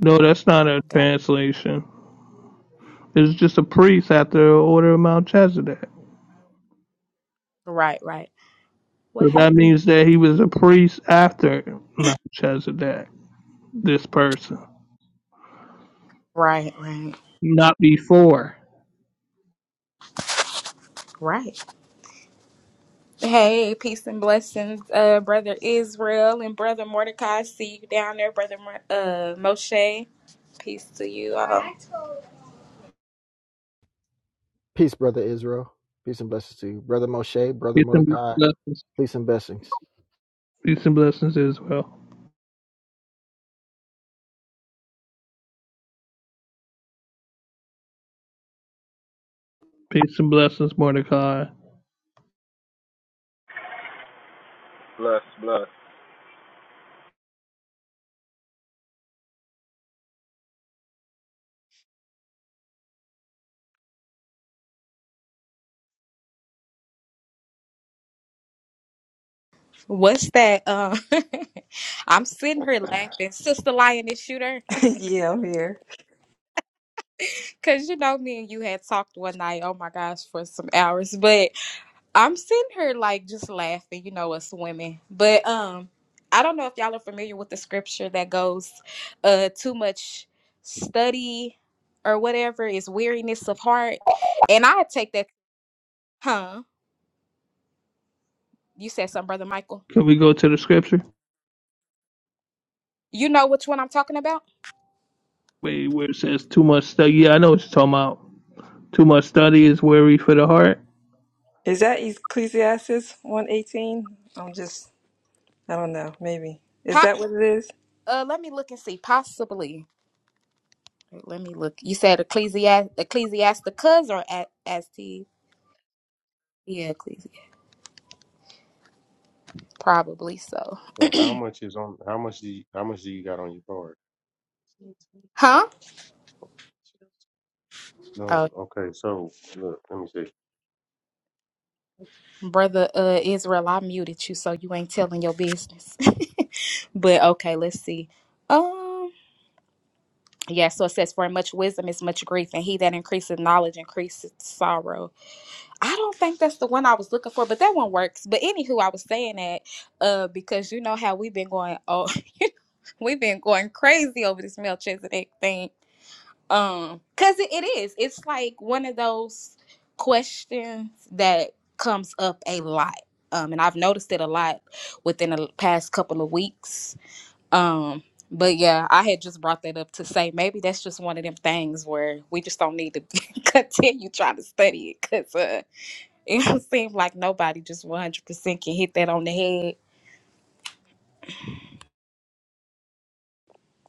[SPEAKER 6] No, that's not a
[SPEAKER 12] Got
[SPEAKER 6] translation. It's just a priest after the order of Melchizedek.
[SPEAKER 12] right, right, What
[SPEAKER 6] So that
[SPEAKER 12] happened?
[SPEAKER 6] means that he was a priest after Melchizedek. This person,
[SPEAKER 12] right, right,
[SPEAKER 6] not before.
[SPEAKER 12] right. Hey, peace and blessings, uh, brother Israel and brother Mordecai. See you down there, brother Mo- uh Moshe. Peace to you all.
[SPEAKER 10] Peace, brother Israel. Peace and blessings to you, brother Moshe, brother
[SPEAKER 6] Peace and
[SPEAKER 10] Mordecai.
[SPEAKER 6] blessings.
[SPEAKER 10] Peace and blessings.
[SPEAKER 6] Peace and blessings, Israel. Peace and blessings, Mordecai.
[SPEAKER 13] Bless, bless.
[SPEAKER 12] What's that? Uh, I'm sitting here laughing, sister lioness shooter,
[SPEAKER 5] yeah, I'm here.
[SPEAKER 12] because you know me and you had talked one night. Oh my gosh, for some hours. But I'm sitting here like just laughing. You know us women. But um, I don't know if y'all are familiar with the scripture that goes, uh, too much study or whatever is weariness of heart, and I take that. Huh? You said something, brother Michael.
[SPEAKER 6] Can we go to the scripture?
[SPEAKER 12] You know which one I'm talking about?
[SPEAKER 6] Wait, where it says too much study? Yeah, I know what you're talking about. Too much study is weary for the heart.
[SPEAKER 5] Is that Ecclesiastes 118? I'm just, I don't know, maybe. Is
[SPEAKER 12] Pop.
[SPEAKER 5] that what it is?
[SPEAKER 12] Uh, let me look and see. Possibly. Wait, Let me look. You said Ecclesiast Ecclesiasticus or a- Asti? Yeah, Ecclesiastes. Probably so.
[SPEAKER 2] Yeah. So how much is on? How much do you, how much do you got on your card?
[SPEAKER 12] Huh?
[SPEAKER 2] No.
[SPEAKER 12] Oh,
[SPEAKER 2] Okay. So look, let me see.
[SPEAKER 12] brother uh Israel, I muted you so you ain't telling your business. but okay, let's see. Um yeah, so it says for much wisdom is much grief, and he that increases knowledge increases sorrow. I don't think that's the one I was looking for, but that one works. But anywho, I was saying that uh because you know how we've been going oh we've been going crazy over this Melchizedek thing Um, cause it, it is. It's like one of those questions that comes up a lot. Um, and I've noticed it a lot within the past couple of weeks. Um, but yeah, I had just brought that up to say maybe that's just one of them things where we just don't need to continue trying to study it because uh, it seems like nobody just 100% can hit that on the head.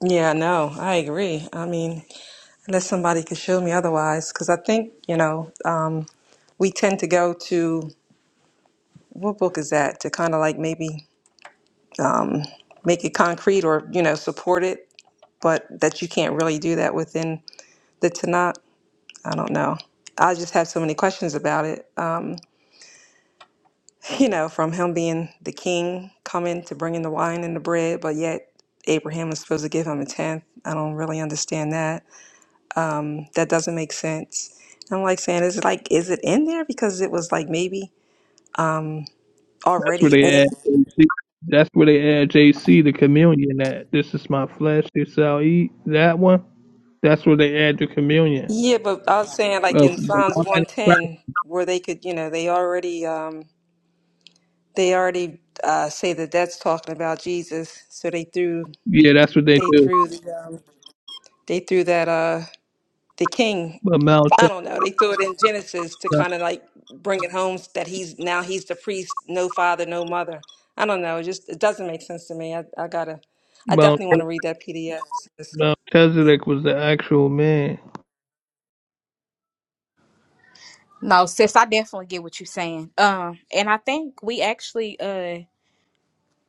[SPEAKER 5] Yeah, no, I agree. I mean, unless somebody could show me otherwise, because I think, you know, um, we tend to go to, what book is that? To kind of like maybe make it concrete or you know support it but that you can't really do that within the tanakh i don't know i just have so many questions about it um, you know from him being the king coming to bringing the wine and the bread but yet abraham is supposed to give him a tenth i don't really understand that that doesn't make sense i'm like saying is it like is it in there because it was like maybe um,
[SPEAKER 6] That's where
[SPEAKER 5] already
[SPEAKER 6] they
[SPEAKER 5] in
[SPEAKER 6] add. JC. That's where they add JC the communion. That this is my flesh. This I'll eat. That one. That's where they add the communion
[SPEAKER 5] yeah but i was saying like
[SPEAKER 6] of
[SPEAKER 5] in
[SPEAKER 6] the
[SPEAKER 5] psalms
[SPEAKER 6] body of Christ.
[SPEAKER 5] 110 where they could you know they already um They already uh, say that that's talking about Jesus, so they threw
[SPEAKER 6] Yeah, that's what they
[SPEAKER 5] they
[SPEAKER 6] do.
[SPEAKER 5] threw the um, they threw that uh the king.
[SPEAKER 6] But Mount
[SPEAKER 5] I don't know. They threw it in Genesis to kind of like bring it home that he's now he's the priest, no father, no mother. I don't know. It just it doesn't make sense to me. I, I gotta. I
[SPEAKER 6] Mount
[SPEAKER 5] definitely want to read that PDF.
[SPEAKER 6] Mount Melchizedek was the actual man.
[SPEAKER 12] No, sis, I definitely get what you're saying. Um, and I think we actually uh.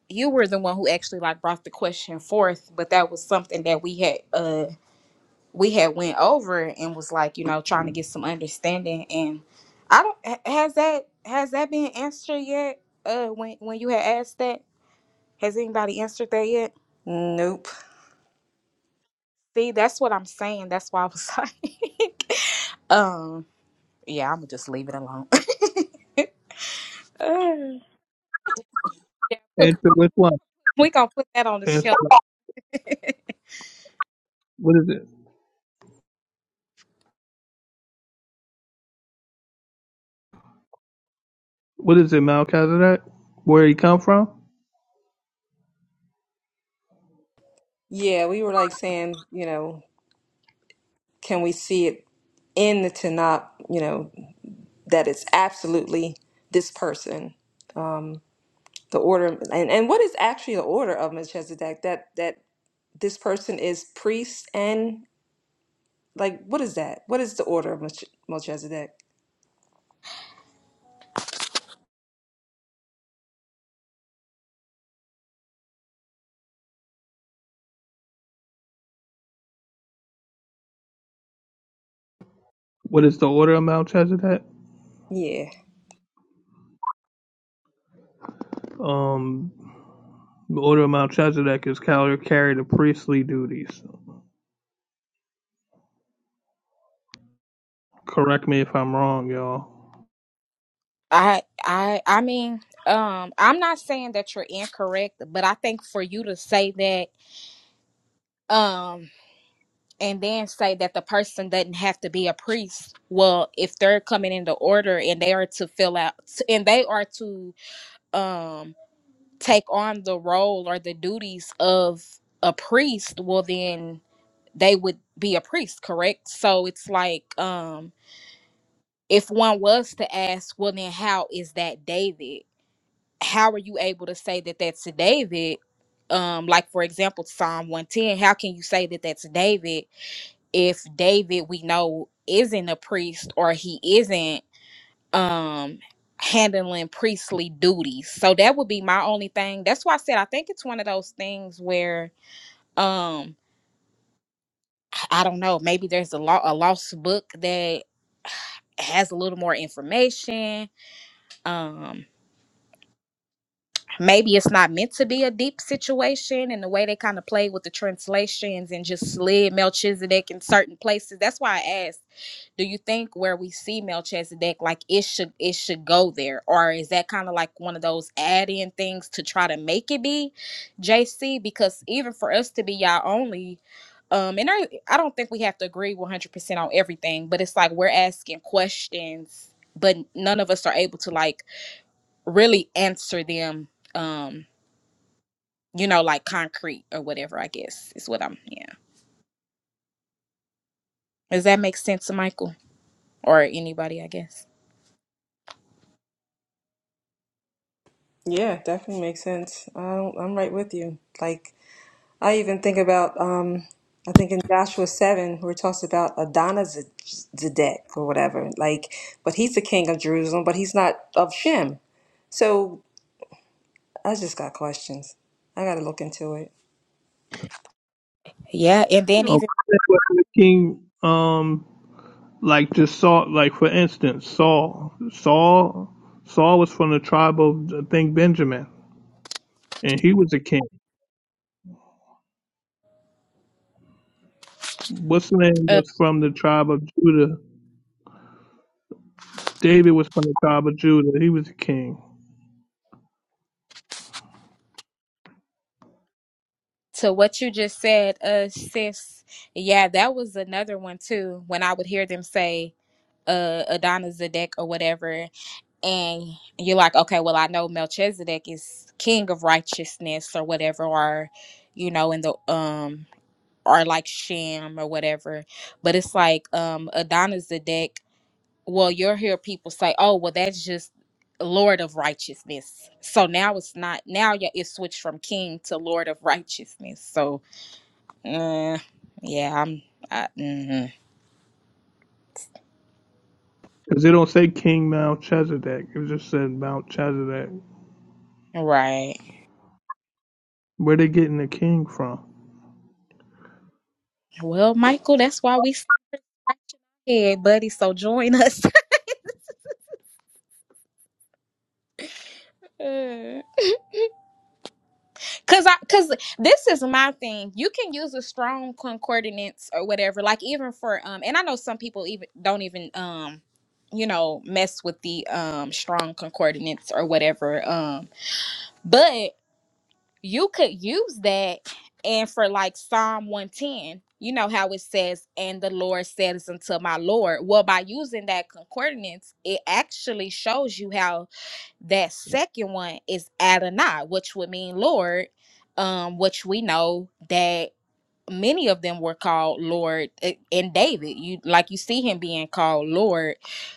[SPEAKER 12] you were the one who actually like brought the question forth but that was something that we had uh we had went over and was like you know trying to get some understanding and i don't ha- has that has that been answered yet uh when when you had asked that has anybody answered that yet
[SPEAKER 5] Nope.
[SPEAKER 12] see that's what i'm saying that's why i was like um yeah i'm gonna just leave it alone Uh, yeah,
[SPEAKER 6] Answer so which one?
[SPEAKER 12] we gonna put that on the
[SPEAKER 6] And
[SPEAKER 12] shelf
[SPEAKER 6] so what is it? What is it? Mount Melchizedek? Where he come from?
[SPEAKER 5] Yeah, we were like saying, you know, can we see it in the Tanakh? You know, that it's absolutely this person. Um, the order and, and what is actually the order of Melchizedek that that this person is priest and like what is that what is the order of Melch- Melchizedek
[SPEAKER 6] What is the order of Melchizedek?
[SPEAKER 5] yeah
[SPEAKER 6] Um, Order of Melchizedek is cal- carry the priestly duties. Correct me if I'm wrong, y'all.
[SPEAKER 12] I I I mean, um, I'm not saying that you're incorrect, but I think for you to say that, um, and then say that the person doesn't have to be a priest. Well, if they're coming into order and they are to fill out and they are to um take on the role or the duties of a priest, well then they would be a priest, correct? So it's like um if one was to ask, well then how is that David? how are you able to say that that's David? Um, like for example, Psalm one ten. How can you say that that's David if David we know isn't a priest or he isn't um handling priestly duties? So that would be my only thing. That's why I said I think it's one of those things where um I don't know. Maybe there's a law a lost book that has a little more information. Um, maybe it's not meant to be a deep situation and the way they kind of played with the translations and just slid Melchizedek in certain places. That's why I asked, do you think where we see Melchizedek, like it should it should go there? Or is that kind of like one of those add-in things to try to make it be JC? Because even for us to be y'all only, um, and I I don't think we have to agree 100 percent on everything, but it's like we're asking questions, but none of us are able to like really answer them Um, you know, like concrete or whatever, I guess is what I'm, yeah. Does that make sense to Michael or anybody, I guess?
[SPEAKER 5] yeah definitely makes sense I don't, I'm right with you like I even think about um I think in Joshua 7 where it talks about Adonizedek or whatever like but he's the king of Jerusalem but he's not of Shem so I just got questions I gotta look into it
[SPEAKER 12] Yeah. And then
[SPEAKER 6] Um,
[SPEAKER 12] even
[SPEAKER 6] the king, um, like just Saul, like for instance, Saul, Saul, Saul was from the tribe of I think Benjamin, and he was a king. What's the name
[SPEAKER 12] uh,
[SPEAKER 6] was from the tribe of Judah. David was from the tribe of Judah. He was a king.
[SPEAKER 12] to what you just said, uh, sis, yeah, that was another one too. When I would hear them say, uh, Adana Zedek or whatever, and you're like, okay, well, I know Melchizedek is king of righteousness or whatever, or, you know, in the, um, or like Shem or whatever. But it's like, um, Adana Zedek well you'll hear people say oh well that's just lord of righteousness so now it's not now yeah, it's switched from king to lord of righteousness so uh, yeah i'm I, mhm.
[SPEAKER 6] Melchizedek.
[SPEAKER 12] right
[SPEAKER 6] Where they getting the king from?
[SPEAKER 12] well michael that's why we scratching our buddy so join us Cause I, cause this is my thing. You can use a strong concordance or whatever, like even for um, and I know some people even don't even um, you know, mess with the um strong concordance or whatever um, but you could use that and for like Psalm one ten, you know how it says, and the Lord says unto my Lord. Well, by using that concordance, it actually shows you how that second one is Adonai, which would mean Lord, um, which we know that many of them were called Lord i- in David. You like you see him being called Lord.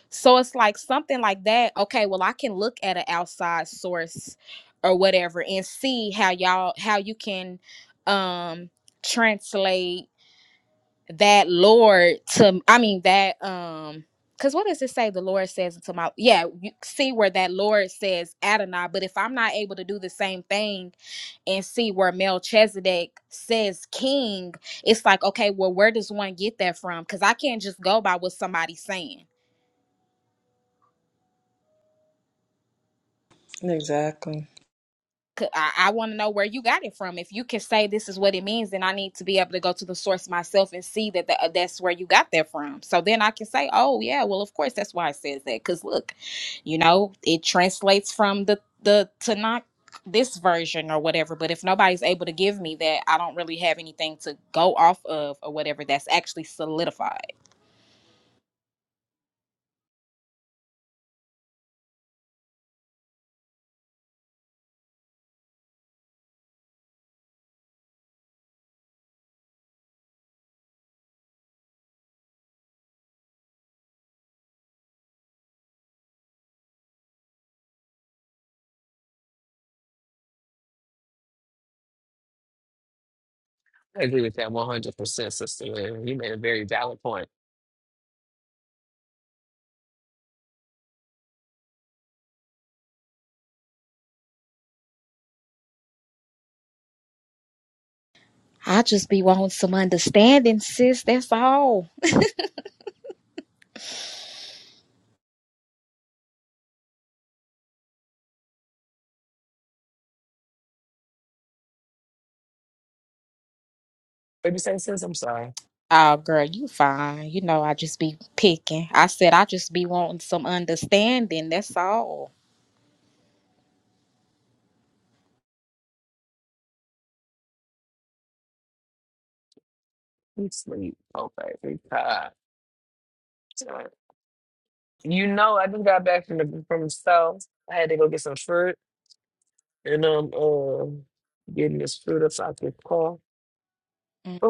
[SPEAKER 12] So it's like something like that. Okay, well I can look at an outside source or whatever and see how y'all how you can um translate that Lord to I mean that um because what does it say the Lord says unto my yeah, you see where that Lord says Adonai, but if I'm not able to do the same thing and see where Melchizedek says king, it's like, okay, well, where does one get that from? Because I can't just go by what somebody's saying.
[SPEAKER 5] exactly
[SPEAKER 12] I I want to know where you got it from. If you can say this is what it means, then I need to be able to go to the source myself and see that the, uh, that's where you got that from. So then I can say, oh yeah, well of course that's why it says that. Because look, you know, it translates from the the Tanakh this version or whatever. But if nobody's able to give me that, I don't really have anything to go off of or whatever that's actually solidified. I just be wanting some understanding, sis. That's all. Oh, girl, you fine. You know, I just be picking. I said I just be wanting some understanding. That's all. Mm,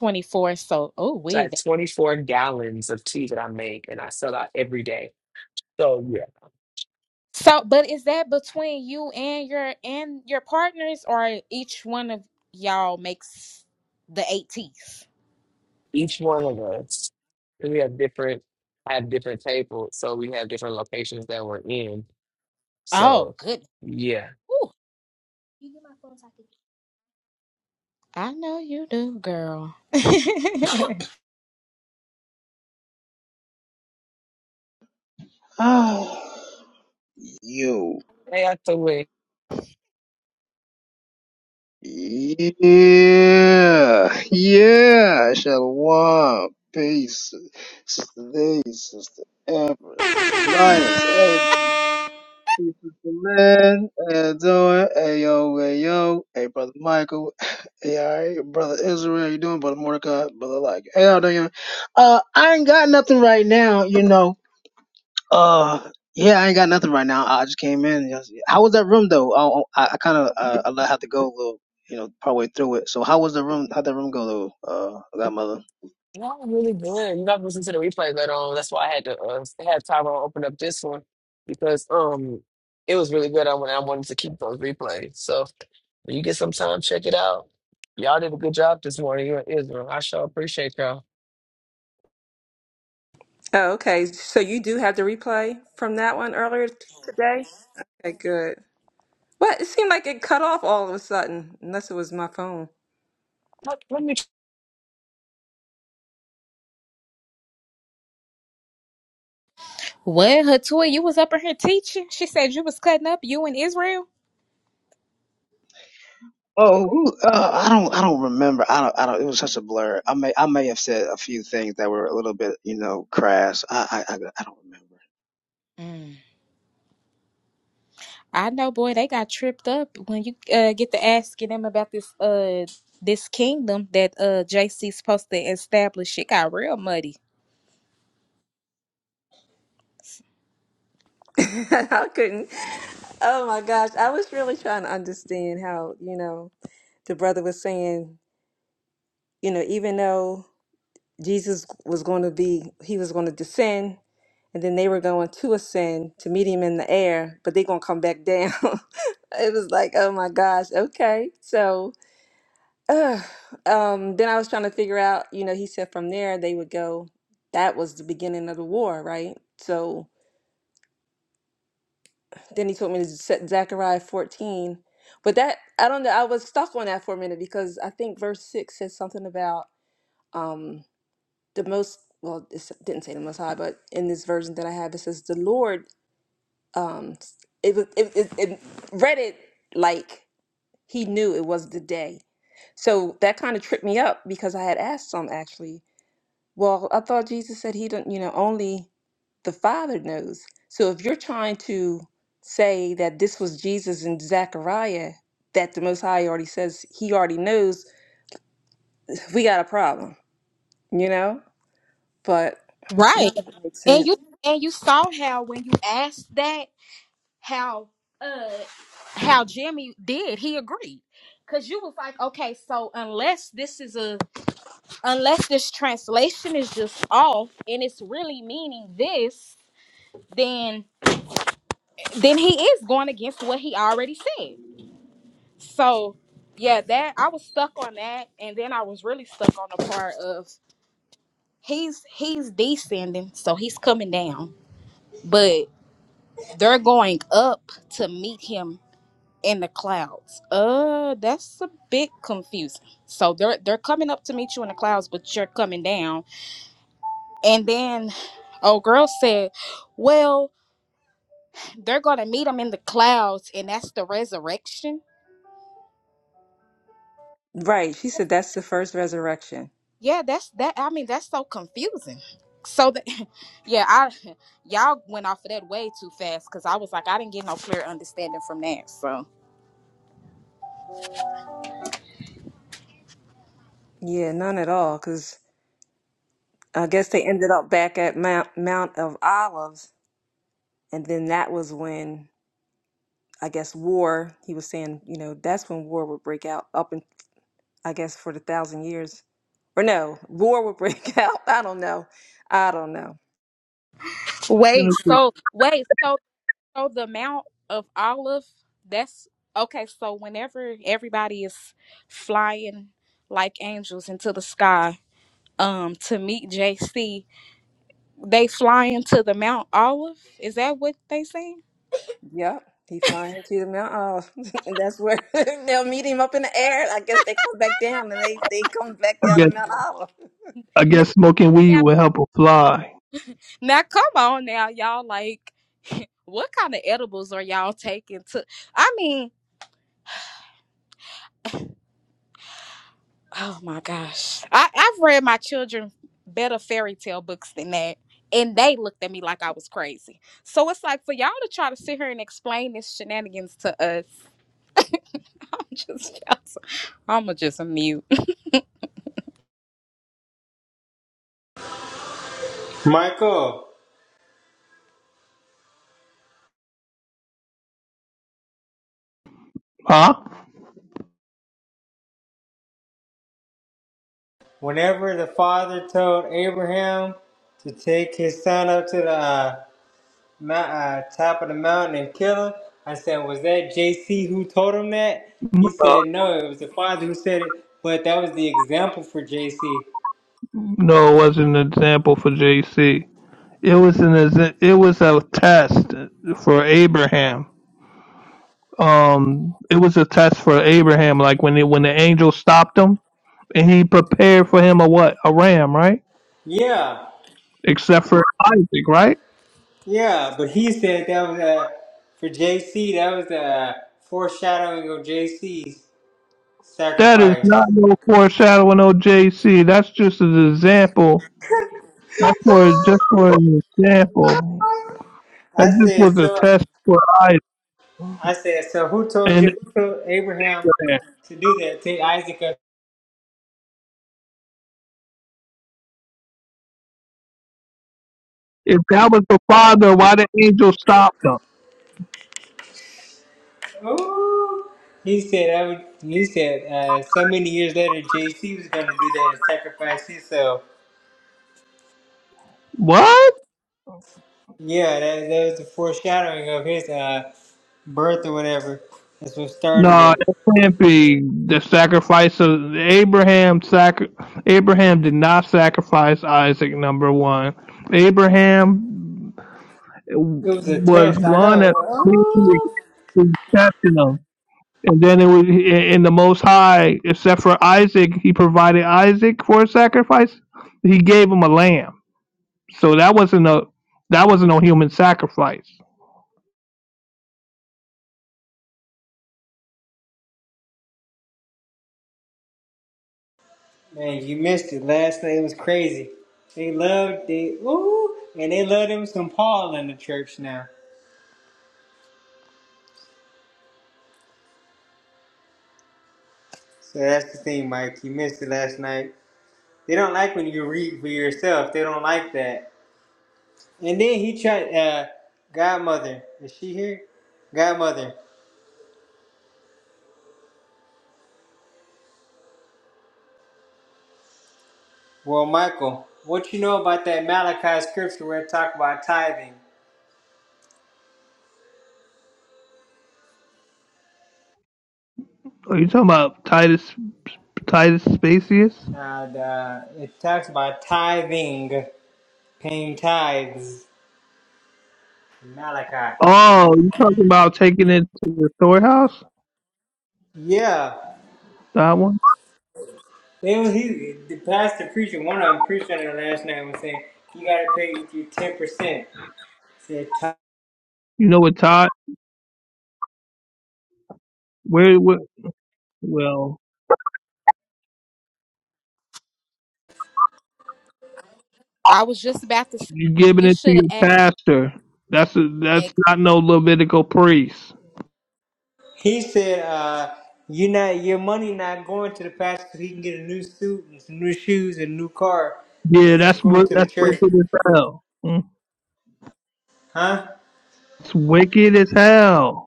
[SPEAKER 12] 24. So, oh, wait. So, but is that between you and your and your partners, or each one of y'all makes the eighties? Oh, good. Ooh, I know you do, girl. what,
[SPEAKER 14] Oh, you, Yeah. Yeah. I shall Shalom. Peace. Sister Lee, Sister Amber, Sister Linus. Hey, Sister Lynn. How you doing? Hey, yo, hey, yo. Hey, Brother Michael. Hey, all right. Brother Israel, how you doing? Brother Mordecai. Brother like. Hey, how you doing? Uh, I ain't got nothing right now, you know. Uh, yeah, I ain't got nothing right now. I just came in. Yes. How was that room though? I I, I kind of uh, I let- had to go a little, you know, partway through it. So how was the room? How'd that room go though? Uh, Godmother.
[SPEAKER 5] Oh, okay. So you do have the replay from that one earlier t- today? Okay, good. Well, it seemed like it cut off all of a sudden, unless it was my phone.
[SPEAKER 12] Hatua? You was up in here teaching? She said you was cutting up. You and Israel?
[SPEAKER 14] Oh, who- uh, I don't I don't remember. I don't I don't. It was such a blur. I may I may have said a few things that were a little bit, you know, crass. I I I, I don't remember.
[SPEAKER 12] Mm. I know, boy, they got tripped up when you uh, get to asking them about this uh this kingdom that uh J C's supposed to establish. It got real muddy,
[SPEAKER 5] I couldn't. Oh my gosh. I was really trying to understand how, you know, the brother was saying, you know, even though Jesus was going to be, he was going to descend, and then they were going to ascend to meet him in the air, but they're going to come back down. It was like, oh my gosh, okay. So. Ugh. um, then I was trying to figure out, you know, he said from there they would go, that was the beginning of the war, right? So then he told me to set Zechariah 14. But that, I don't know, I was stuck on that for a minute because I think verse 6 says something about um, the most, well, it s- didn't say the most high, but in this version that I have, it says the Lord, um, it, was- it, it, it read it like he knew it was the day. So that kind of tripped me up because I had asked some actually Well, I thought Jesus said he don't, you know, only the Father knows. So if you're trying to say that this was Jesus and Zechariah, that the Most High already says he already knows, we got a problem, you know? But
[SPEAKER 12] right?
[SPEAKER 5] none of it makes
[SPEAKER 12] And you
[SPEAKER 5] sense.
[SPEAKER 12] and you saw how when you asked that how uh how Jimmy did he agreed because you was like, okay, so unless this is a unless this translation is just off and it's really meaning this, then then he is going against what he already said. So yeah, that I was stuck on that, and then I was really stuck on the part of he's he's descending, so he's coming down, but they're going up to meet him in the clouds. Uh, that's a bit confusing. So they're they're coming up to meet you in the clouds, but you're coming down, and then. old girl said, Well, they're going to meet him in the clouds, and that's the resurrection.
[SPEAKER 5] Right. She said that's the first resurrection.
[SPEAKER 12] yeah that's that i mean that's so confusing so that yeah i y'all went off of that way too fast because i was like i didn't get no clear understanding from that so
[SPEAKER 5] Yeah, none at all, because I guess they ended up back at Mount, Mount of Olives. And then that was when, I guess, war, he was saying, you know, that's when war would break out up in, I guess, for the thousand years. Or no, war would break out. I don't know. I don't know.
[SPEAKER 12] wait so wait so so the amount of olive that's okay so whenever everybody is flying like angels into the sky um to meet jc they flying to the mount olive is that what they saying
[SPEAKER 5] Yep. He flying to the mountain. Oh, and that's where they'll meet him up in the air. I guess they come back down and they, they come back
[SPEAKER 6] I
[SPEAKER 5] down the
[SPEAKER 6] guess
[SPEAKER 5] Mount Olive.
[SPEAKER 6] I guess smoking weed will help a fly,
[SPEAKER 12] Now come on now, y'all like what kind of edibles are y'all taking to I mean, oh my gosh. I, I've read my children better fairy tale books than that. And they looked at me like I was crazy. So it's like for y'all to try to sit here and explain this shenanigans to us. I'm just I'ma just mute.
[SPEAKER 15] Michael,
[SPEAKER 6] huh?
[SPEAKER 15] whenever the father told Abraham to take his son up to the uh, mou- uh, top of the mountain and kill him, I said, was that JC who told him that? He said, no, it was the father who said it, but that was the example for JC.
[SPEAKER 6] No, it wasn't an example for JC. It was an exa- it was a test for Abraham. Um, it was a test for Abraham. Like when it, when the angel stopped him and he prepared for him a what a ram, right?
[SPEAKER 15] Yeah,
[SPEAKER 6] Except for Isaac, right?
[SPEAKER 15] yeah, but he said that was uh, for JC, that was a foreshadowing of JC's
[SPEAKER 6] That is
[SPEAKER 15] sacrifice.
[SPEAKER 6] not no foreshadowing of JC. That's just an example. That's for just for an example. That
[SPEAKER 15] I
[SPEAKER 6] just
[SPEAKER 15] said,
[SPEAKER 6] was a
[SPEAKER 15] so
[SPEAKER 6] test for Isaac.
[SPEAKER 15] I said, so who told
[SPEAKER 6] And
[SPEAKER 15] you, who told Abraham to do that? Take Isaac up.
[SPEAKER 6] if that was the father, why the angel stopped him?
[SPEAKER 15] Ooh. He said, I would, he said, uh, so many years later, JC was going to do that and sacrifice himself.
[SPEAKER 6] What?
[SPEAKER 15] Yeah, that, that was the foreshadowing of his uh, birth or whatever. That's what started
[SPEAKER 6] No,
[SPEAKER 15] it.
[SPEAKER 6] that can't be the sacrifice of Abraham. Sacri- Abraham did not sacrifice Isaac. Number one, Abraham
[SPEAKER 15] It was a
[SPEAKER 6] was
[SPEAKER 15] test. I
[SPEAKER 6] gone
[SPEAKER 15] know it
[SPEAKER 6] at
[SPEAKER 15] was.
[SPEAKER 6] accepting him, and then it was in the Most High, except for Isaac, he provided Isaac for a sacrifice. He gave him a lamb, so that wasn't a that wasn't no human sacrifice.
[SPEAKER 15] Ooh. Man, you missed it. Last night, it was crazy. They loved it. ooh, and they love him some Paul in the church now. So that's the thing, Mike. You missed it last night. They don't like when you read for yourself. They don't like that. And then he tried. Uh, Godmother, is she here? Godmother. Well, Michael, what you know about that Malachi scripture where it talks about tithing?
[SPEAKER 6] Are you talking about Titus Titus Spacius?
[SPEAKER 15] Now, the, it talks about tithing, paying tithes. Malachi.
[SPEAKER 6] Oh, you talking about taking it to the storehouse?
[SPEAKER 15] Yeah.
[SPEAKER 6] That one?
[SPEAKER 15] They was, he, the pastor preacher, one of them preached on it last night was saying, you gotta pay your 10%. Said
[SPEAKER 6] You know what Todd? Where? where well,
[SPEAKER 12] I was just about to say
[SPEAKER 6] you giving
[SPEAKER 12] you
[SPEAKER 6] it to
[SPEAKER 12] should
[SPEAKER 6] your
[SPEAKER 12] have asked
[SPEAKER 6] pastor? That's a, that's
[SPEAKER 12] like,
[SPEAKER 6] not no Levitical priest.
[SPEAKER 15] He said, uh, "You not your money not going to the pastor 'cause he can get a new suit and some new shoes and a new car." He
[SPEAKER 6] Yeah,
[SPEAKER 15] said, "It's
[SPEAKER 6] that's
[SPEAKER 15] going
[SPEAKER 6] what
[SPEAKER 15] to the
[SPEAKER 6] that's wicked
[SPEAKER 15] church,
[SPEAKER 6] as hell. Mm.
[SPEAKER 15] huh?"
[SPEAKER 6] Wicked as hell.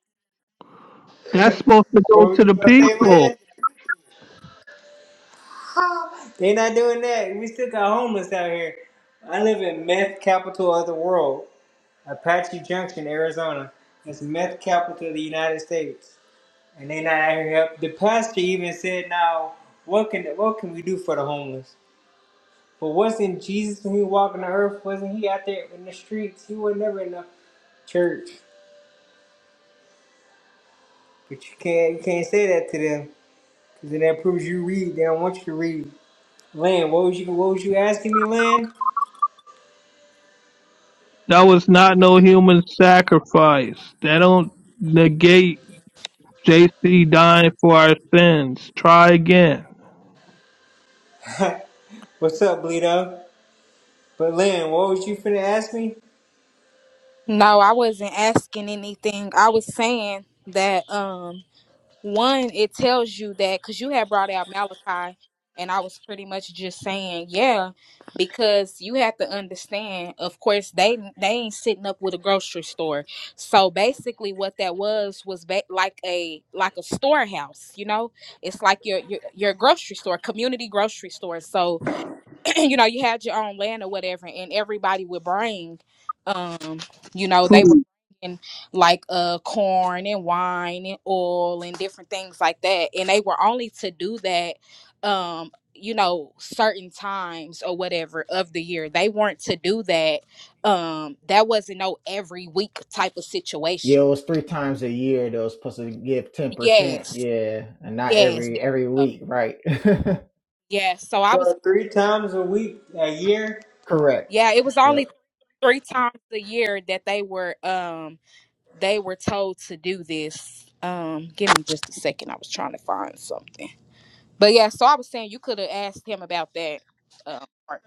[SPEAKER 6] That's
[SPEAKER 15] What were you gonna say,
[SPEAKER 6] people.
[SPEAKER 15] Lynn? They not doing that. We still got homeless out here. I live in meth capital of the world, Apache Junction, Arizona. It's meth capital of the United States, and they not out here help. The pastor even said, "Now, what can what can we do for the homeless?" But wasn't Jesus when he walking the earth? Wasn't he out there in the streets? He was never in the church. But you can't you can't say that to them because then that proves you read. They don't want you to read. Lynn, what was you what was you asking me, Lynn?
[SPEAKER 6] That was not no human sacrifice. That don't negate JC dying for our sins. Try again.
[SPEAKER 15] What's up, Bleedo? But Lynn, what was you finna ask me?
[SPEAKER 12] no, I wasn't asking anything. I was saying that um. one, it tells you that because you had brought out Malachi, and I was pretty much just saying, yeah, because you have to understand. Of course, they they ain't sitting up with a grocery store, so basically, what that was was ba- like a like a storehouse. You know, it's like your your your grocery store, community grocery store. So you know, you had your own land or whatever, and everybody would bring, um, you know,
[SPEAKER 6] Cool.
[SPEAKER 12] they were bringing like uh corn and wine and oil and different things like that, and they were only to do that, um, you know, certain times or whatever of the year. They weren't to do that. Um, that wasn't no every week type of
[SPEAKER 10] Yeah,
[SPEAKER 12] situation.
[SPEAKER 10] it was three times a year they was supposed to give ten percent.
[SPEAKER 12] Yes,
[SPEAKER 10] Yeah, and not
[SPEAKER 12] yes,
[SPEAKER 10] every
[SPEAKER 12] there
[SPEAKER 10] every
[SPEAKER 12] you go.
[SPEAKER 10] week, right?
[SPEAKER 12] yeah. So I was,
[SPEAKER 15] So three times a week, a year,
[SPEAKER 10] Correct.
[SPEAKER 12] yeah, it was
[SPEAKER 10] Yep.
[SPEAKER 12] only three times a year that they were, um they were told to do this. Um, give me just a second. I was trying to find something. But yeah, so I was saying you could have asked him about that. Um, part.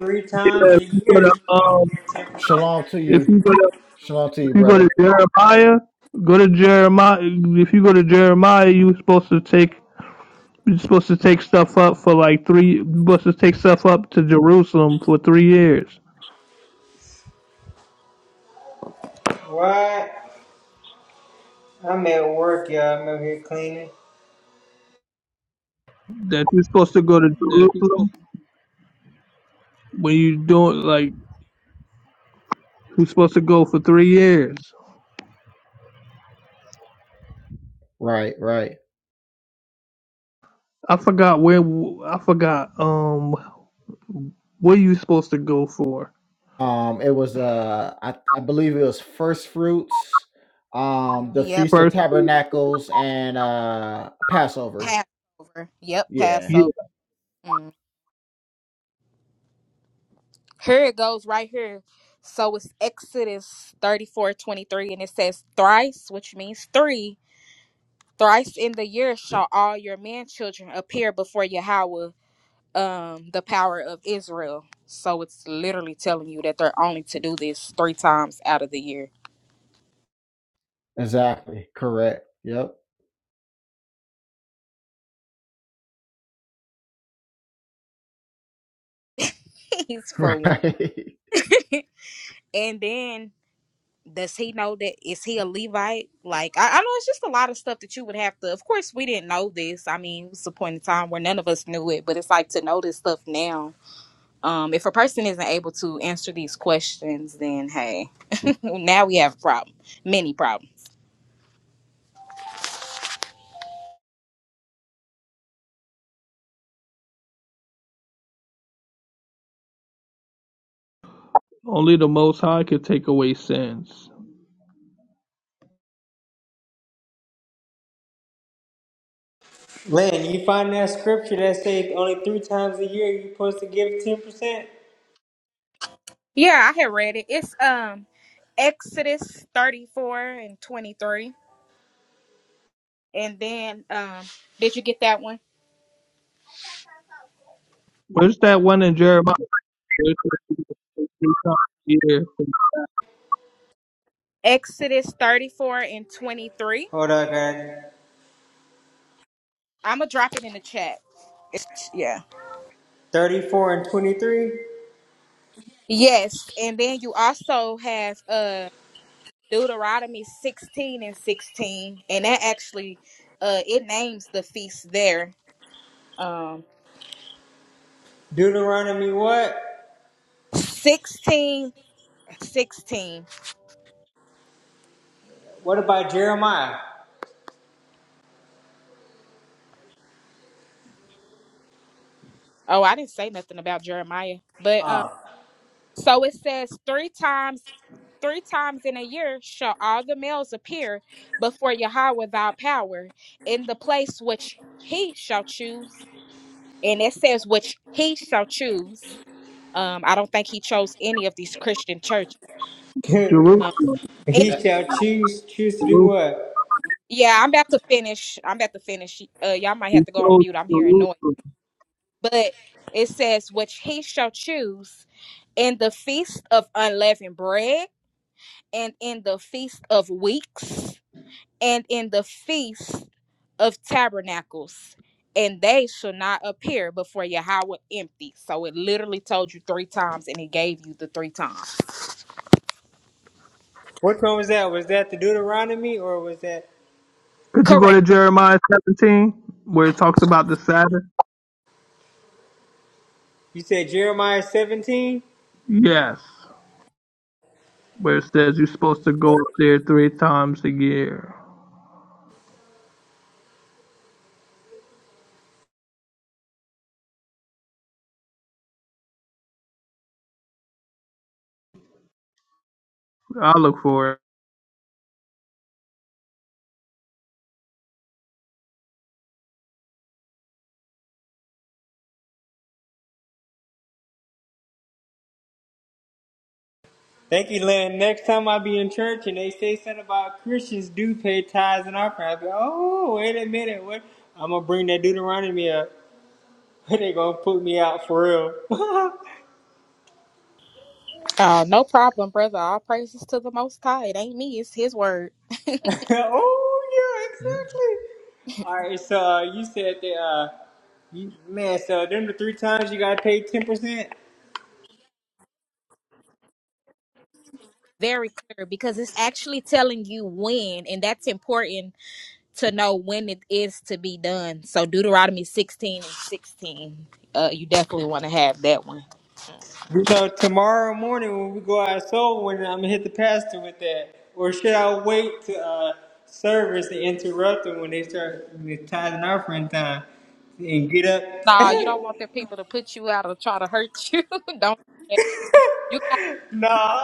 [SPEAKER 15] three times
[SPEAKER 6] Yeah, If
[SPEAKER 15] a
[SPEAKER 6] you go
[SPEAKER 15] year, you
[SPEAKER 6] to
[SPEAKER 15] supposed
[SPEAKER 6] um,
[SPEAKER 15] to get ten percent. Not
[SPEAKER 10] Shalom to
[SPEAKER 6] if
[SPEAKER 10] you.
[SPEAKER 6] you go
[SPEAKER 15] every week.
[SPEAKER 6] to,
[SPEAKER 10] Shalom to
[SPEAKER 6] if
[SPEAKER 10] you,
[SPEAKER 6] you go to
[SPEAKER 10] brother.
[SPEAKER 6] Jeremiah, go to Jeremiah. If you go to Jeremiah, you are supposed to take you're supposed to take stuff up for like three. You're supposed to take stuff up to Jerusalem for three years.
[SPEAKER 15] What? I'm at work, y'all. I'm over here cleaning.
[SPEAKER 6] That you're supposed to go to
[SPEAKER 16] the peaceful
[SPEAKER 6] Jerusalem when you do doing like you're supposed to go for three years.
[SPEAKER 10] Right, right.
[SPEAKER 6] I forgot where I forgot um what you supposed to go for
[SPEAKER 10] Um, it was uh, I I believe it was first fruits, um, the
[SPEAKER 12] yep,
[SPEAKER 10] feast of
[SPEAKER 6] first.
[SPEAKER 10] tabernacles, and uh, Passover.
[SPEAKER 12] Passover. Yep,
[SPEAKER 10] Yeah,
[SPEAKER 6] Yeah,
[SPEAKER 12] Passover. Mm. Here it goes right here. So it's Exodus 34 23, and it says, Thrice, which means three, thrice in the year shall all your man children appear before Yahweh, um, the power of Israel. So it's literally telling you that they're only to do this three times out of the year.
[SPEAKER 10] exactly. Correct. Yep.
[SPEAKER 12] for one.
[SPEAKER 10] Right.
[SPEAKER 12] And then does he know that is he a Levite? Like I, I know it's just a lot of stuff that you would have to of course we didn't know this. I mean, it was a point in time where none of us knew it, but it's like to know this stuff now. Um, if a person isn't able to answer these questions, then hey, now we have a problem. Many problems.
[SPEAKER 6] only the Most High can take away sins.
[SPEAKER 15] Man, you find that scripture that says only three times a year you're supposed to give 10%?
[SPEAKER 12] Yeah, I had read it. It's um Exodus thirty four and twenty three. And then um did you get that one?
[SPEAKER 6] Where's that one in Jeremiah? Yeah,
[SPEAKER 12] Exodus thirty four and twenty three
[SPEAKER 15] Hold on, guys.
[SPEAKER 12] I'm gonna drop it in the chat. It's- yeah.
[SPEAKER 15] 34 and 23?
[SPEAKER 12] Yes, and then you also have uh Deuteronomy 16 and 16, and that actually uh it names the feast there. Um
[SPEAKER 15] Deuteronomy what?
[SPEAKER 12] 16 16.
[SPEAKER 15] What about Jeremiah?
[SPEAKER 12] Oh, I didn't say nothing about Jeremiah. But um
[SPEAKER 15] Ah.
[SPEAKER 12] so it says three times three times in a year shall all the males appear before Yahweh thy power in the place which he shall choose and it says which he shall choose. Um, I don't think he chose any of these Christian churches.
[SPEAKER 15] he
[SPEAKER 12] Um,
[SPEAKER 6] Jerusalem,
[SPEAKER 12] and-
[SPEAKER 15] shall choose, choose to do
[SPEAKER 6] Jerusalem.
[SPEAKER 15] what?
[SPEAKER 12] yeah, I'm about to finish. I'm about to finish. Uh, y'all might have
[SPEAKER 6] He
[SPEAKER 12] to go on
[SPEAKER 6] chose
[SPEAKER 12] mute. I'm hearing noise,
[SPEAKER 6] Jerusalem.
[SPEAKER 12] but it says which he shall choose in the feast of unleavened bread, and in the feast of weeks, and in the feast of tabernacles. And they shall not appear before Yahweh empty. So it literally told you three times, and it gave you the three times.
[SPEAKER 15] Which one was that? Was that the Deuteronomy or was that,
[SPEAKER 6] Could you go
[SPEAKER 12] Correct.
[SPEAKER 6] to Jeremiah 17 where it talks about the Sabbath?
[SPEAKER 15] you said Jeremiah 17?
[SPEAKER 6] Yes, where it says you're supposed to go up there three times a year. I look for it.
[SPEAKER 15] Thank you, Len. Next time I be in church and they say something about Christians do pay tithes and offerings, I be, oh, wait a minute. What? I'm going to bring that Deuteronomy up. they gonna put me out for real. oh
[SPEAKER 12] Uh, no problem, brother. All praises to the Most High. It ain't me, it's His word.
[SPEAKER 15] yeah, exactly. All right, so uh, you said that, uh, you, man. So them the three times you gotta pay ten percent.
[SPEAKER 12] Very clear because it's actually telling you when, and that's important to know when it is to be done. So, Deuteronomy 16 and 16, uh, you definitely want to have that one.
[SPEAKER 15] You know, tomorrow morning when we go out soul when I'm gonna hit the pastor with that, or should I wait to uh, service and interrupt them when they start when it's tithing offering time and get up?
[SPEAKER 12] Nah, you don't want the people to put you out or try to hurt you. don't. You got.
[SPEAKER 15] nah.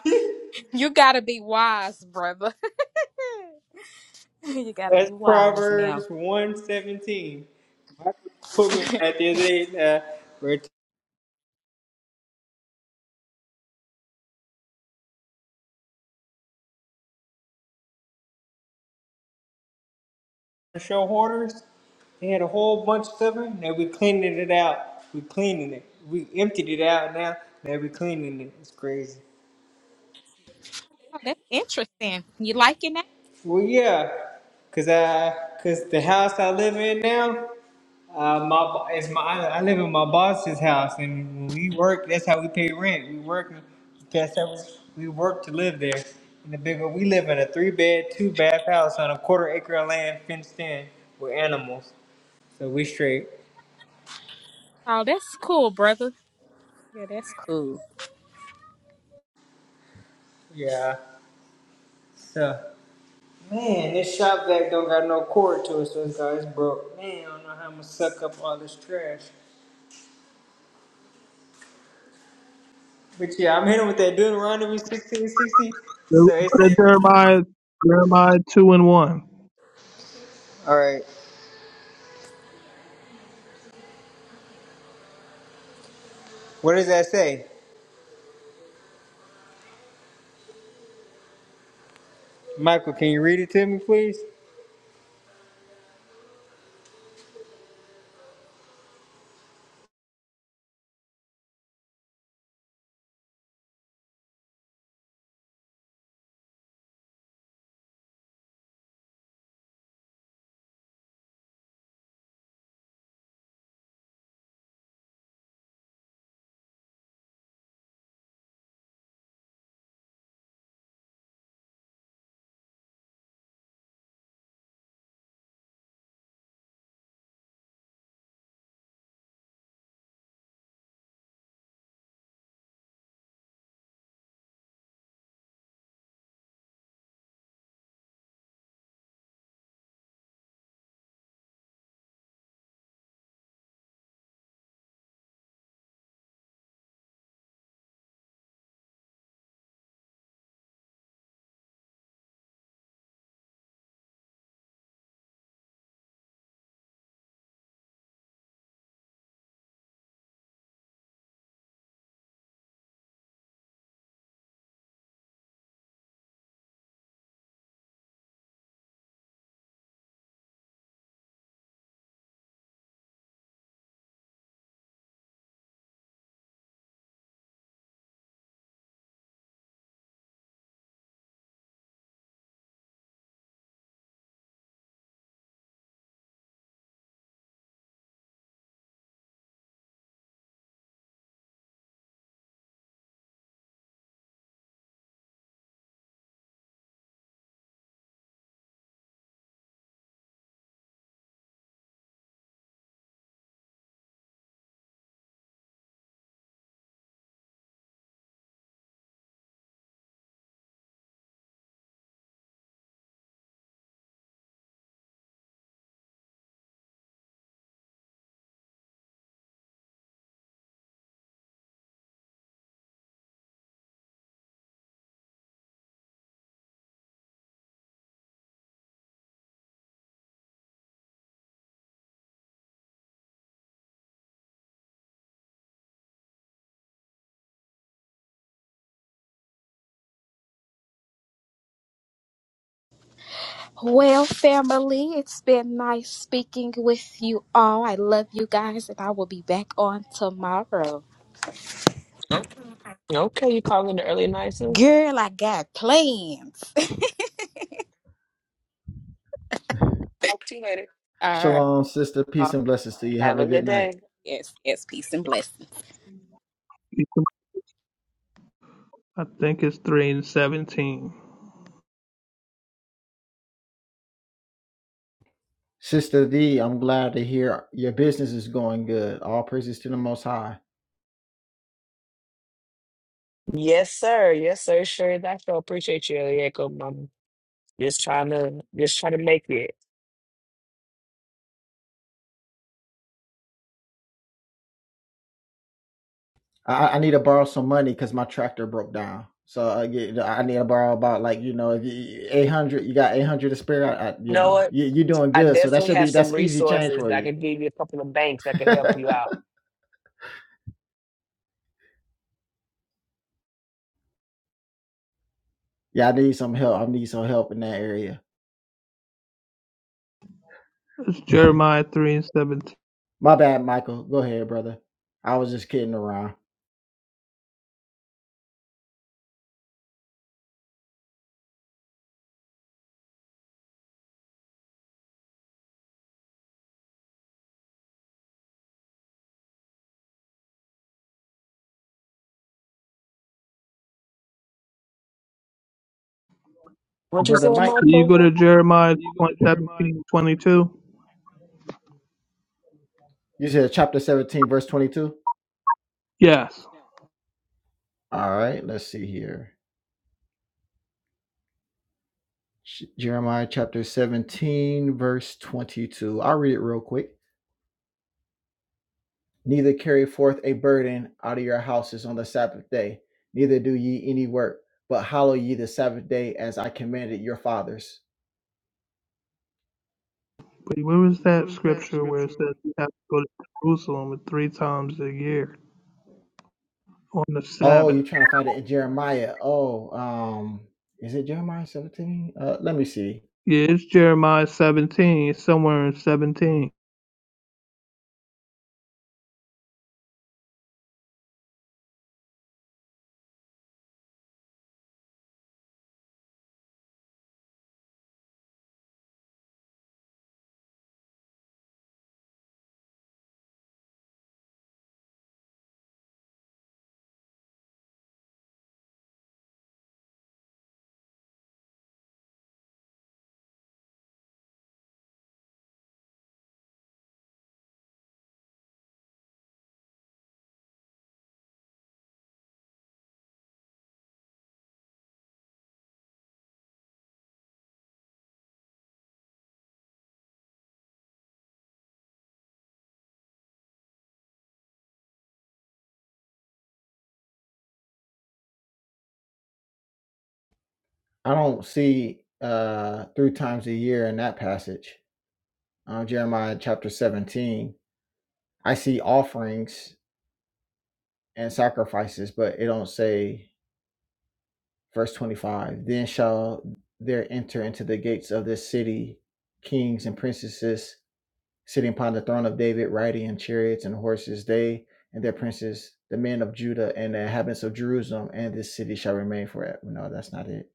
[SPEAKER 12] You gotta be wise, brother. you gotta
[SPEAKER 15] That's
[SPEAKER 12] be wise now.
[SPEAKER 15] Proverbs 117. My Put me on that the other day. Uh, are show hoarders. They had a whole bunch of stuff in there. We cleaning it out. We cleaning it. We emptied it out now. Now we cleaning it. It's crazy.
[SPEAKER 12] Oh, that's interesting. You liking that?
[SPEAKER 15] Well, yeah. Cause I, cause the house I live in now. Uh, my bo- it's my I, I live in my boss's house, and when we work, that's how we pay rent. We work, that's how we, we work to live there. And the bigger we live in a three bed, two bath house on a quarter acre of land fenced in with animals, so we straight.
[SPEAKER 12] Oh, that's cool, brother. Yeah, that's cool.
[SPEAKER 15] Yeah. So man, this shop vac don't got no cord to it, so it's, got, it's broke. Man, I don't know how I'm gonna suck up all this trash. But yeah, I'm hitting with that Deuteronomy 1660.
[SPEAKER 6] Go
[SPEAKER 15] So it's
[SPEAKER 6] to Jeremiah, Jeremiah 2 and 1.
[SPEAKER 15] all right. What does that say? Michael, can you read it to me, please?
[SPEAKER 12] Well, family, it's been nice speaking with you all. I love you guys, and I will be back on tomorrow. Girl, I got plans. all
[SPEAKER 10] Shalom, sister. Peace
[SPEAKER 12] right.
[SPEAKER 10] and blessings to you. Have a good night.
[SPEAKER 12] Yes, yes, peace and blessings.
[SPEAKER 6] I think it's three and seventeen.
[SPEAKER 10] Sister D, I'm glad to hear your business is going good. All praises to the Most High. I, I I need to borrow some money because my tractor broke down. So I get, I need to borrow about like you know if you eight hundred, you got eight hundred to spare. I, I, you know you you doing good, so that should be that's easy change for you. yeah, I need some help. I need some help in that area.
[SPEAKER 6] It's Jeremiah three and seventeen.
[SPEAKER 10] my bad, Michael. Go ahead, brother. I was just kidding around, brother.
[SPEAKER 6] Can you go to Jeremiah point 17 22.
[SPEAKER 10] You said chapter seventeen, verse twenty-two.
[SPEAKER 6] Yes.
[SPEAKER 10] All right, let's see here. Sh- Jeremiah chapter 17, verse 22. I'll read it real quick. Neither carry forth a burden out of your houses on the Sabbath day, neither do ye any work, but hallow ye the Sabbath day as I commanded your fathers.
[SPEAKER 6] Wait, where was that scripture where it says you have to go to Jerusalem three times a year on the
[SPEAKER 10] Oh,
[SPEAKER 6] Sabbath?
[SPEAKER 10] you're trying to find it in Jeremiah. Oh, um, is it Jeremiah 17? Uh, let me see.
[SPEAKER 6] Yeah, it's Jeremiah seventeen, it's somewhere in seventeen,
[SPEAKER 10] I don't see uh three times a year in that passage. Um, Jeremiah chapter 17. I see offerings and sacrifices, but it don't say verse 25 then shall there enter into the gates of this city kings and princesses sitting upon the throne of david riding in chariots and horses they and their princes the men of judah and the inhabitants of jerusalem and this city shall remain forever no that's not it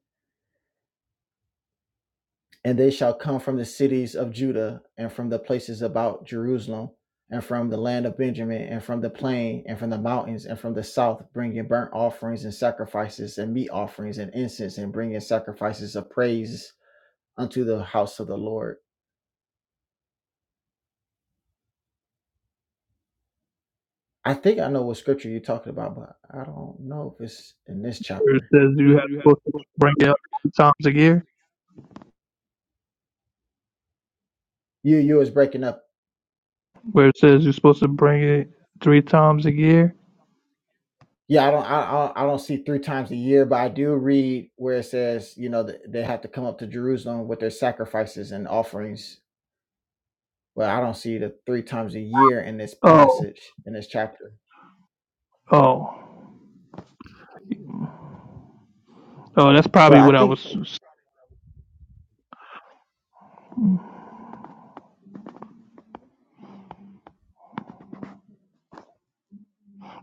[SPEAKER 10] and they shall come from the cities of judah and from the places about jerusalem and from the land of benjamin and from the plain and from the mountains and from the south bringing burnt offerings and sacrifices and meat offerings and incense and bringing sacrifices of praise unto the house of the Lord. I think I know what scripture you're talking about, but I don't know if it's in this
[SPEAKER 6] where it
[SPEAKER 10] chapter.
[SPEAKER 6] says you have supposed to bring it up three times a year.
[SPEAKER 10] You you was breaking up.
[SPEAKER 6] Where it says you're supposed to bring it three times a year.
[SPEAKER 10] Yeah, I don't I, I don't I don't see three times a year, but I do read where it says you know that they have to come up to Jerusalem with their sacrifices and offerings. But I don't see the three times a year in this
[SPEAKER 6] Oh,
[SPEAKER 10] passage in this chapter.
[SPEAKER 6] oh, oh, that's
[SPEAKER 10] But
[SPEAKER 6] probably
[SPEAKER 10] I
[SPEAKER 6] what I
[SPEAKER 10] think
[SPEAKER 6] was.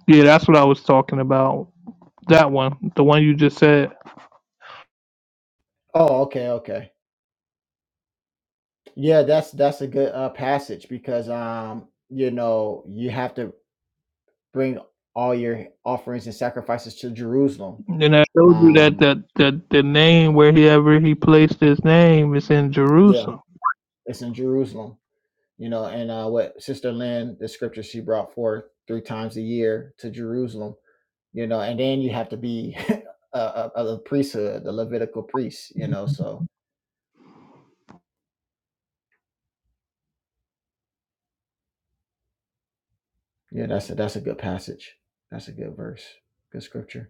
[SPEAKER 6] Yeah, that's what I was talking about. That one, the one you just said.
[SPEAKER 10] oh okay okay yeah that's that's a good uh, passage because um you know you have to bring all your offerings and sacrifices to Jerusalem.
[SPEAKER 6] And I showed you that
[SPEAKER 10] Um,
[SPEAKER 6] that that the name wherever he placed his name is in
[SPEAKER 10] Yeah.
[SPEAKER 6] Jerusalem.
[SPEAKER 10] it's in Jerusalem, you know, and uh, what Sister Lynn, the scripture she brought forth three times a year to Jerusalem, you know, and then you have to be a, a, a priesthood, the Levitical priest, you know. So yeah, that's a, that's a good passage. That's a good verse, good scripture.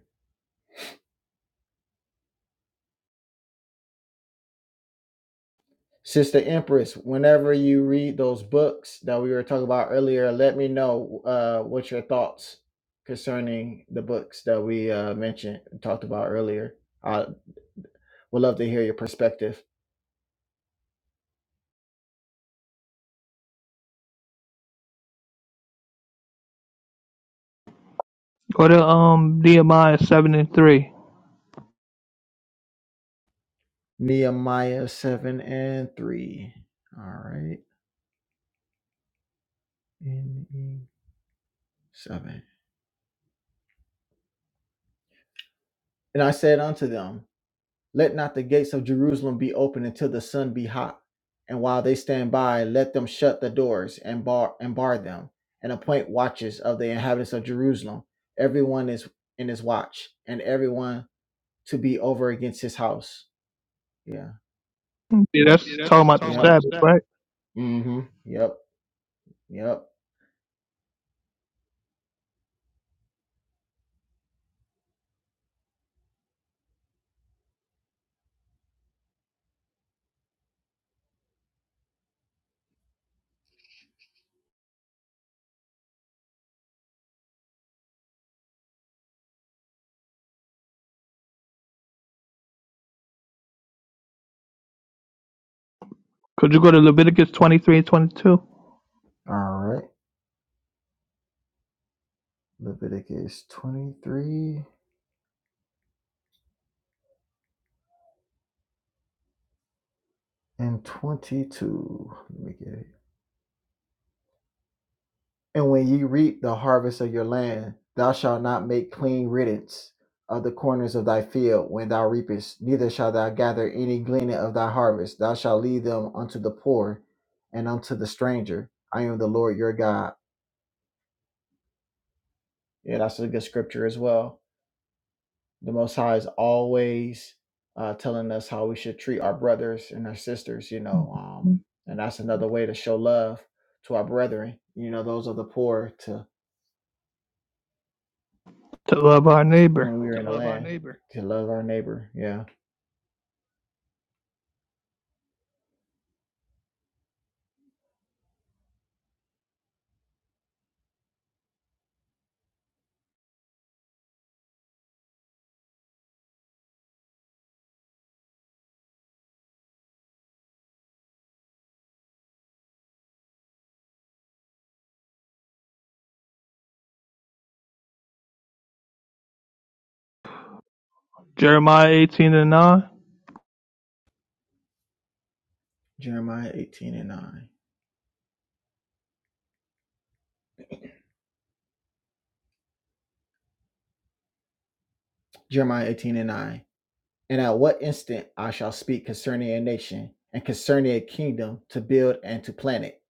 [SPEAKER 10] Sister Empress, whenever you read those books that we were talking about earlier, let me know uh, what your thoughts concerning the books that we uh, mentioned and talked about earlier. I would love to hear your perspective.
[SPEAKER 6] Go to um Nehemiah seven and three.
[SPEAKER 10] Nehemiah 7 and 3. All right. And 7. And I said unto them, Let not the gates of Jerusalem be open until the sun be hot. And while they stand by, let them shut the doors and bar and bar them, and appoint watches of the inhabitants of Jerusalem, everyone is in his watch, and everyone to be over against his house. Yeah.
[SPEAKER 6] Yeah, that's talking about the
[SPEAKER 10] Yep. Yep.
[SPEAKER 6] Sabbath, right?
[SPEAKER 10] Mm-hmm. Yep. Yep.
[SPEAKER 6] Could you go to Leviticus twenty three and twenty two?
[SPEAKER 10] All right. Leviticus 23 and 22. Let me get And when ye reap the harvest of your land, thou shalt not make clean riddance of the corners of thy field when thou reapest, neither shalt thou gather any gleaning of thy harvest. Thou shalt leave them unto the poor and unto the stranger. I am the Lord your God. Yeah, that's a good scripture as well. The Most High is always uh, telling us how we should treat our brothers and our sisters, you know, um, and that's another way to show love to our brethren. You know, those of the poor to
[SPEAKER 6] To love our neighbor.
[SPEAKER 10] when we were to love our neighbor. Yeah.
[SPEAKER 6] Jeremiah eighteen and nine.
[SPEAKER 10] Jeremiah 18 and 9. Jeremiah 18 and 9. And at what instant I shall speak concerning a nation and concerning a kingdom to build and to plant it.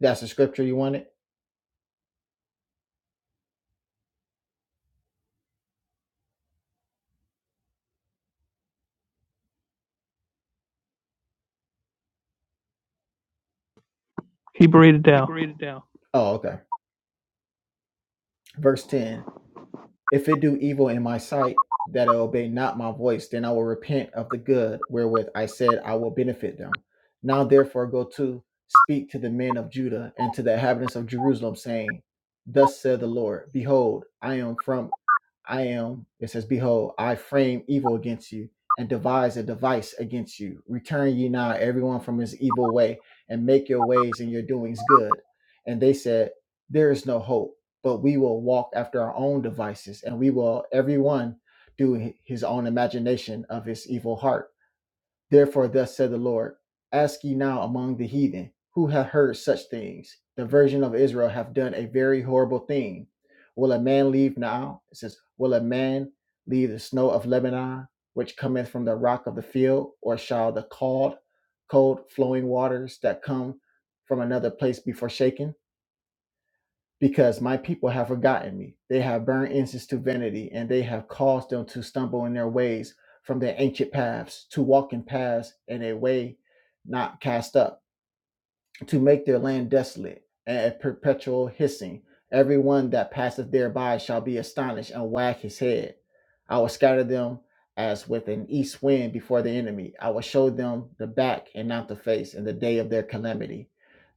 [SPEAKER 10] That's the scripture you wanted?
[SPEAKER 6] He breathed it down.
[SPEAKER 10] Oh, okay. Verse 10 If it do evil in my sight, that it obey not my voice, then I will repent of the good wherewith I said I will benefit them. Now therefore go to speak to the men of Judah and to the inhabitants of Jerusalem, saying, Thus said the Lord, Behold, I am from I am, it says, Behold, I frame evil against you and devise a device against you. Return ye now, everyone from his evil way, and make your ways and your doings good. And they said, There is no hope, but we will walk after our own devices, and we will, everyone, do his own imagination of his evil heart. Therefore, thus said the Lord, ask ye now among the heathen, who hath heard such things? The virgin of Israel hath done a very horrible thing. Will a man leave now? It says, Will a man leave the snow of Lebanon, which cometh from the rock of the field, or shall the cold, cold flowing waters that come from another place be forsaken? because my people have forgotten me. They have burned incense to vanity, and they have caused them to stumble in their ways from their ancient paths, to walk in paths in a way not cast up to make their land desolate and a perpetual hissing. Every one that passeth thereby shall be astonished and wag his head. I will scatter them as with an east wind before the enemy. I will show them the back and not the face in the day of their calamity.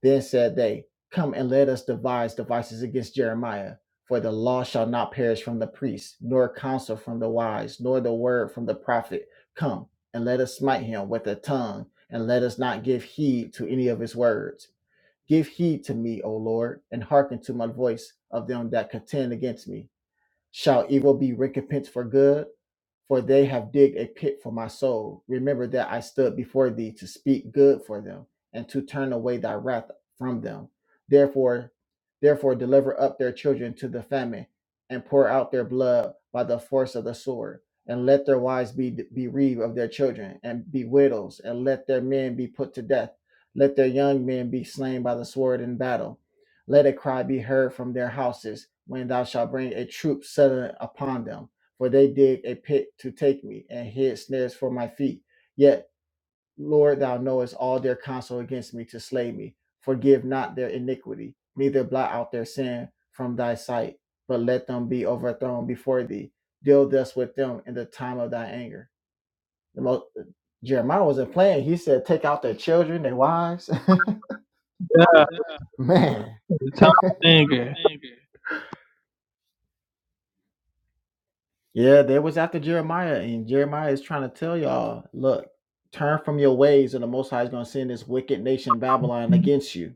[SPEAKER 10] Then said they, Come and let us devise devices against Jeremiah. For the law shall not perish from the priest, nor counsel from the wise, nor the word from the prophet. Come and let us smite him with the tongue and let us not give heed to any of his words. Give heed to me, O Lord, and hearken to my voice of them that contend against me shall evil be recompensed for good? For they have digged a pit for my soul. Remember that I stood before thee to speak good for them, and to turn away thy wrath from them. Therefore, therefore deliver up their children to the famine, and pour out their blood by the force of the sword. And let their wives be bereaved of their children, and be widows, and let their men be put to death. Let their young men be slain by the sword in battle let a cry be heard from their houses when thou shalt bring a troop suddenly upon them. For they dig a pit to take me, and hid snares for my feet. Yet, Lord, thou knowest all their counsel against me to slay me. Forgive not their iniquity, neither blot out their sin from thy sight, but let them be overthrown before thee. Deal thus with them in the time of thy anger. The most, Jeremiah wasn't playing. He said, Take out their children, their wives. Man
[SPEAKER 6] The time of anger.
[SPEAKER 10] Yeah, they was after Jeremiah, and Jeremiah is trying to tell y'all, look, turn from your ways, or the Most High is going to send this wicked nation Babylon against you.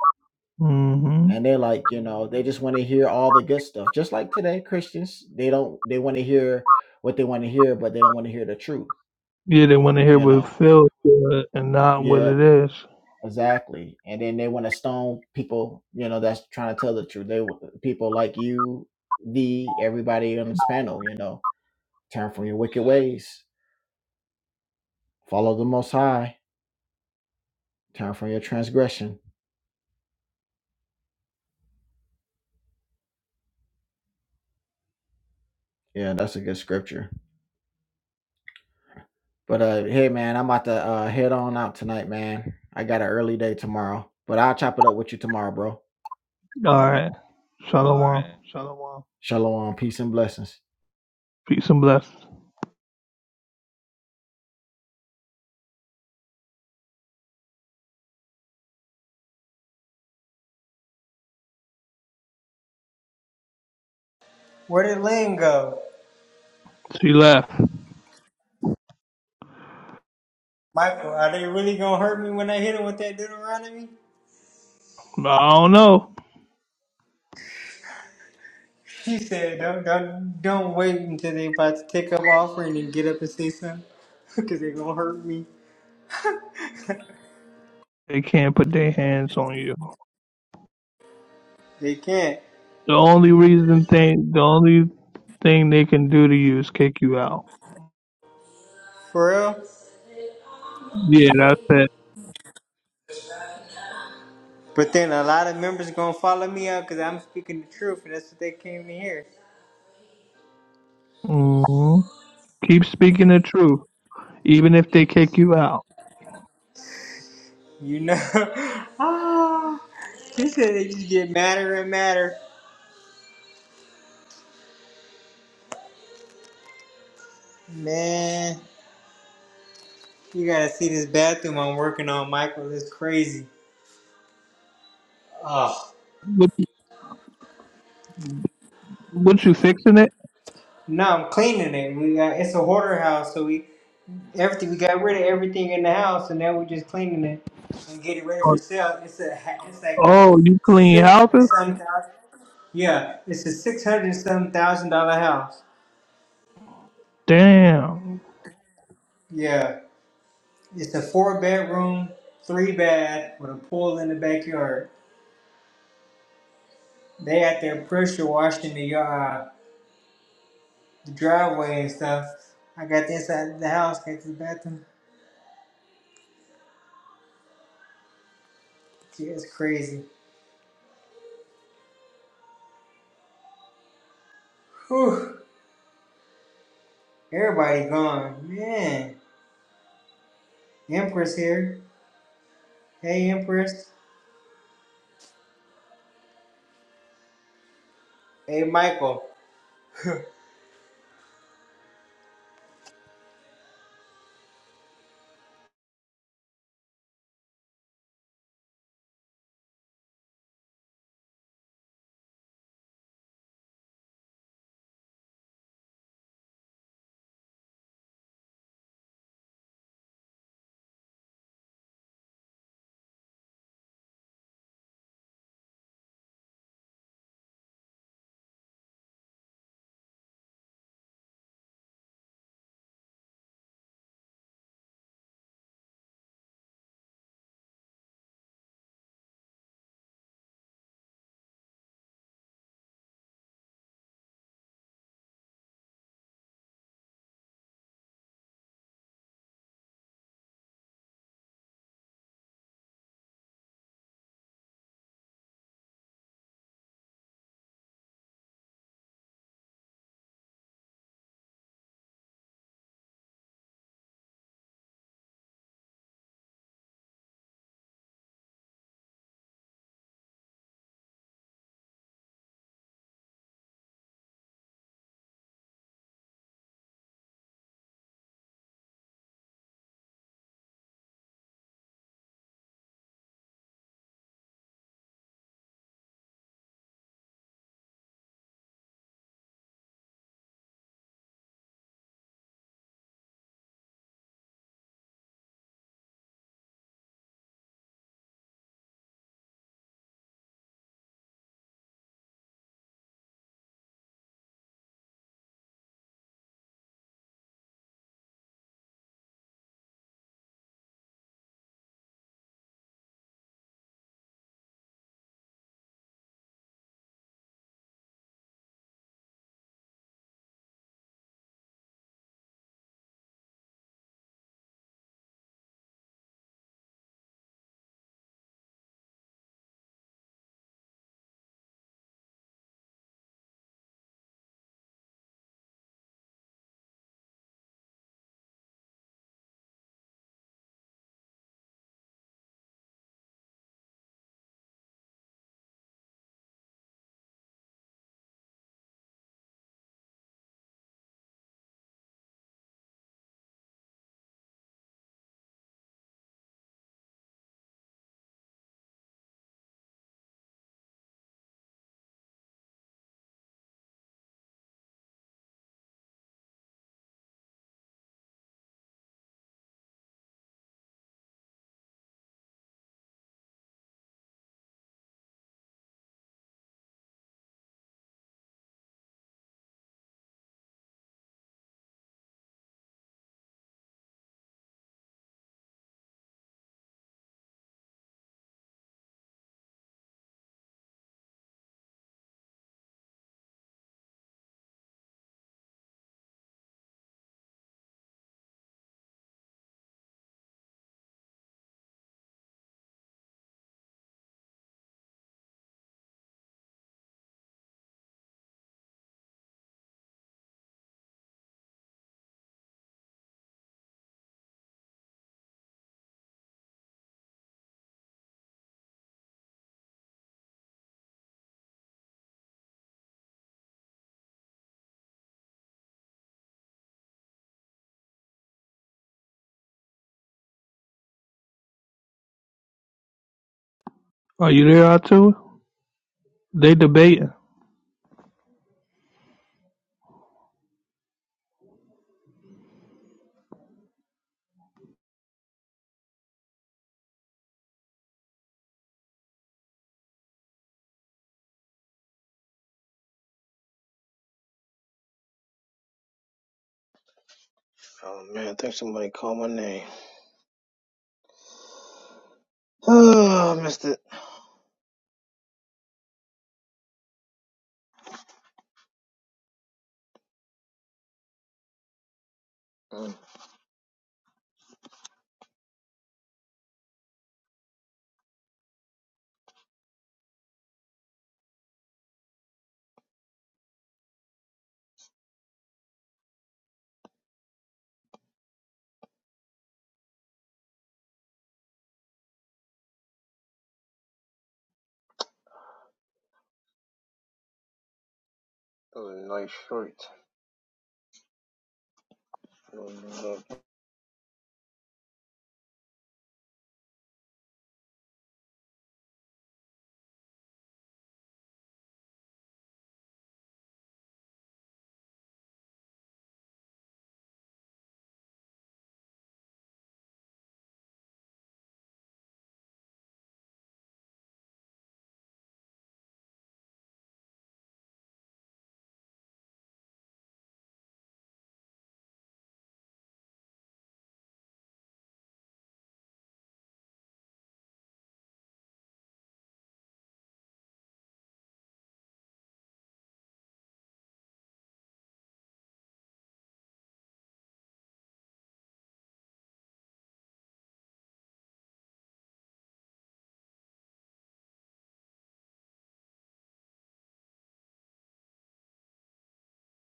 [SPEAKER 6] hmm
[SPEAKER 10] And they're like, you know, they just want to hear all the good stuff, just like today Christians. They don't, they want to hear what they want to hear, but they don't want to hear the truth.
[SPEAKER 6] Yeah, they want to hear
[SPEAKER 10] You
[SPEAKER 6] what it
[SPEAKER 10] know,
[SPEAKER 6] feels good and not what
[SPEAKER 10] yeah,
[SPEAKER 6] it is.
[SPEAKER 10] exactly. And then they want to stone people, you know, that's trying to tell the truth. They wa- people like you, the everybody on this panel, you know, turn from your wicked ways, follow the Most High Turn from your transgression. Yeah, that's a good scripture. But uh hey man, I'm about to uh head on out tonight, man. I got an early day tomorrow. But I'll chop it up with you tomorrow, bro.
[SPEAKER 6] All right. Shalom.
[SPEAKER 10] Shalom, peace and blessings.
[SPEAKER 6] Peace and bless.
[SPEAKER 15] Where did Lynn go?
[SPEAKER 6] She left.
[SPEAKER 15] Michael, are they really gonna hurt me when I hit him with that Deuteronomy?
[SPEAKER 6] I don't know.
[SPEAKER 15] He said, "Don't, don't, don't wait until they about to take up offering and get up and say something, because they gonna hurt me.
[SPEAKER 6] They can't put their hands on you.
[SPEAKER 15] They can't,
[SPEAKER 6] The only reason thing, the only thing they can do to you is kick you out.
[SPEAKER 15] for real.
[SPEAKER 6] Yeah, that's it.
[SPEAKER 15] But then a lot of members gonna follow me out because I'm speaking the truth, and that's what they came to hear.
[SPEAKER 6] hmm Keep speaking the truth, even if they kick you out.
[SPEAKER 15] You know? ah, he said they just get madder and madder. Man, you gotta see this bathroom I'm working on, Michael. It's crazy. Oh
[SPEAKER 6] What, what you fixing it?
[SPEAKER 15] no, I'm cleaning it. We got it's a hoarder house, so we everything we got rid of everything in the house, and now we're just cleaning it and get it ready for sale. It's a ha- it's like a
[SPEAKER 6] Oh, you clean
[SPEAKER 15] six hundred
[SPEAKER 6] houses?
[SPEAKER 15] some thousand. Yeah, it's a six hundred some thousand dollar house.
[SPEAKER 6] Damn.
[SPEAKER 15] Yeah, it's a four bedroom, three bath with a pool in the backyard. They out there pressure washing the yard, the driveway and stuff. I got the inside of the house, got the bathroom. Yeah, it's crazy. Whew. Everybody gone. Man. Empress here. Hey Empress. Hey Michael.
[SPEAKER 6] Are you there, too? They debating.
[SPEAKER 14] Oh man, I think somebody called my name. Oh, I missed it. Mm, That was a nice shirt.